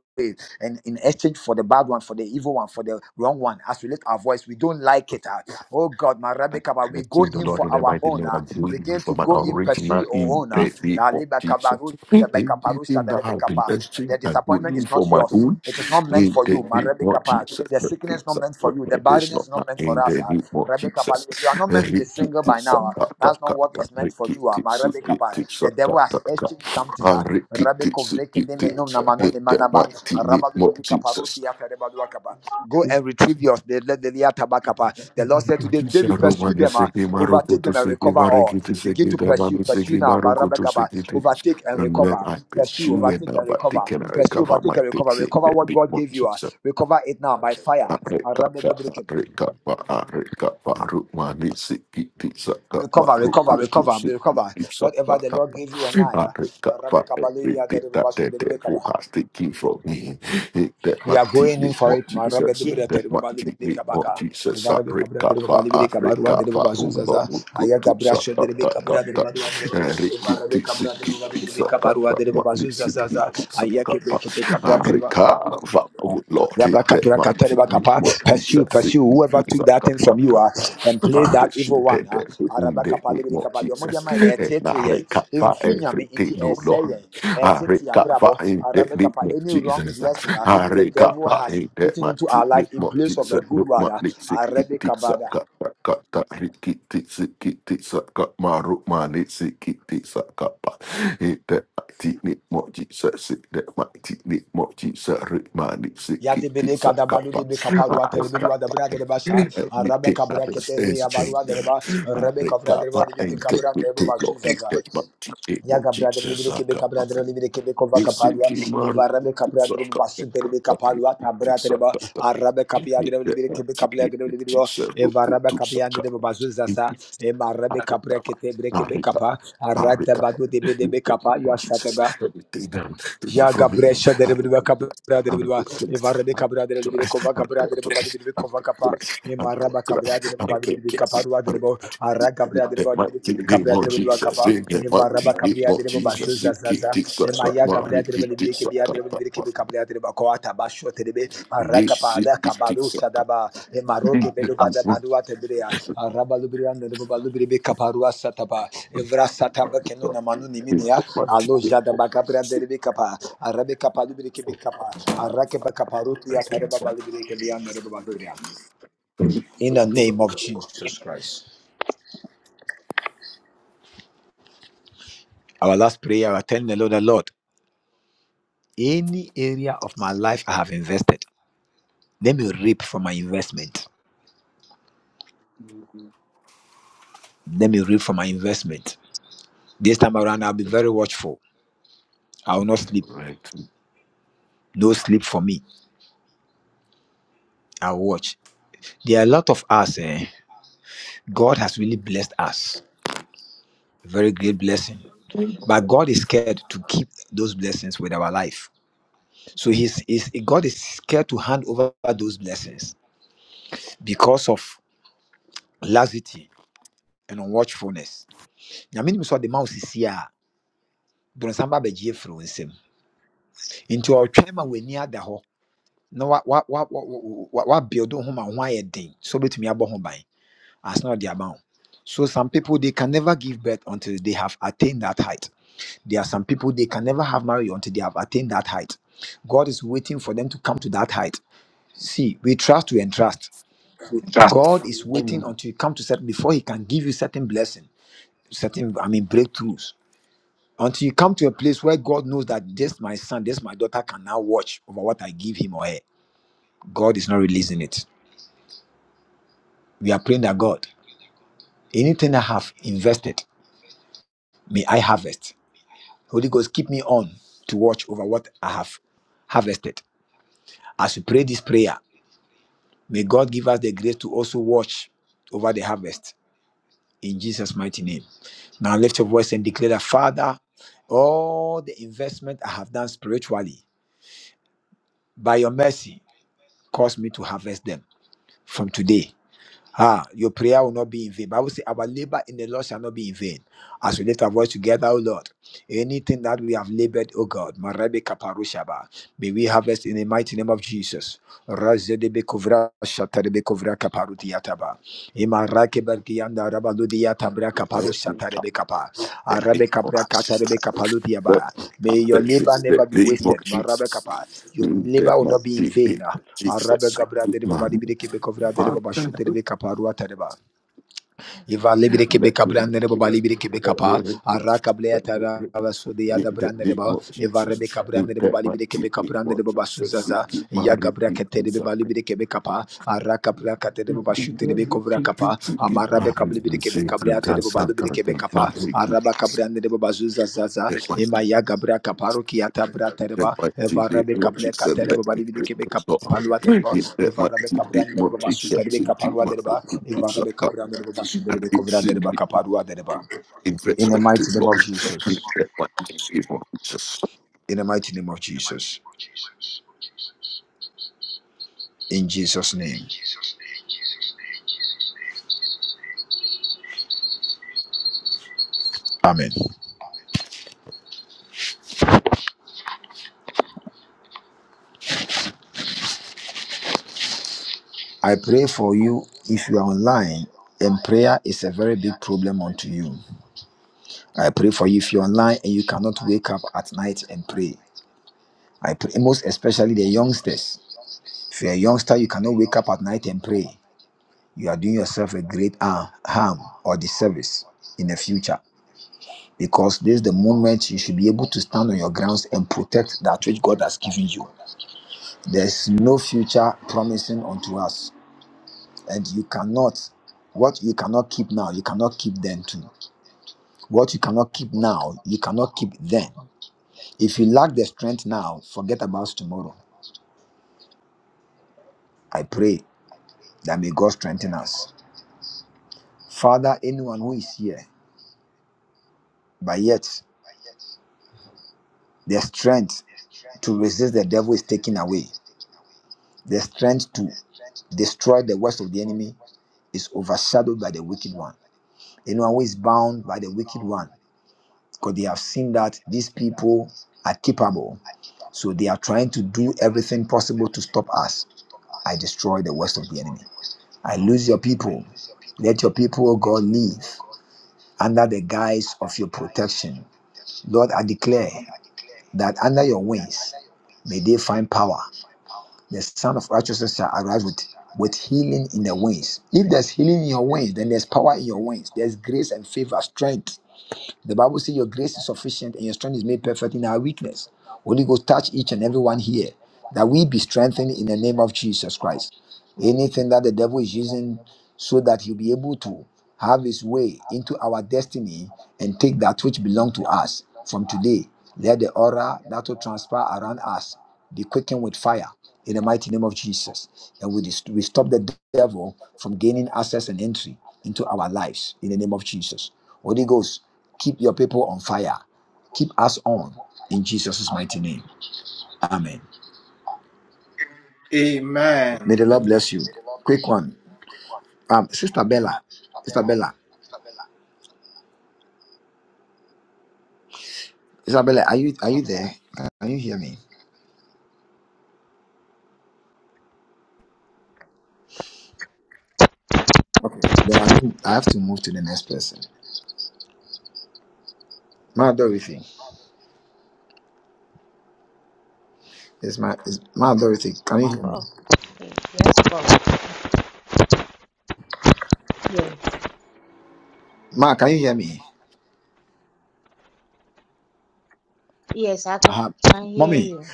[SPEAKER 3] and in exchange for the bad one for the evil one for the wrong one as we lift our voice we don't like it ah. oh god my rabbi kaba we
[SPEAKER 1] Let's see
[SPEAKER 3] go
[SPEAKER 1] the
[SPEAKER 3] in
[SPEAKER 1] Lord
[SPEAKER 3] for
[SPEAKER 1] in the
[SPEAKER 3] our
[SPEAKER 1] mighty
[SPEAKER 3] own
[SPEAKER 1] name
[SPEAKER 3] ah.
[SPEAKER 1] of Jesus
[SPEAKER 3] begin to
[SPEAKER 1] from an
[SPEAKER 3] go in
[SPEAKER 1] original
[SPEAKER 3] pursue our
[SPEAKER 1] in
[SPEAKER 3] own ah.
[SPEAKER 1] the name
[SPEAKER 3] Na
[SPEAKER 1] of
[SPEAKER 3] reba kaba
[SPEAKER 1] Jesus.
[SPEAKER 3] ru tebe kapa ru sha
[SPEAKER 1] Everything that has been
[SPEAKER 3] the
[SPEAKER 1] exchanged and
[SPEAKER 3] disappointment
[SPEAKER 1] going
[SPEAKER 3] is
[SPEAKER 1] for
[SPEAKER 3] not
[SPEAKER 1] my
[SPEAKER 3] yours.
[SPEAKER 1] own
[SPEAKER 3] It is not meant
[SPEAKER 1] in
[SPEAKER 3] for
[SPEAKER 1] the
[SPEAKER 3] you. Ma
[SPEAKER 1] name
[SPEAKER 3] Rebecca
[SPEAKER 1] of
[SPEAKER 3] Pal.
[SPEAKER 1] Jesus.
[SPEAKER 3] The
[SPEAKER 1] The
[SPEAKER 3] sickness is
[SPEAKER 1] things
[SPEAKER 3] not
[SPEAKER 1] that
[SPEAKER 3] meant for
[SPEAKER 1] were
[SPEAKER 3] you. The
[SPEAKER 1] made is
[SPEAKER 3] barrenness
[SPEAKER 1] not
[SPEAKER 3] is
[SPEAKER 1] mine
[SPEAKER 3] not meant
[SPEAKER 1] in
[SPEAKER 3] for us.
[SPEAKER 1] the
[SPEAKER 3] ah.
[SPEAKER 1] name of
[SPEAKER 3] Rebecca Pal.
[SPEAKER 1] Jesus.
[SPEAKER 3] You are not meant to be single by now. ah. That's not what
[SPEAKER 1] Rikitisatataka,
[SPEAKER 3] is meant for you. ah. Ma Rebecca Pal. The devil has
[SPEAKER 1] rikitisukitisataka,
[SPEAKER 3] exchanged something. ah.
[SPEAKER 1] ah,
[SPEAKER 3] Rebecca Vreke de Menum
[SPEAKER 1] rikitisukitis,
[SPEAKER 3] na Manu
[SPEAKER 1] In
[SPEAKER 3] de
[SPEAKER 1] the
[SPEAKER 3] Manaba.
[SPEAKER 1] mighty
[SPEAKER 3] Rabadu
[SPEAKER 1] name of
[SPEAKER 3] Bibi
[SPEAKER 1] Jesus.
[SPEAKER 3] Kaparuti Yata Rebadu Akaba. Go and retrieve yours. The the- the Yata Bakapa. The Lord said to David, David, pursue
[SPEAKER 1] Sharumani
[SPEAKER 3] them, ah.
[SPEAKER 1] seki maru
[SPEAKER 3] overtake
[SPEAKER 1] kutu
[SPEAKER 3] them, and
[SPEAKER 1] seki
[SPEAKER 3] recover
[SPEAKER 1] maru
[SPEAKER 3] all.
[SPEAKER 1] kutu
[SPEAKER 3] Begin
[SPEAKER 1] seki
[SPEAKER 3] to pursue,
[SPEAKER 1] damani
[SPEAKER 3] pursue
[SPEAKER 1] seki
[SPEAKER 3] now.
[SPEAKER 1] maru kutu
[SPEAKER 3] Barabakaba.
[SPEAKER 1] seki te.
[SPEAKER 3] Overtake and
[SPEAKER 1] And then
[SPEAKER 3] recover.
[SPEAKER 1] I
[SPEAKER 3] Pursue,
[SPEAKER 1] pursue and
[SPEAKER 3] overtake
[SPEAKER 1] now
[SPEAKER 3] and
[SPEAKER 1] I
[SPEAKER 3] recover.
[SPEAKER 1] think and
[SPEAKER 3] Pursue,
[SPEAKER 1] recover my
[SPEAKER 3] overtake and recover.
[SPEAKER 1] things in
[SPEAKER 3] Recover
[SPEAKER 1] the
[SPEAKER 3] what
[SPEAKER 1] name
[SPEAKER 3] God
[SPEAKER 1] of
[SPEAKER 3] gave you. ah.
[SPEAKER 1] Jesus.
[SPEAKER 3] Recover it now by fire.
[SPEAKER 1] Arika pa
[SPEAKER 3] Arabedobreke.
[SPEAKER 1] arika pa arika pa rumani siki tisa ka
[SPEAKER 3] Recover,
[SPEAKER 1] maru
[SPEAKER 3] recover,
[SPEAKER 1] kutu
[SPEAKER 3] recover,
[SPEAKER 1] siki
[SPEAKER 3] recover.
[SPEAKER 1] tisa ka
[SPEAKER 3] Whatever the Lord
[SPEAKER 1] tapa
[SPEAKER 3] gave you and I. ah.
[SPEAKER 1] arika pa
[SPEAKER 3] Arabekabaleya,
[SPEAKER 1] everything that the
[SPEAKER 3] derebobasuderebekaba.
[SPEAKER 1] devil has taken from me in the
[SPEAKER 3] We are
[SPEAKER 1] mighty
[SPEAKER 3] going
[SPEAKER 1] name
[SPEAKER 3] in for
[SPEAKER 1] of
[SPEAKER 3] it. Marabe
[SPEAKER 1] Jesus
[SPEAKER 3] de
[SPEAKER 1] in
[SPEAKER 3] Bria
[SPEAKER 1] the
[SPEAKER 3] Tereba
[SPEAKER 1] mighty
[SPEAKER 3] Libide
[SPEAKER 1] name of
[SPEAKER 3] Kabaka,
[SPEAKER 1] Jesus
[SPEAKER 3] Evarabe Cabra de
[SPEAKER 1] arika
[SPEAKER 3] Baba
[SPEAKER 1] pa
[SPEAKER 3] Libide Cabarua
[SPEAKER 1] arika
[SPEAKER 3] de Baba
[SPEAKER 1] pa
[SPEAKER 3] Zuzaza,
[SPEAKER 1] rumani
[SPEAKER 3] Ayaga
[SPEAKER 1] kutu
[SPEAKER 3] Brasha de
[SPEAKER 1] saka ta
[SPEAKER 3] Rebecca
[SPEAKER 1] ta
[SPEAKER 3] Bra de
[SPEAKER 1] ta
[SPEAKER 3] Badua de Baba,
[SPEAKER 1] arika
[SPEAKER 3] Evarabe
[SPEAKER 1] tisa
[SPEAKER 3] Cabra de
[SPEAKER 1] siki
[SPEAKER 3] Baba Libide
[SPEAKER 1] tisa
[SPEAKER 3] Cabarua de Baba
[SPEAKER 1] siki tisa
[SPEAKER 3] Ayake Breke Cabra Terba,
[SPEAKER 1] Arika, Father, oh Lord, in the mighty name
[SPEAKER 3] Yabrakaprakataribakapa.
[SPEAKER 1] of
[SPEAKER 3] Pursue,
[SPEAKER 1] Jesus,
[SPEAKER 3] pursue
[SPEAKER 1] in
[SPEAKER 3] whoever
[SPEAKER 1] Jesus,
[SPEAKER 3] took that
[SPEAKER 1] ka,
[SPEAKER 3] thing
[SPEAKER 1] ka,
[SPEAKER 3] from you
[SPEAKER 1] ka,
[SPEAKER 3] uh,
[SPEAKER 1] ka.
[SPEAKER 3] and play
[SPEAKER 1] I
[SPEAKER 3] that
[SPEAKER 1] bless you
[SPEAKER 3] evil one. Uh,
[SPEAKER 1] today in the name of
[SPEAKER 3] Arabakapalibirikapa. Deɛ ɔmo de
[SPEAKER 1] Jesus.
[SPEAKER 3] ama yɛn no,
[SPEAKER 1] And I
[SPEAKER 3] ɛteeteeɛ.
[SPEAKER 1] recover
[SPEAKER 3] Ɛmfiri Nyame nti
[SPEAKER 1] everything, oh
[SPEAKER 3] ɛɛsɛe
[SPEAKER 1] Lord.
[SPEAKER 3] yɛn.
[SPEAKER 1] I
[SPEAKER 3] Ɛtetee
[SPEAKER 1] recover
[SPEAKER 3] abrabɔ.
[SPEAKER 1] in the name
[SPEAKER 3] Arabakapa.
[SPEAKER 1] of
[SPEAKER 3] Any wrong
[SPEAKER 1] Jesus.
[SPEAKER 3] blessing uh, the
[SPEAKER 1] Harika,
[SPEAKER 3] devil
[SPEAKER 1] Arika
[SPEAKER 3] has
[SPEAKER 1] hinde
[SPEAKER 3] put into our
[SPEAKER 1] mati ni
[SPEAKER 3] life in
[SPEAKER 1] mo
[SPEAKER 3] place of a
[SPEAKER 1] jitsa
[SPEAKER 3] good
[SPEAKER 1] nu
[SPEAKER 3] word. uh,
[SPEAKER 1] mani siki titsa
[SPEAKER 3] Arabakabada.
[SPEAKER 1] ka ka ka ta hiki titsi ki titsa ka maru mani siki titsa ka pa hinde mati ni mo jitsa sinde mati ni mo jitsa ri mani siki
[SPEAKER 3] Yadebede
[SPEAKER 1] titsa ka
[SPEAKER 3] kadabado
[SPEAKER 1] pa
[SPEAKER 3] debe kaparua terebe
[SPEAKER 1] Arika
[SPEAKER 3] dua dabra dereba sha arabe
[SPEAKER 1] Everything that
[SPEAKER 3] kabra
[SPEAKER 1] is
[SPEAKER 3] ketere
[SPEAKER 1] is
[SPEAKER 3] yabarua
[SPEAKER 1] changed.
[SPEAKER 3] dereba arabe kabra
[SPEAKER 1] Arika pa
[SPEAKER 3] dereba debe
[SPEAKER 1] hinde
[SPEAKER 3] kabra dereba bazuzaza
[SPEAKER 1] mati ni mo
[SPEAKER 3] Yaga brother libere
[SPEAKER 1] jitsa
[SPEAKER 3] kebe
[SPEAKER 1] ka
[SPEAKER 3] kabrandere libere kebe kova kapadua
[SPEAKER 1] Nisiki maru
[SPEAKER 3] evarabe kabrandere
[SPEAKER 1] saka
[SPEAKER 3] basuntere
[SPEAKER 1] kata
[SPEAKER 3] be kapalua
[SPEAKER 1] kata
[SPEAKER 3] tabratere ba
[SPEAKER 1] saka kata.
[SPEAKER 3] arabe kapiadere
[SPEAKER 1] Nite
[SPEAKER 3] libere kebe
[SPEAKER 1] ati
[SPEAKER 3] kapiadere libere
[SPEAKER 1] nite
[SPEAKER 3] ba
[SPEAKER 1] saka
[SPEAKER 3] evarabe
[SPEAKER 1] kutu saka.
[SPEAKER 3] kapiadere bazuza
[SPEAKER 1] kata.
[SPEAKER 3] sa emarabe kapre
[SPEAKER 1] Arikaba,
[SPEAKER 3] kete bre kebe
[SPEAKER 1] Arikaba,
[SPEAKER 3] kapa arada
[SPEAKER 1] Arikaba.
[SPEAKER 3] badu de be de be kapa
[SPEAKER 1] Oh,
[SPEAKER 3] ya
[SPEAKER 1] Jesus, everything done. Take them, take it
[SPEAKER 3] Yaga
[SPEAKER 1] from me.
[SPEAKER 3] bresha dere bidu
[SPEAKER 1] Arikaba,
[SPEAKER 3] kabra
[SPEAKER 1] Arikaba,
[SPEAKER 3] dere bidu varre de
[SPEAKER 1] Arikaba,
[SPEAKER 3] kabra dere bidu kova kabra dere baba bidu
[SPEAKER 1] Arikaba,
[SPEAKER 3] kova kapa ne maraba kabra
[SPEAKER 1] Arikaba,
[SPEAKER 3] dere baba bidu
[SPEAKER 1] Arikaba,
[SPEAKER 3] kaparua dere bo
[SPEAKER 1] Arikaba.
[SPEAKER 3] ara
[SPEAKER 1] In
[SPEAKER 3] kabra dere
[SPEAKER 1] the
[SPEAKER 3] baba bidu
[SPEAKER 1] mighty
[SPEAKER 3] kibri
[SPEAKER 1] name
[SPEAKER 3] kabra dere
[SPEAKER 1] of
[SPEAKER 3] bidu
[SPEAKER 1] Jesus,
[SPEAKER 3] kapa
[SPEAKER 1] in the
[SPEAKER 3] ne varaba
[SPEAKER 1] mighty name
[SPEAKER 3] kabra
[SPEAKER 1] of
[SPEAKER 3] dere baba
[SPEAKER 1] Jesus,
[SPEAKER 3] zuza
[SPEAKER 1] in
[SPEAKER 3] zaza ne maya
[SPEAKER 1] Kitisakapa,
[SPEAKER 3] kabra dere bidu bidu kibia dere bidu kibri
[SPEAKER 1] Rikitisakapa,
[SPEAKER 3] kabra dere baba kwa taba sho dere be ara kapa
[SPEAKER 1] Nisi
[SPEAKER 3] ala kabaru
[SPEAKER 1] Kitisakapa,
[SPEAKER 3] sadaba ne maroke
[SPEAKER 1] in
[SPEAKER 3] bedu bada madua tedere ya ara balu bidu dere baba bidu kaparua sataba evra sataba kenona manu nimini ya
[SPEAKER 1] the mighty
[SPEAKER 3] alo
[SPEAKER 1] name
[SPEAKER 3] jada
[SPEAKER 1] of
[SPEAKER 3] bakabra dere
[SPEAKER 1] Jesus.
[SPEAKER 3] in the name of Jesus Christ. Our last prayer, I tell the Lord, the Lord, any area of my life I have invested, let me reap from my investment. Let me reap from my investment. This time around, I'll be very watchful. I will not sleep. No sleep for me. I'll watch. There are a lot of us. Eh? God has really blessed us. Very great blessing. But God is scared to keep those blessings with our life. So he's, he's God is scared to hand over those blessings because of laxity and unwatchfulness. Nyame nim so de ma wo sisi a bronsam ba bɛgye afiri wo nsam. Nti ɔtwɛn ma w'ani ada hɔ na wa wa wa wa wa wa wa build ho ma ho ayɛ den so betumi abɔ ho ban as not the amount. So some people they can never give birth until they have attained that height. There are some people they can never have marriage until they have attained that height. God is waiting for them to come to that height. See, we trust, we entrust. God is waiting
[SPEAKER 1] Jesus.
[SPEAKER 3] until you come to certain before He can give you certain blessing, certain I mean breakthroughs. Until you come to a place where God knows that this my son, this my daughter can now watch over what I give him or her. God is not releasing it. We are praying that God, anything I have invested, may I harvest. Holy Ghost, keep me on to watch over what I have harvested. As we pray this prayer, may God give us the grace to also watch over the harvest in Jesus' mighty name. Now lift your voice and declare that, Father, all the investment I have done spiritually, by your mercy, cause me to harvest them from today Ah, your prayer will not be in vain. Bible say our labor in the Lord shall not be in vain. As we lift our voice together, O Lord, anything that we have labored, O God, Marebe Kaparushaba, may we harvest in the mighty name of Jesus. Razedebe Kovra Shatarebe Kovra Kaparutiataba. Ima Berkianda Rabaludiata Bra Kaparu Kapa. Arabe Kapra Katarebe Kapalutiaba. May your labor never be wasted, Marabe Kapa. Your
[SPEAKER 1] That
[SPEAKER 3] labor will
[SPEAKER 1] my
[SPEAKER 3] not be in vain. Arabe
[SPEAKER 1] Jesus,
[SPEAKER 3] gabra de baba
[SPEAKER 1] man,
[SPEAKER 3] libri kebe kovra de baba
[SPEAKER 1] Father,
[SPEAKER 3] shute libe kapa rua tereba. Iva libri
[SPEAKER 1] let me
[SPEAKER 3] kebe kabra de baba libri kebe
[SPEAKER 1] let me
[SPEAKER 3] kapa. Ara kable
[SPEAKER 1] let
[SPEAKER 3] atara
[SPEAKER 1] me
[SPEAKER 3] vasudi
[SPEAKER 1] need
[SPEAKER 3] yada
[SPEAKER 1] the
[SPEAKER 3] brande de
[SPEAKER 1] name
[SPEAKER 3] baba.
[SPEAKER 1] of
[SPEAKER 3] Iva
[SPEAKER 1] Jesus.
[SPEAKER 3] rebe kabra
[SPEAKER 1] In
[SPEAKER 3] de baba
[SPEAKER 1] that my
[SPEAKER 3] libri kebe
[SPEAKER 1] deep
[SPEAKER 3] kabra
[SPEAKER 1] what
[SPEAKER 3] de baba
[SPEAKER 1] Jesus,
[SPEAKER 3] suzaza.
[SPEAKER 1] keep my
[SPEAKER 3] Ya gabra kete de
[SPEAKER 1] repeat
[SPEAKER 3] baba libri kebe kapa. Ara kabra kate de
[SPEAKER 1] That
[SPEAKER 3] baba shute libe
[SPEAKER 1] might
[SPEAKER 3] kovra
[SPEAKER 1] be
[SPEAKER 3] kapa.
[SPEAKER 1] much
[SPEAKER 3] Amara be kable libri kebe kable atere baba libri kebe kapa. Araba kabra de baba suzaza. Emaya Gabra Caparo Kiata Bratereba, Evarabe Cabra Catereba Balibi Kebe Capalua Tereba, Evarabe Cabran Dereba Basu Terebe
[SPEAKER 1] exception to
[SPEAKER 3] Caparua Dereba, Evarabe Cabran Dereba Basu Derebe Covra
[SPEAKER 1] my
[SPEAKER 3] Dereba Caparua Dereba. In the
[SPEAKER 1] investment to
[SPEAKER 3] mighty name
[SPEAKER 1] Lord.
[SPEAKER 3] of
[SPEAKER 1] In
[SPEAKER 3] Jesus.
[SPEAKER 1] the mighty name of Jesus.
[SPEAKER 3] In the mighty name of Jesus. In Jesus' name. Amen. I pray for you if you are online and prayer is a very big problem unto you. I pray for you if you're online and you cannot wake up at night and pray. I pray most especially the youngsters. If you're a youngster, you cannot wake up at night and pray. You are doing yourself a great har- harm or disservice in the future. Because this is the moment you should be able to stand on your grounds and protect that which God has given you. There's no future promising unto us. And you cannot, what you cannot keep now, you cannot keep then too. What you cannot keep now, you cannot keep then. If you lack the strength now, forget about tomorrow. I pray that may God strengthen us. Father, anyone who is here, but yet their strength to resist the devil is taken away. Their strength to destroy the works of the enemy is overshadowed by the wicked one. Anyone who is bound by the wicked one, because they have seen that these people are capable. So they are trying to do everything possible to stop us. I destroy the works of the enemy. I lose your people. Let your people, O God, live under the guise of your protection. Lord, I declare that under your wings may they find power. The Son of Righteousness shall arise with, with healing in the wings. If there's healing in your wings, then there's power in your wings. There's grace and favor, strength. The Bible says your grace is sufficient and your strength is made perfect in our weakness. Holy Ghost, touch each and every one here that we be strengthened in the name of Jesus Christ. Anything that the devil is using so that he'll be able to have his way into our destiny and take that which belongs to us from today. Let the aura that will transpire around us be quickened with fire in the mighty name of Jesus. And we, dis- we stop the devil from gaining access and entry into our lives in the name of Jesus. Holy Ghost, keep your people on fire. Keep us on in Jesus' mighty name. Amen.
[SPEAKER 5] Amen
[SPEAKER 3] May the Lord
[SPEAKER 1] And
[SPEAKER 3] bless you. Quick one. Um, Sister Bella, Sister Bella, Sister Bella, are you are you there? Uh, Can you hear me? Okay, then I think I have to move to the next person. Ma Dorothy, is my is Ma Dorothy? Can you hear me?
[SPEAKER 6] bro. Hey, yes, bro. Yes.
[SPEAKER 3] Ma, can you hear me?
[SPEAKER 6] Yes, I can,
[SPEAKER 3] Uh,
[SPEAKER 6] can hear
[SPEAKER 3] mommy,
[SPEAKER 6] you.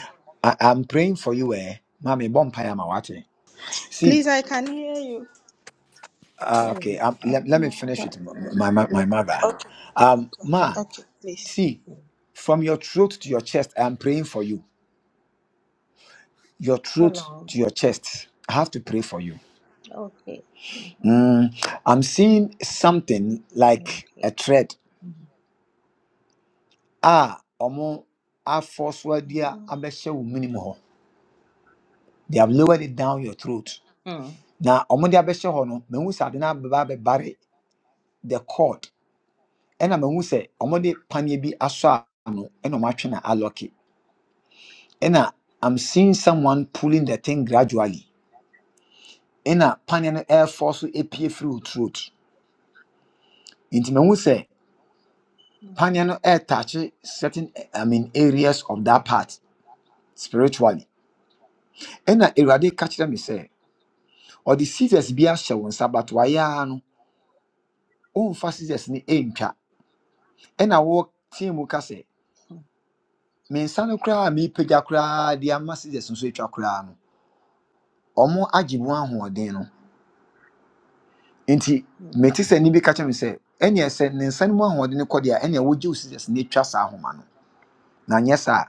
[SPEAKER 3] I, I'm praying for you, eh? Mommy, bonfire, my watching. See,
[SPEAKER 2] Please, I can hear you.
[SPEAKER 3] uh,
[SPEAKER 6] Hello.
[SPEAKER 3] okay, um, let, let me finish with m- my, my, my mother.
[SPEAKER 2] Okay,
[SPEAKER 3] Um,
[SPEAKER 2] okay,
[SPEAKER 3] Ma,
[SPEAKER 2] okay, please.
[SPEAKER 3] see, from your throat to your chest, I'm praying for you. Your
[SPEAKER 6] Hello.
[SPEAKER 3] throat
[SPEAKER 6] Hello.
[SPEAKER 3] to your chest, I have to pray for you.
[SPEAKER 6] Okay. Uh-huh. uh huh
[SPEAKER 3] Mm, I'm seeing something
[SPEAKER 6] Mm,
[SPEAKER 3] like
[SPEAKER 6] Okay.
[SPEAKER 3] a thread.
[SPEAKER 6] Mm-hmm.
[SPEAKER 3] Ah, omo afoswa dia abɛhyɛ wo minim hɔ. They have lowered it down your throat. Now, omo de abɛhyɛ hɔ no, mehu sɛ ade no abɛba abɛbare the cord. Ɛna mehu sɛ omo de paneɛ bi asɔ ano ɛna ɔmo atwe na alɔke. Ɛna I'm seeing someone pulling the thing gradually. Ena paneɛ no ɛɛfɔ so epie firi throat. Inti mehu sɛ paneɛ no ɛɛtache certain I mean areas of that part. spiritually ena awurade ka kyerɛ me sɛ ɔde scissors bi ahyɛ wo nsa but wayɛ ara no ɔmfa scissors no ɛntwa ɛna wɔteam mu ka sɛ me nsa no koraa a mepagya koraa de ama scissors nso atwa koraa no ɔmo agye mu ahoɔden no nti mete sɛ nni bi ka kyerɛ me sɛ ɛneɛ sɛ ne nsa no mu ahoɔden no kɔdeɛ a ɛneɛ wogye wo scissors no atwa saa ahoma no na nyɛ saa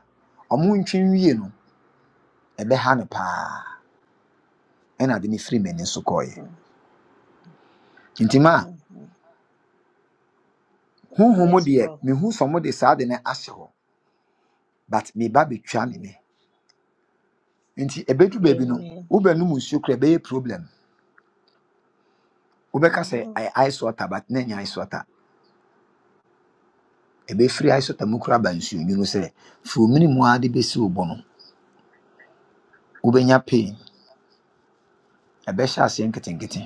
[SPEAKER 3] a ɔmo ntwe nwie no ɛbɛha no paa ɛna ade no firi m'ani so kɔeɛ nti ma a
[SPEAKER 6] Mm-hmm.
[SPEAKER 3] honhom mu
[SPEAKER 6] Yes,
[SPEAKER 3] deɛ
[SPEAKER 6] bro.
[SPEAKER 3] de saa ade no but me baby betwa me
[SPEAKER 6] Mm,
[SPEAKER 3] me nti ebedu baby no
[SPEAKER 6] Amen.
[SPEAKER 3] wobɛnom nsuo kora ɛbɛyɛ problem wobɛka say
[SPEAKER 6] Uh-huh.
[SPEAKER 3] I ice water but na ɛnyɛ ice water E be free ice water mu kora aba nsuo nwunu say furumini mu ara de bɛsi wo bɔ no wobɛnya pain ɛbɛhyɛ aseɛ nketenkete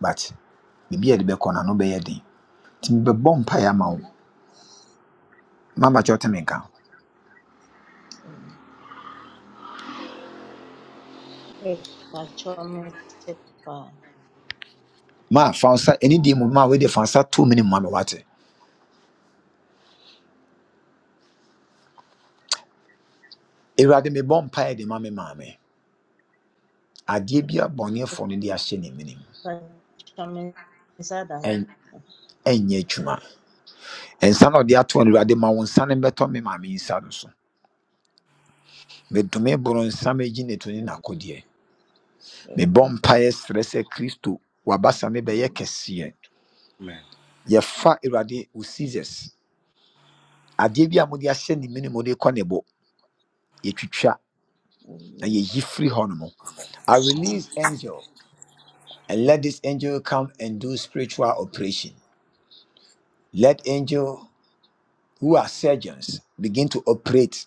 [SPEAKER 3] but biribi a yɛde bɛkɔ no ano bɛyɛ den nti mebɛbɔ mpaeɛ ama wo mabakyɛ wote me nka
[SPEAKER 6] Mm. Epachome tepa.
[SPEAKER 3] ma fansa ɛne deɛ mu ma we de fansa to mene mu ama wate awurade mebɔ mpaeɛ de ma me maame adeɛ bi a bɔneɛfoɔ no de ahyɛ ne menem
[SPEAKER 6] Epachome zadaho.
[SPEAKER 3] ɛn- ɛnyɛ adwuma nsa na ɔde ato no awurade ma wo nsa no mmɛtɔ me maame yi nsa no so medome boro nsa megyi ne to ne
[SPEAKER 6] Amen.
[SPEAKER 3] n'akodeɛ mebɔ mpaeɛ serɛ sɛ kristo wabasa me bɛyɛ
[SPEAKER 6] Yes,
[SPEAKER 3] kɛseɛ
[SPEAKER 6] Lord.
[SPEAKER 7] Amen.
[SPEAKER 3] yɛfa awurade wo scissors adeɛ bi a mode
[SPEAKER 6] Yes.
[SPEAKER 3] ahyɛ ne
[SPEAKER 6] Lord.
[SPEAKER 3] mene mode kɔ ne bo yɛtwitwa na
[SPEAKER 6] Amen.
[SPEAKER 3] yɛyi firi hɔ no mu I release angel and let this angel come and do spiritual operation. Let angel who are surgeons begin to operate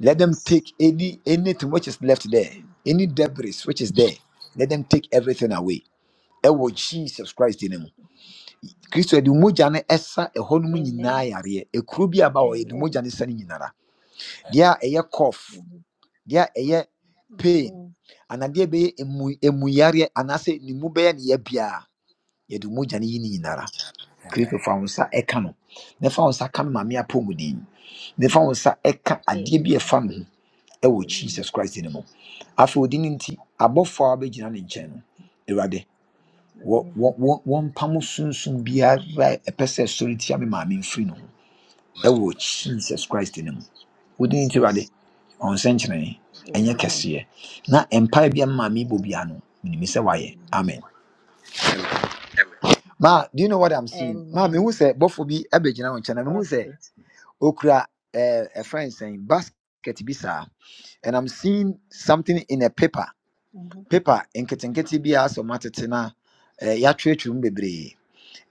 [SPEAKER 3] Let them
[SPEAKER 6] Yes.
[SPEAKER 3] take any anything which is left there,
[SPEAKER 6] Mhm.
[SPEAKER 3] any debris which is there. Let them take everything away. Ɛwɔ Jesus Christ din mu. Kristo de mogya ne ɛsa ɛhɔ nom nyinaa
[SPEAKER 6] Amen.
[SPEAKER 3] yareɛ. Ekuro bi aba hɔ, yɛde
[SPEAKER 6] Amen.
[SPEAKER 3] mogya no sa no nyinara. Deɛ a ɛyɛ cough,
[SPEAKER 6] Amen.
[SPEAKER 3] deɛ a ɛyɛ pain,
[SPEAKER 6] Amen.
[SPEAKER 3] anadeɛ bɛyɛ emu emuyareɛ anaasɛ ne mu bɛyɛ ne yɛ biara, yɛde mogya no yi ne nyinara
[SPEAKER 7] Amen.
[SPEAKER 3] kristo fa wo nsa ɛka no na fa wo nsa ka me maame apɔ mu din na fa wo nsa ɛka adeɛ bi a
[SPEAKER 6] Amen.
[SPEAKER 3] ɛfa me ho ɛwɔ
[SPEAKER 6] Amen.
[SPEAKER 3] jesus christ no mu afei odi
[SPEAKER 6] Amen.
[SPEAKER 3] no nti abɔfoɔ a wabɛgyina ne nkyɛn no awurade wɔ-
[SPEAKER 6] Amen.
[SPEAKER 3] wɔ- wɔ- wɔmpa mo sunsum biara a ɛpɛ sɛ ɛsɔre tia me maame mfiri no ho ɛwɔ jesus christ no mu odi no nti awurade
[SPEAKER 6] Jesus.
[SPEAKER 3] ɔnsɛnkyerɛnne ɛnyɛ
[SPEAKER 6] Amen.
[SPEAKER 3] kɛseɛ na ɛmpae bi a me maame bɔ
[SPEAKER 6] Yeah.
[SPEAKER 3] bia no menim sɛ wayɛ
[SPEAKER 6] Amen.
[SPEAKER 3] amen
[SPEAKER 7] Amen.
[SPEAKER 3] ma do you know what i'm seeing ma mehu
[SPEAKER 6] Amen.
[SPEAKER 3] sɛ bɔfo bi abɛgyina wo nkyɛn na
[SPEAKER 6] Yes.
[SPEAKER 3] mehu sɛ
[SPEAKER 6] yes.
[SPEAKER 3] okra uh, a friend saying basket bisa and i'm seeing something in a paper
[SPEAKER 6] Mhm.
[SPEAKER 3] paper nketenkete bi a sɛ ɔmo atete na eh, yɛatwerɛtwerɛ mu bebree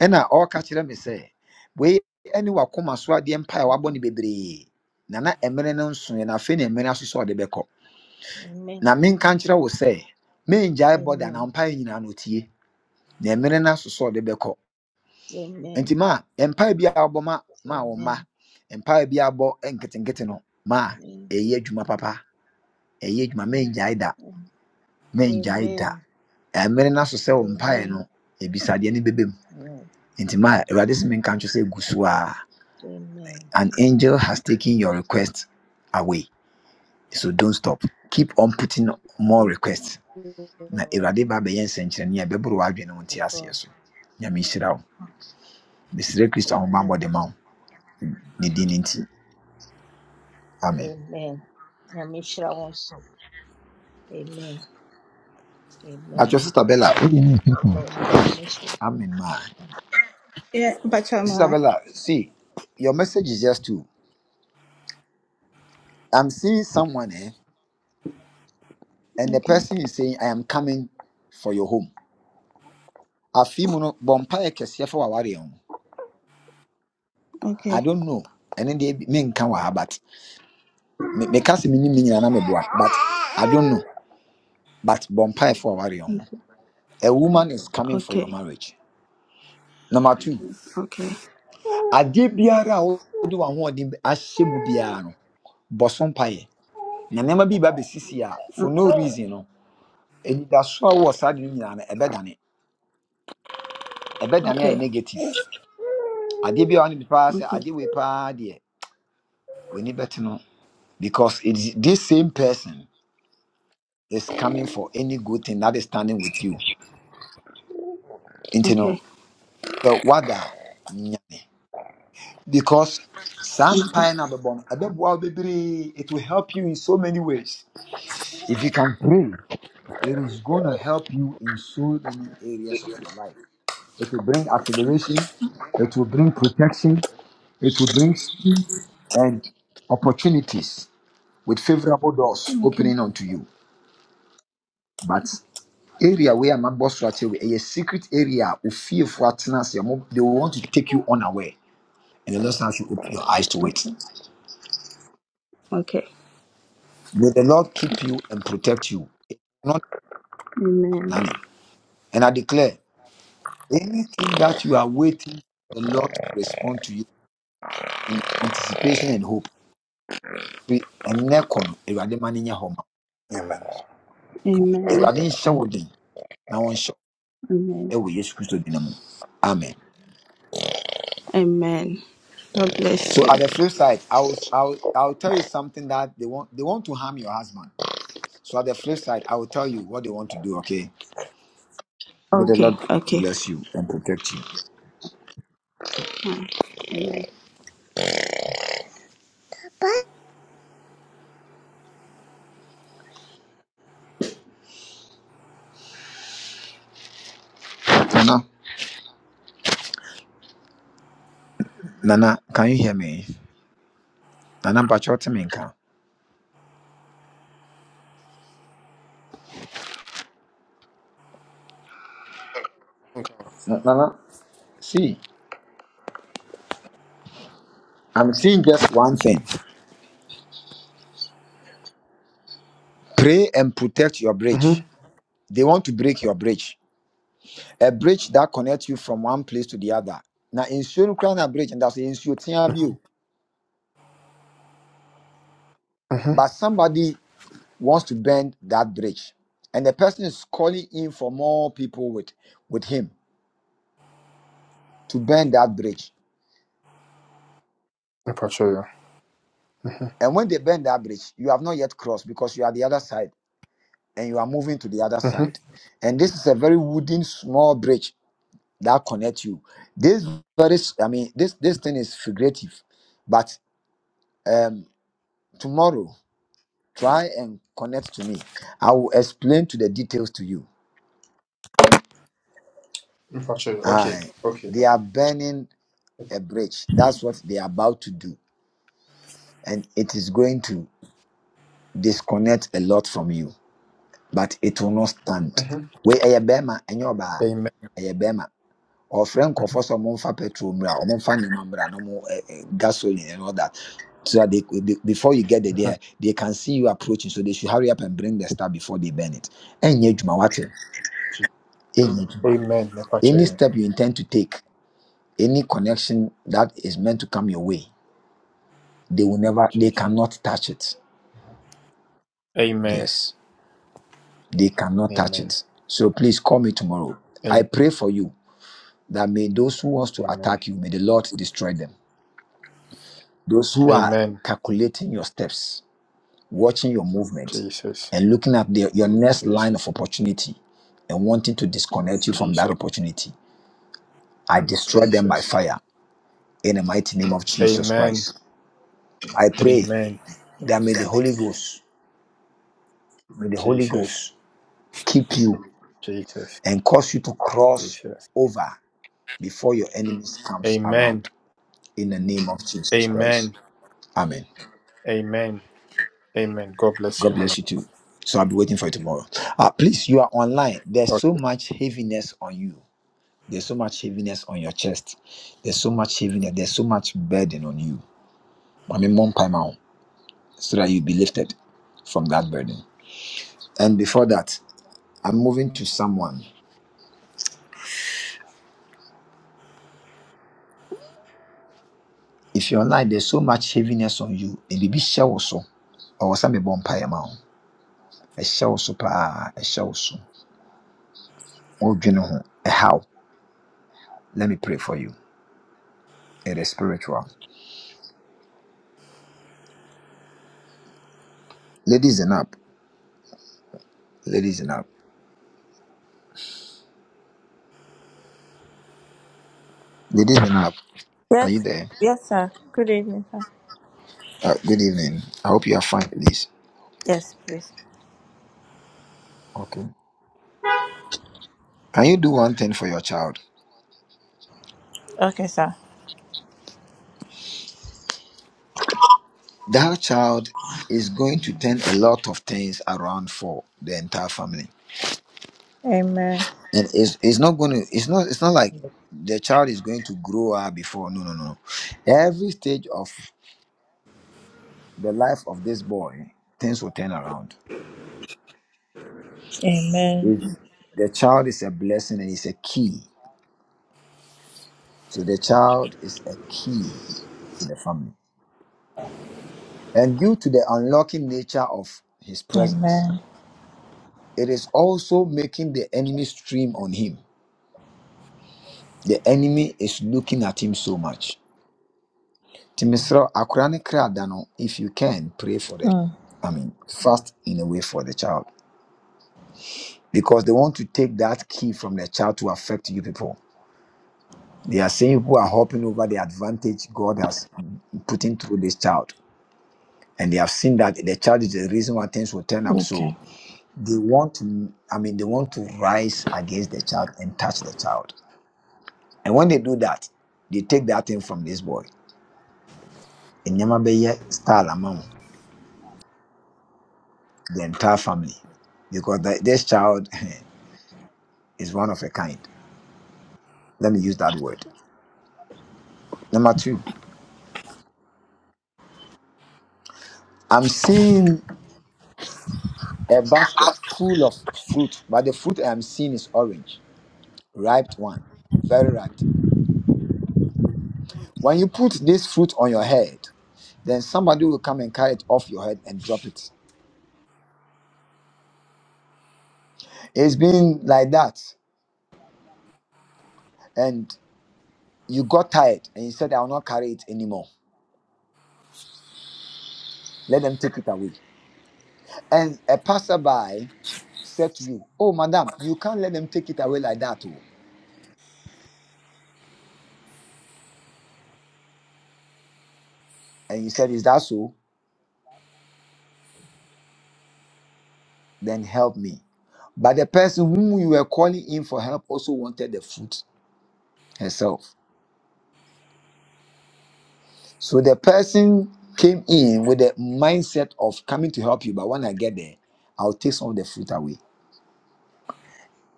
[SPEAKER 3] ɛna ɔreka kyerɛ me sɛ wei ne wakoma so adeɛ mpa a wabɔ
[SPEAKER 6] Mhm.
[SPEAKER 3] no bebree na na mmerɛ no nsoɛ na afei na mmerɛ asosɔ ɔde bɛkɔ
[SPEAKER 6] Amen.
[SPEAKER 3] na menka nkyerɛ wo sɛ mengyae bɔda
[SPEAKER 6] Amen.
[SPEAKER 3] na mpaeɛ nyinaa no tie na mmerɛ no asosɔ ɔde bɛkɔ nti
[SPEAKER 6] Amen.
[SPEAKER 3] ma mpae bi a ma ma wɔn mma
[SPEAKER 6] Amen. Amen.
[SPEAKER 3] mpae bi a wɔbɔ no ma a,
[SPEAKER 6] Mhm.
[SPEAKER 3] adwuma papa ɛyɛ adwuma
[SPEAKER 6] Mhm.
[SPEAKER 3] mengyae da mengyae da
[SPEAKER 6] Amen.
[SPEAKER 3] ɛmene no so sɛ wo mpae
[SPEAKER 6] Amen.
[SPEAKER 3] no ebisadeɛ no bɛbɛ mu
[SPEAKER 6] Amen.
[SPEAKER 3] nti ma awurade sɛ menka nkyerɛ sɛ gu so a an angel has taken your request away so don't stop keep on putting more requests na awurade ba bɛyɛ nsɛnkyerɛnne a ɛbɛboro w'adwene wo nte
[SPEAKER 6] Amen.
[SPEAKER 3] aseɛ
[SPEAKER 6] Amen.
[SPEAKER 3] so nyame hyira wo mesrɛ kristo ahobammɔ
[SPEAKER 6] Amen.
[SPEAKER 3] de ma wo ne din no nti amen
[SPEAKER 6] Amen. Amishra also. Amen.
[SPEAKER 3] At your
[SPEAKER 6] Amen.
[SPEAKER 3] sister bella
[SPEAKER 6] Amen. Amishra.
[SPEAKER 3] I'm in mind.
[SPEAKER 2] Yeah, Bachama.
[SPEAKER 3] Isabella, see, your message is just to I'm seeing someone eh, and the
[SPEAKER 2] Okay,
[SPEAKER 3] person is saying, I am coming for your home. Afi mu no bompae kɛseɛ for waware ho. I
[SPEAKER 2] okay.
[SPEAKER 3] don't know. And then they menka wɔ ha but me me ka se me nim ne nyinaa na meboa but I don't know. But bompae for waware ho.
[SPEAKER 2] Okay,
[SPEAKER 3] A woman is coming for your
[SPEAKER 2] okay, okay,
[SPEAKER 3] marriage. Number two, adeɛ biara a wode w'ahoɔden ahyɛ mu biara no, bɔ so mpaeɛ. Na nneɛma bi ba bɛsisi a for no reason no anidasoɔ a wowɔ saa deɛ no nyinaa no ɛbɛdane ɛbɛdane ayɛ
[SPEAKER 2] okay, okay,
[SPEAKER 3] negative I did be on the wane I did
[SPEAKER 2] okay,
[SPEAKER 3] we wei paa We need better, no because it is this same person is coming for any good thing that is standing with you nti no
[SPEAKER 2] okay,
[SPEAKER 3] sɛ wada a, nyane because some
[SPEAKER 2] okay,
[SPEAKER 3] pineapple no a bɛbɔ no ɛbɛboa it will help you in so many ways if you can pray it is going to help you in so many areas of your life it will bring acceleration it will bring protection It will bring speed and opportunities with favorable doors
[SPEAKER 2] okay,
[SPEAKER 3] opening unto you. But area where I'm about a secret area of fear for attendance, they will want to take you unaware. And the Lord has you open your eyes to it.
[SPEAKER 2] okay, Okay.
[SPEAKER 3] May the Lord keep you and protect you, not their
[SPEAKER 2] Amen.
[SPEAKER 3] planning. And I declare anything that you are waiting, the Lord to respond to you in anticipation and hope.
[SPEAKER 7] Amen.
[SPEAKER 2] Amen.
[SPEAKER 3] And
[SPEAKER 2] Amen.
[SPEAKER 3] ɛwɔ yesu kristo din mu amen
[SPEAKER 2] Amen. God bless
[SPEAKER 3] so
[SPEAKER 2] you.
[SPEAKER 3] at the flip side i will i will, I will tell you something that they want they want to harm your husband so at the flip side i will tell you what they want to do okay may the
[SPEAKER 2] Okay.
[SPEAKER 3] lord
[SPEAKER 2] Okay.
[SPEAKER 3] bless you and protect you
[SPEAKER 2] Fine. Amen.
[SPEAKER 3] nana nana can you hear me nana bachoteminka
[SPEAKER 8] Okay.
[SPEAKER 3] nana see i'm seeing just one thing pray and protect your
[SPEAKER 8] Mm-hmm.
[SPEAKER 3] bridge they want to break your bridge a bridge that connects you from one place to the other now ensure you crown a bridge and that's ensure you're
[SPEAKER 8] Mm-hmm.
[SPEAKER 3] but somebody wants to bend that bridge and the person is calling in for more people with with him to bend that bridge
[SPEAKER 8] If I show you. Mm-hmm.
[SPEAKER 3] and when they bend that bridge you have not yet crossed because you are the other side and you are moving to the other
[SPEAKER 8] Mm-hmm.
[SPEAKER 3] side and this is a very wooden small bridge that connects you this very i mean this this thing is figurative but tomorrow try and connect to me i will explain to the details to you
[SPEAKER 8] If I show you. Okay.
[SPEAKER 3] i
[SPEAKER 8] Okay. Bye
[SPEAKER 3] they are burning
[SPEAKER 8] bye.
[SPEAKER 3] a bridge that's what they are about to do and it is going to disconnect a lot from you, but it will not stand.
[SPEAKER 8] Mm-hmm.
[SPEAKER 3] We a bema and your bar
[SPEAKER 8] Amen.
[SPEAKER 3] a bema. Or Frank of us among fa petrol mra, or fa nneɛma mmra na eh, eh, gasoline and all that. So that they, they- before you get there,
[SPEAKER 8] Mhm.
[SPEAKER 3] they, they can see you approaching. So they should hurry up and bring the stuff before they burn it. And Yejuma watching.
[SPEAKER 8] Je- Amen. If I show
[SPEAKER 3] Any
[SPEAKER 8] you.
[SPEAKER 3] step you intend to take, any connection that is meant to come your way, they will never they
[SPEAKER 8] Jesus.
[SPEAKER 3] cannot touch it.
[SPEAKER 8] Amen.
[SPEAKER 3] Yes. They cannot touch
[SPEAKER 8] Amen.
[SPEAKER 3] it. So please call me tomorrow.
[SPEAKER 8] Amen.
[SPEAKER 3] I pray for you that may those who wants to
[SPEAKER 8] Amen.
[SPEAKER 3] attack you, may the Lord destroy them. Those who are
[SPEAKER 8] Amen.
[SPEAKER 3] calculating your steps, watching your movements,
[SPEAKER 8] Jesus.
[SPEAKER 3] and looking at the, your next
[SPEAKER 8] Jesus.
[SPEAKER 3] line of opportunity and wanting to disconnect you from that
[SPEAKER 8] Jesus.
[SPEAKER 3] opportunity, I destroy them by
[SPEAKER 8] Jesus.
[SPEAKER 3] fire in the mighty name of Jesus
[SPEAKER 8] Amen.
[SPEAKER 3] Christ. I pray
[SPEAKER 8] Amen.
[SPEAKER 3] that may the Holy Ghost, may the Holy
[SPEAKER 8] Jesus.
[SPEAKER 3] Ghost keep you
[SPEAKER 8] Jesus.
[SPEAKER 3] and cause you to cross
[SPEAKER 8] Jesus.
[SPEAKER 3] over before your enemies comes
[SPEAKER 8] Amen.
[SPEAKER 3] around. in the name of Jesus Christ.
[SPEAKER 8] Amen.
[SPEAKER 3] Amen.
[SPEAKER 8] Amen. Amen. God bless you,
[SPEAKER 3] God bless you
[SPEAKER 8] man.
[SPEAKER 3] too. So I'll be waiting for you tomorrow. Uh, please, you are online. There's so much heaviness on you. There's so much heaviness on your chest. There's so much heaviness. There's so much burden on you. I mean, one time out, so that you'll be lifted from that burden. And before that, I'm moving to someone. If you're online, there's so much heaviness on you. It will be shell also. Or some a bomb pie amount. A shell so pa a shell so. Oh, you know, eh, how? Let me pray for you. It is spiritual. Ladies, up. Ladies, up. Ladies, up. Are
[SPEAKER 9] Yes,
[SPEAKER 3] you there?
[SPEAKER 9] yes, sir. Good evening, sir.
[SPEAKER 3] Uh, good evening. I hope you are fine, please.
[SPEAKER 9] Yes, please.
[SPEAKER 3] Okay. Can you do one thing for your child?
[SPEAKER 9] Okay, sir.
[SPEAKER 3] That child is going to turn a lot of things around for the entire family,
[SPEAKER 9] Amen.
[SPEAKER 3] and it's it's not going to it's not it's not like the child is going to grow up before. No, no, no. Every stage of the life of this boy, things will turn around.
[SPEAKER 9] Amen.
[SPEAKER 3] If the child is a blessing and is a key, so the child is a key to the family. And due to the unlocking nature of his presence,
[SPEAKER 9] Amen.
[SPEAKER 3] it is also making the enemy stream on him. The enemy is looking at him so much. Nti mesrɛ wo, akoraa ne kra da no, If you can, pray for the,
[SPEAKER 9] Mm,
[SPEAKER 3] I mean, fast in a way for the child. Because they want to take that key from the child to affect you people. They are saying people are hopping over the advantage God has putting through this child. And they have seen that the child is the reason why things will turn up. So.
[SPEAKER 9] okay.
[SPEAKER 3] they want to i mean they want to rise against the child and touch the child and when they do that they take that thing from this boy and nyamabeya style among the entire family because the, this child is one of a kind let me use that word number two i'm seeing a basket full of fruit but the fruit i'm seeing is orange ripe one very ripe when you put this fruit on your head then somebody will come and carry it off your head and drop it it's been like that and you got tired and you said, I will not carry it anymore. Let them take it away. And a passerby said to you, Oh, madam, you can't let them take it away like that. Oh. And you said, Is that so? Then help me. But the person whom you were calling in for help also wanted the food herself. So the person came in with the mindset of coming to help you, but when I get there, I'll take some of the food away.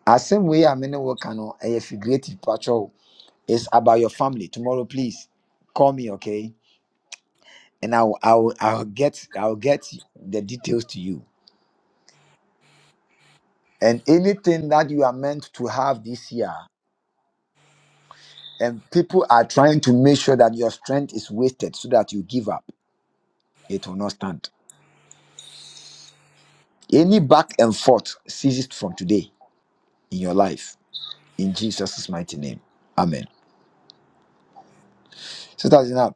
[SPEAKER 3] As same way, I mean, what can a figurative picture? It's about your family. Tomorrow, please call me, okay? And I'll I'll I'll get I'll get the details to you. And anything that you are meant to have this year, and people are trying to make sure that your strength is wasted so that you give up, it will not stand. Any back and forth ceases from today in your life. In Jesus' mighty name. Amen. Sister Zinab,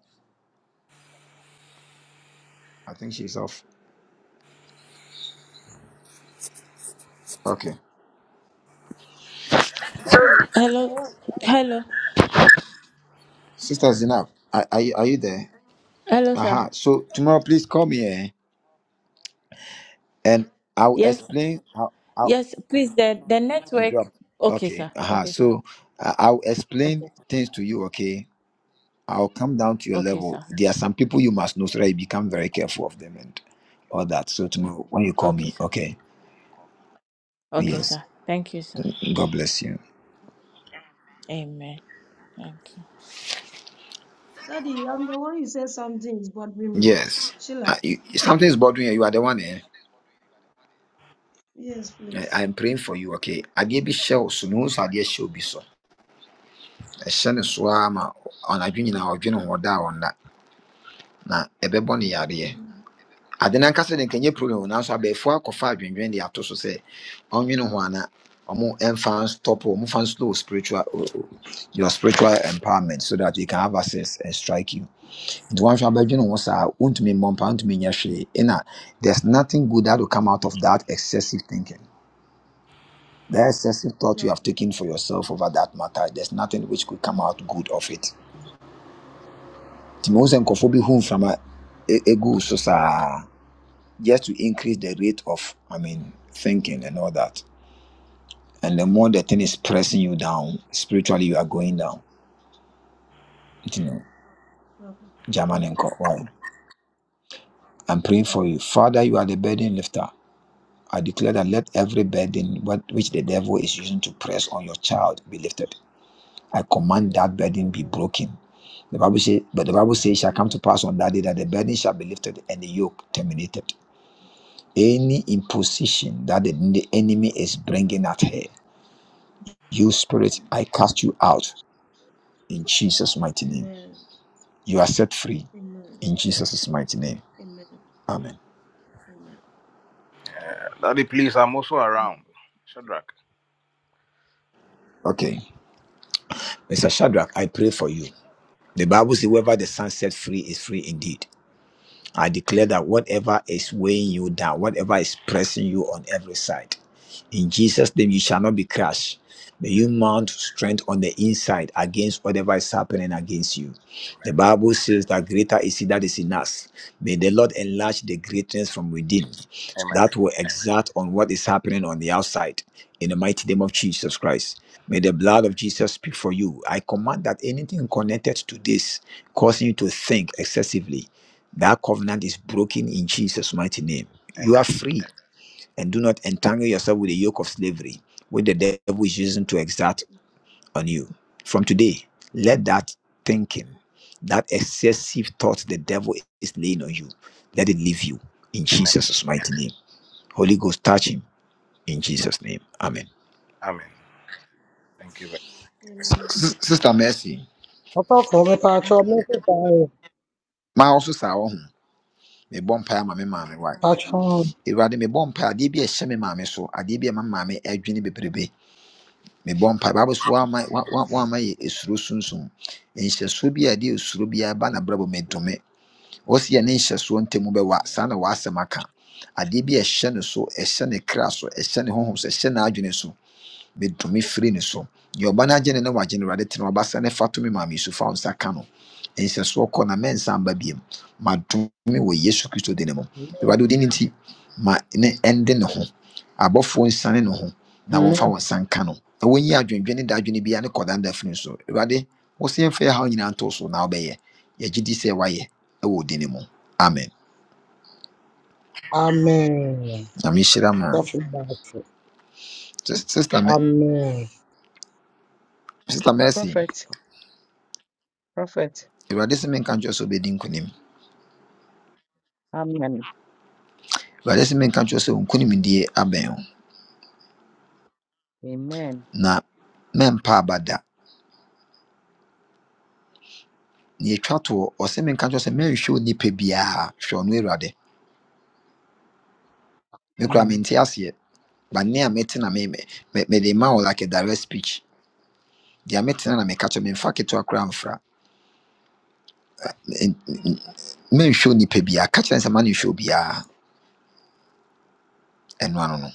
[SPEAKER 3] I think she's off. Okay.
[SPEAKER 10] Daddy, I'm the
[SPEAKER 9] Hello.
[SPEAKER 10] one. Sheila.
[SPEAKER 9] Hello.
[SPEAKER 3] Sister Zinab, are, are, you, are you there?
[SPEAKER 9] Hello, sir.
[SPEAKER 3] Aha. So tomorrow, please call me. Eh? and I'll
[SPEAKER 9] Yes.
[SPEAKER 3] explain. how how
[SPEAKER 9] Yes, please. The the
[SPEAKER 3] i
[SPEAKER 9] network.
[SPEAKER 3] drop.
[SPEAKER 9] Okay,
[SPEAKER 3] Okay.
[SPEAKER 9] sir.
[SPEAKER 3] Uh-huh.
[SPEAKER 9] Okay, sir.
[SPEAKER 3] So I- I'll explain
[SPEAKER 9] Okay.
[SPEAKER 3] things to you. Okay. I'll come down to your
[SPEAKER 9] Okay,
[SPEAKER 3] level.
[SPEAKER 9] sir.
[SPEAKER 3] There are some people you must know so that you become very careful of them and all that. So tomorrow when you call
[SPEAKER 9] Okay,
[SPEAKER 3] me,
[SPEAKER 9] sir.
[SPEAKER 3] okay.
[SPEAKER 9] Okay,
[SPEAKER 3] Yes.
[SPEAKER 9] sir. Thank you, sir.
[SPEAKER 3] God bless you.
[SPEAKER 9] Amen. Thank you.
[SPEAKER 10] Daddy, I'm the one you said something is bothering me.
[SPEAKER 3] Yes. Uh,
[SPEAKER 10] Sheila,
[SPEAKER 3] you, something is bothering you. You are the one. Eh?
[SPEAKER 10] yes, please.
[SPEAKER 3] I, am praying for you. Okay. Adeɛ bi hyɛ wo so na wohu sɛ adeɛ hyɛ obi so. Ɛhyɛ ne so ara ma ɔnadwo nyinaa ɔdwene ho ɔda a ɔnna. Na ɛbɛbɔ ne yadeɛ.
[SPEAKER 10] Mm,
[SPEAKER 3] ade no ankasa de nkɛnyɛ problem o, nanso abɛɛfo akɔfa adwendwen de ato so sɛ ɔnwene ho ana ɔmo ɛmfa stop ɔmo fa slow spiritual o- o- your spiritual empowerment so that they can have access and strike you nti wɔnhwɛ abɛdwene ho saa
[SPEAKER 10] mm.
[SPEAKER 3] wontumi mmɔ mpa wontumi nyɛ hwee ɛna there's nothing good that will come out of that excessive thinking the excessive thought you have
[SPEAKER 10] Okay,
[SPEAKER 3] taken for yourself over that matter there's nothing which could come out good of it nti mehu
[SPEAKER 10] okay,
[SPEAKER 3] sɛ nkurɔfoɔ bi hu mframa ɛ- so saa just to increase the rate of i mean thinking and all that and the more the thing is
[SPEAKER 10] okay,
[SPEAKER 3] pressing you down spiritually you are going down you know
[SPEAKER 10] okay,
[SPEAKER 3] german and Co- why i'm praying for
[SPEAKER 10] okay.
[SPEAKER 3] you father you are the burden lifter i declare that let
[SPEAKER 10] Mm,
[SPEAKER 3] every burden what which the devil is using to press on your child be lifted i
[SPEAKER 10] mm.
[SPEAKER 3] command that burden be
[SPEAKER 10] Amen,
[SPEAKER 3] broken the bible says but the bible says it shall come to
[SPEAKER 10] amen, mm, mm.
[SPEAKER 3] pass on that day that the burden shall be lifted and the yoke terminated any imposition that the the enemy is bringing at her You spirit, I cast you out in Jesus' mighty name. You are set free in Jesus' mighty name.
[SPEAKER 10] amen,
[SPEAKER 3] Amen.
[SPEAKER 10] amen, amen,
[SPEAKER 7] Daddy, please, I'm also
[SPEAKER 10] amen,
[SPEAKER 7] around.
[SPEAKER 10] amen,
[SPEAKER 7] Shadrach.
[SPEAKER 3] Okay. Mr. Shadrach, I pray for you. The Bible says, whoever the Son set free is free indeed. I declare that whatever is weighing you down, whatever is pressing you on every side, in Jesus' name you shall not be crushed. May you mount strength on the inside against whatever is happening against you. The
[SPEAKER 7] Amen.
[SPEAKER 3] Bible says that greater is he that is in us. May the Lord enlarge the greatness from within so
[SPEAKER 7] Amen.
[SPEAKER 3] that will exert on what is happening on the outside. In the mighty name of Jesus Christ. May the blood of Jesus speak for you. I command that anything connected to this causing you to think excessively. That covenant is broken in Jesus' mighty name. You are
[SPEAKER 7] Amen.
[SPEAKER 3] free and do not entangle yourself with the yoke of slavery, which the devil is using to exert on you. From today, let that thinking, that excessive thought the devil is laying on you, let it leave you in
[SPEAKER 7] Amen.
[SPEAKER 3] Jesus' mighty name. Holy Ghost, touch him in Jesus' name. Amen.
[SPEAKER 7] Amen. Thank you very
[SPEAKER 10] amen.
[SPEAKER 3] Sis- Sister Mercy,
[SPEAKER 11] Ọkọ̀ọ̀kan mi pàṣọ mẹ́tẹ̀ẹ̀ta rẹ̀
[SPEAKER 3] my also saw home. Me bomb pie, my mammy, why?
[SPEAKER 11] pàṣọ àmín
[SPEAKER 3] If I did me bomb pie, I did be a semi mammy, so I did be a mammy, a mebɔ mpa bible so wa ma wa- wa- woama yɛ esuro sunsun nhyɛsoɔ bi a ɛde esuro bi aba na brɛbɔ medome wɔsi yɛ ne nhyɛsoɔ ntɛmu bɛwa saa na wɔasɛm aka adeɛ bi a ɛhyɛ ne so ɛhyɛ ne kra so ɛhyɛ ne honhom so ɛhyɛ n'adwene so metumi firi ne so deɛ ɔba no agye ne ne wagye no awurade tena wabasa ne fa tumi maame so fa wo nsa ka no nhyɛsoɔ kɔ na mɛnsa mba biam madomi wɔ yesu kristo din mu awurade wodin no nti ma ne ɛnde ne ho abɔfoɔ nsane ne ho na wɔmfa wɔn nsa nka no na wɔnyi adwendwene da adwene biara ne kɔdanda firi so awurade wo sɛ yɛmfa yɛ haw nyinaa ntoo so na wobɛyɛ yɛgye di sɛ woayɛ ɛwɔ wo din no mu amen
[SPEAKER 11] àmín Amen.
[SPEAKER 3] na mehyira
[SPEAKER 11] Sọ
[SPEAKER 3] ma
[SPEAKER 11] fún Bàtì,
[SPEAKER 3] sister Me-
[SPEAKER 11] Amen.
[SPEAKER 3] Sister mercy
[SPEAKER 4] Prophet, prophet.
[SPEAKER 3] awurade sɛ menka nkyerɛ sɛ wobɛdi nkonim
[SPEAKER 4] Amen.
[SPEAKER 3] Awurade sɛ menka kyerɛ sɛ wo nkonimdie abɛn wo
[SPEAKER 4] Amen.
[SPEAKER 3] na mɛmpa aba da. Na yɛtwa toɔ, ɔsɛ menka kyerɛ sɛ mɛnhwɛ onipa biara, hwɛ ɔno Awurade. Me koraa
[SPEAKER 4] Amen.
[SPEAKER 3] mente aseɛ, but nne a mete na me, me, me- mede ma wo like a direct speech. Deɛ metena na meka kyerɛ wo, memfa ketewa koraa mfra. N- n- n- Mɛnhwɛ onipa biara, ka kyerɛ no sɛ ma no nhwɛ obiara. Ɛno ano no,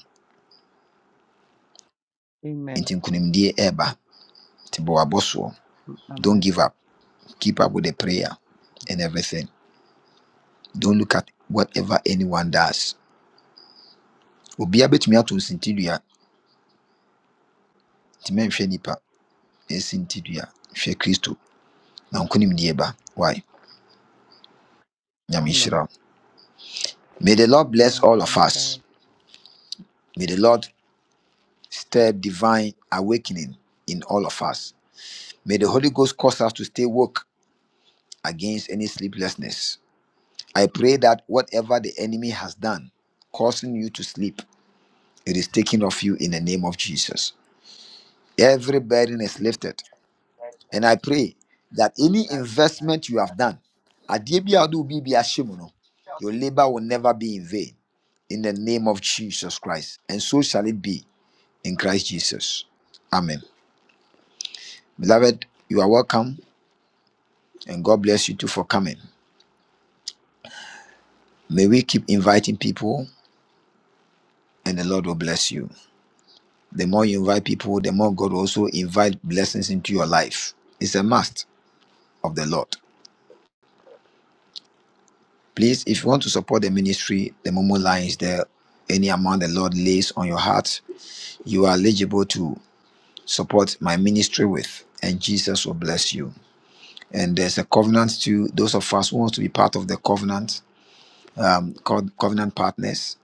[SPEAKER 4] Amen.
[SPEAKER 3] nti nkonimdie ɛreba. Nti bɔ w'abɔsoɔ. Don't
[SPEAKER 4] Amen.
[SPEAKER 3] give up. Keep up with
[SPEAKER 4] Amen.
[SPEAKER 3] the prayer and everything. Don't look at whatever anyone does. Obiara bɛtumi ato nsintidua ntimi nipa esi nti hwɛ kristo na nkonimdie ba why nyame nhyira
[SPEAKER 4] Amen.
[SPEAKER 3] wo. may the lord bless
[SPEAKER 4] Amen.
[SPEAKER 3] all of us
[SPEAKER 4] Amen.
[SPEAKER 3] may the lord stir divine awakening in all of us may the holy ghost cause us to stay woke against any sleeplessness i pray that whatever the enemy has done causing you to sleep it is taken off you in the name of jesus every burden is lifted And I pray that any investment you have done, adeɛ bi a wode wo biribia ahyɛ mu no, your labor will never be in vain. In the name of Jesus Christ. And so shall it be in Christ Jesus. Amen. Beloved, you are welcome and God bless you too for coming. May we keep inviting people and the Lord will bless you. The more you invite people, the more God will also invite blessings into your life. It's a must of the Lord. Please, if you want to support the ministry, the Momo line is there. Any amount the Lord lays on your heart, you are eligible to support my ministry with, and Jesus will bless you. And there's a covenant to those of us who want to be part of the covenant, um, called covenant partners.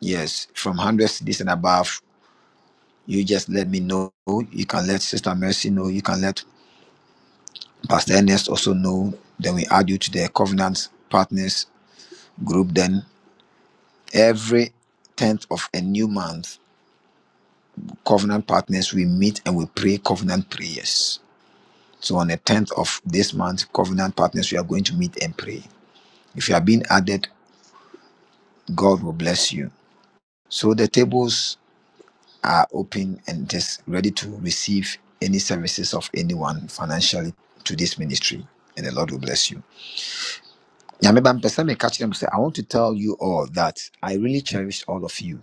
[SPEAKER 3] Yes, from 100 cities and above, you just let me know. You can let Sister Mercy know. You can let Pastor Ernest also know. Then we add you to the covenant partners group. Then every 10th of a new month, covenant partners, we meet and we pray covenant prayers. So on the 10th of this month, covenant partners, we are going to meet and pray. If you are being added, God will bless you. So the tables are open and just ready to receive any services of anyone financially to this ministry, and the Lord will bless you. Nyameba, mpɛsɛ meka kyerɛ mo sɛ, I want to tell you all that I really cherish all of you.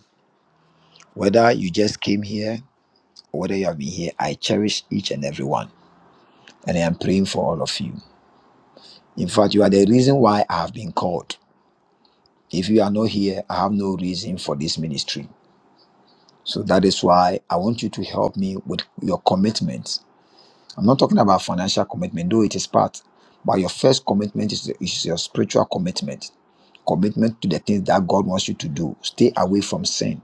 [SPEAKER 3] Whether you just came here or whether you have been here, I cherish each and every one. And I am praying for all of you. In fact, you are the reason why I have been called. If you are not here, I have no reason for this ministry. So that is why I want you to help me with your commitment. I'm not talking about financial commitment, though it is part, but your first commitment is, is your spiritual commitment. Commitment to the things that God wants you to do. Stay away from sin.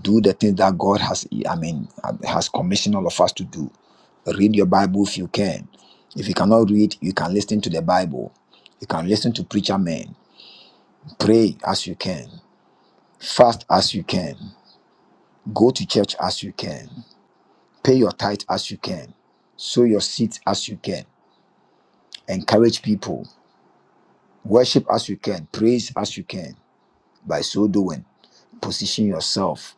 [SPEAKER 3] Do the things that God has, I mean, has commissioned all of us to do. Read your Bible if you can. If you cannot read, you can listen to the Bible. You can listen to preacher men Pray as you can. Fast as you can. Go to church as you can. Pay your tithe as you can. Sow your seed as you can. Encourage people. Worship as you can. Praise as you can. By so doing, position yourself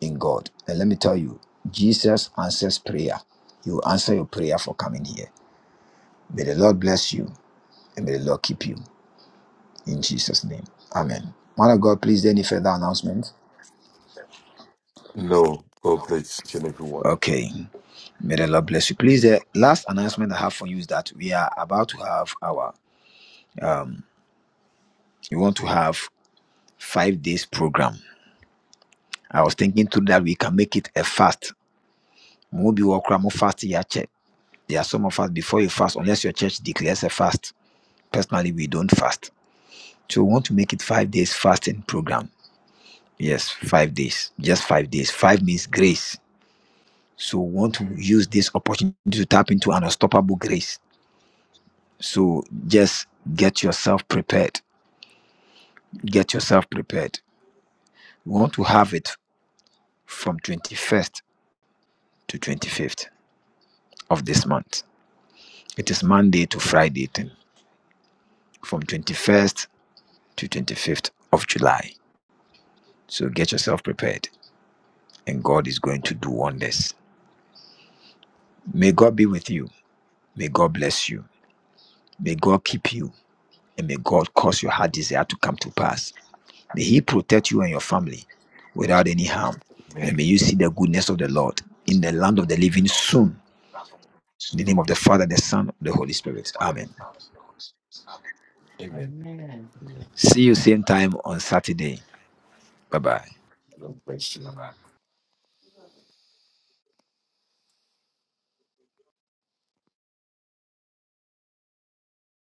[SPEAKER 3] in God. And let me tell you, Jesus answers prayer. He will answer your prayer for coming here. May the Lord bless you and may the Lord keep you. In Jesus' name. Amen. Man of God, please, any further announcement?
[SPEAKER 1] no, God bless each and everyone.
[SPEAKER 3] Okay. May the Lord bless you. Please, the last announcement I have for you is that we are about to have our, we want to have five days program. I was thinking too that we can make it a fast. Mobi wakra mo fast ya check. There are some of us before you fast, unless your church declares a fast. Personally, we don't fast. So we want to make it five days fasting program. Yes, five days. Just five days. Five means grace. So we want to use this opportunity to tap into an unstoppable grace. So just get yourself prepared Get yourself prepared. We want to have it from 21st to 25th of this month. It is Monday to Friday, thing, from 21st to 25th of July. So get yourself prepared, and God is going to do wonders. May God be with you. May God bless you. May God keep you. And may God cause your heart desire to come to pass. May He protect you and your family without any harm.
[SPEAKER 1] Amen.
[SPEAKER 3] And may you see the goodness of the Lord in the land of the living soon In the name of the Father, the Son, the Holy Spirit. Amen. See you same time on Saturday. Bye bye.
[SPEAKER 1] Amen.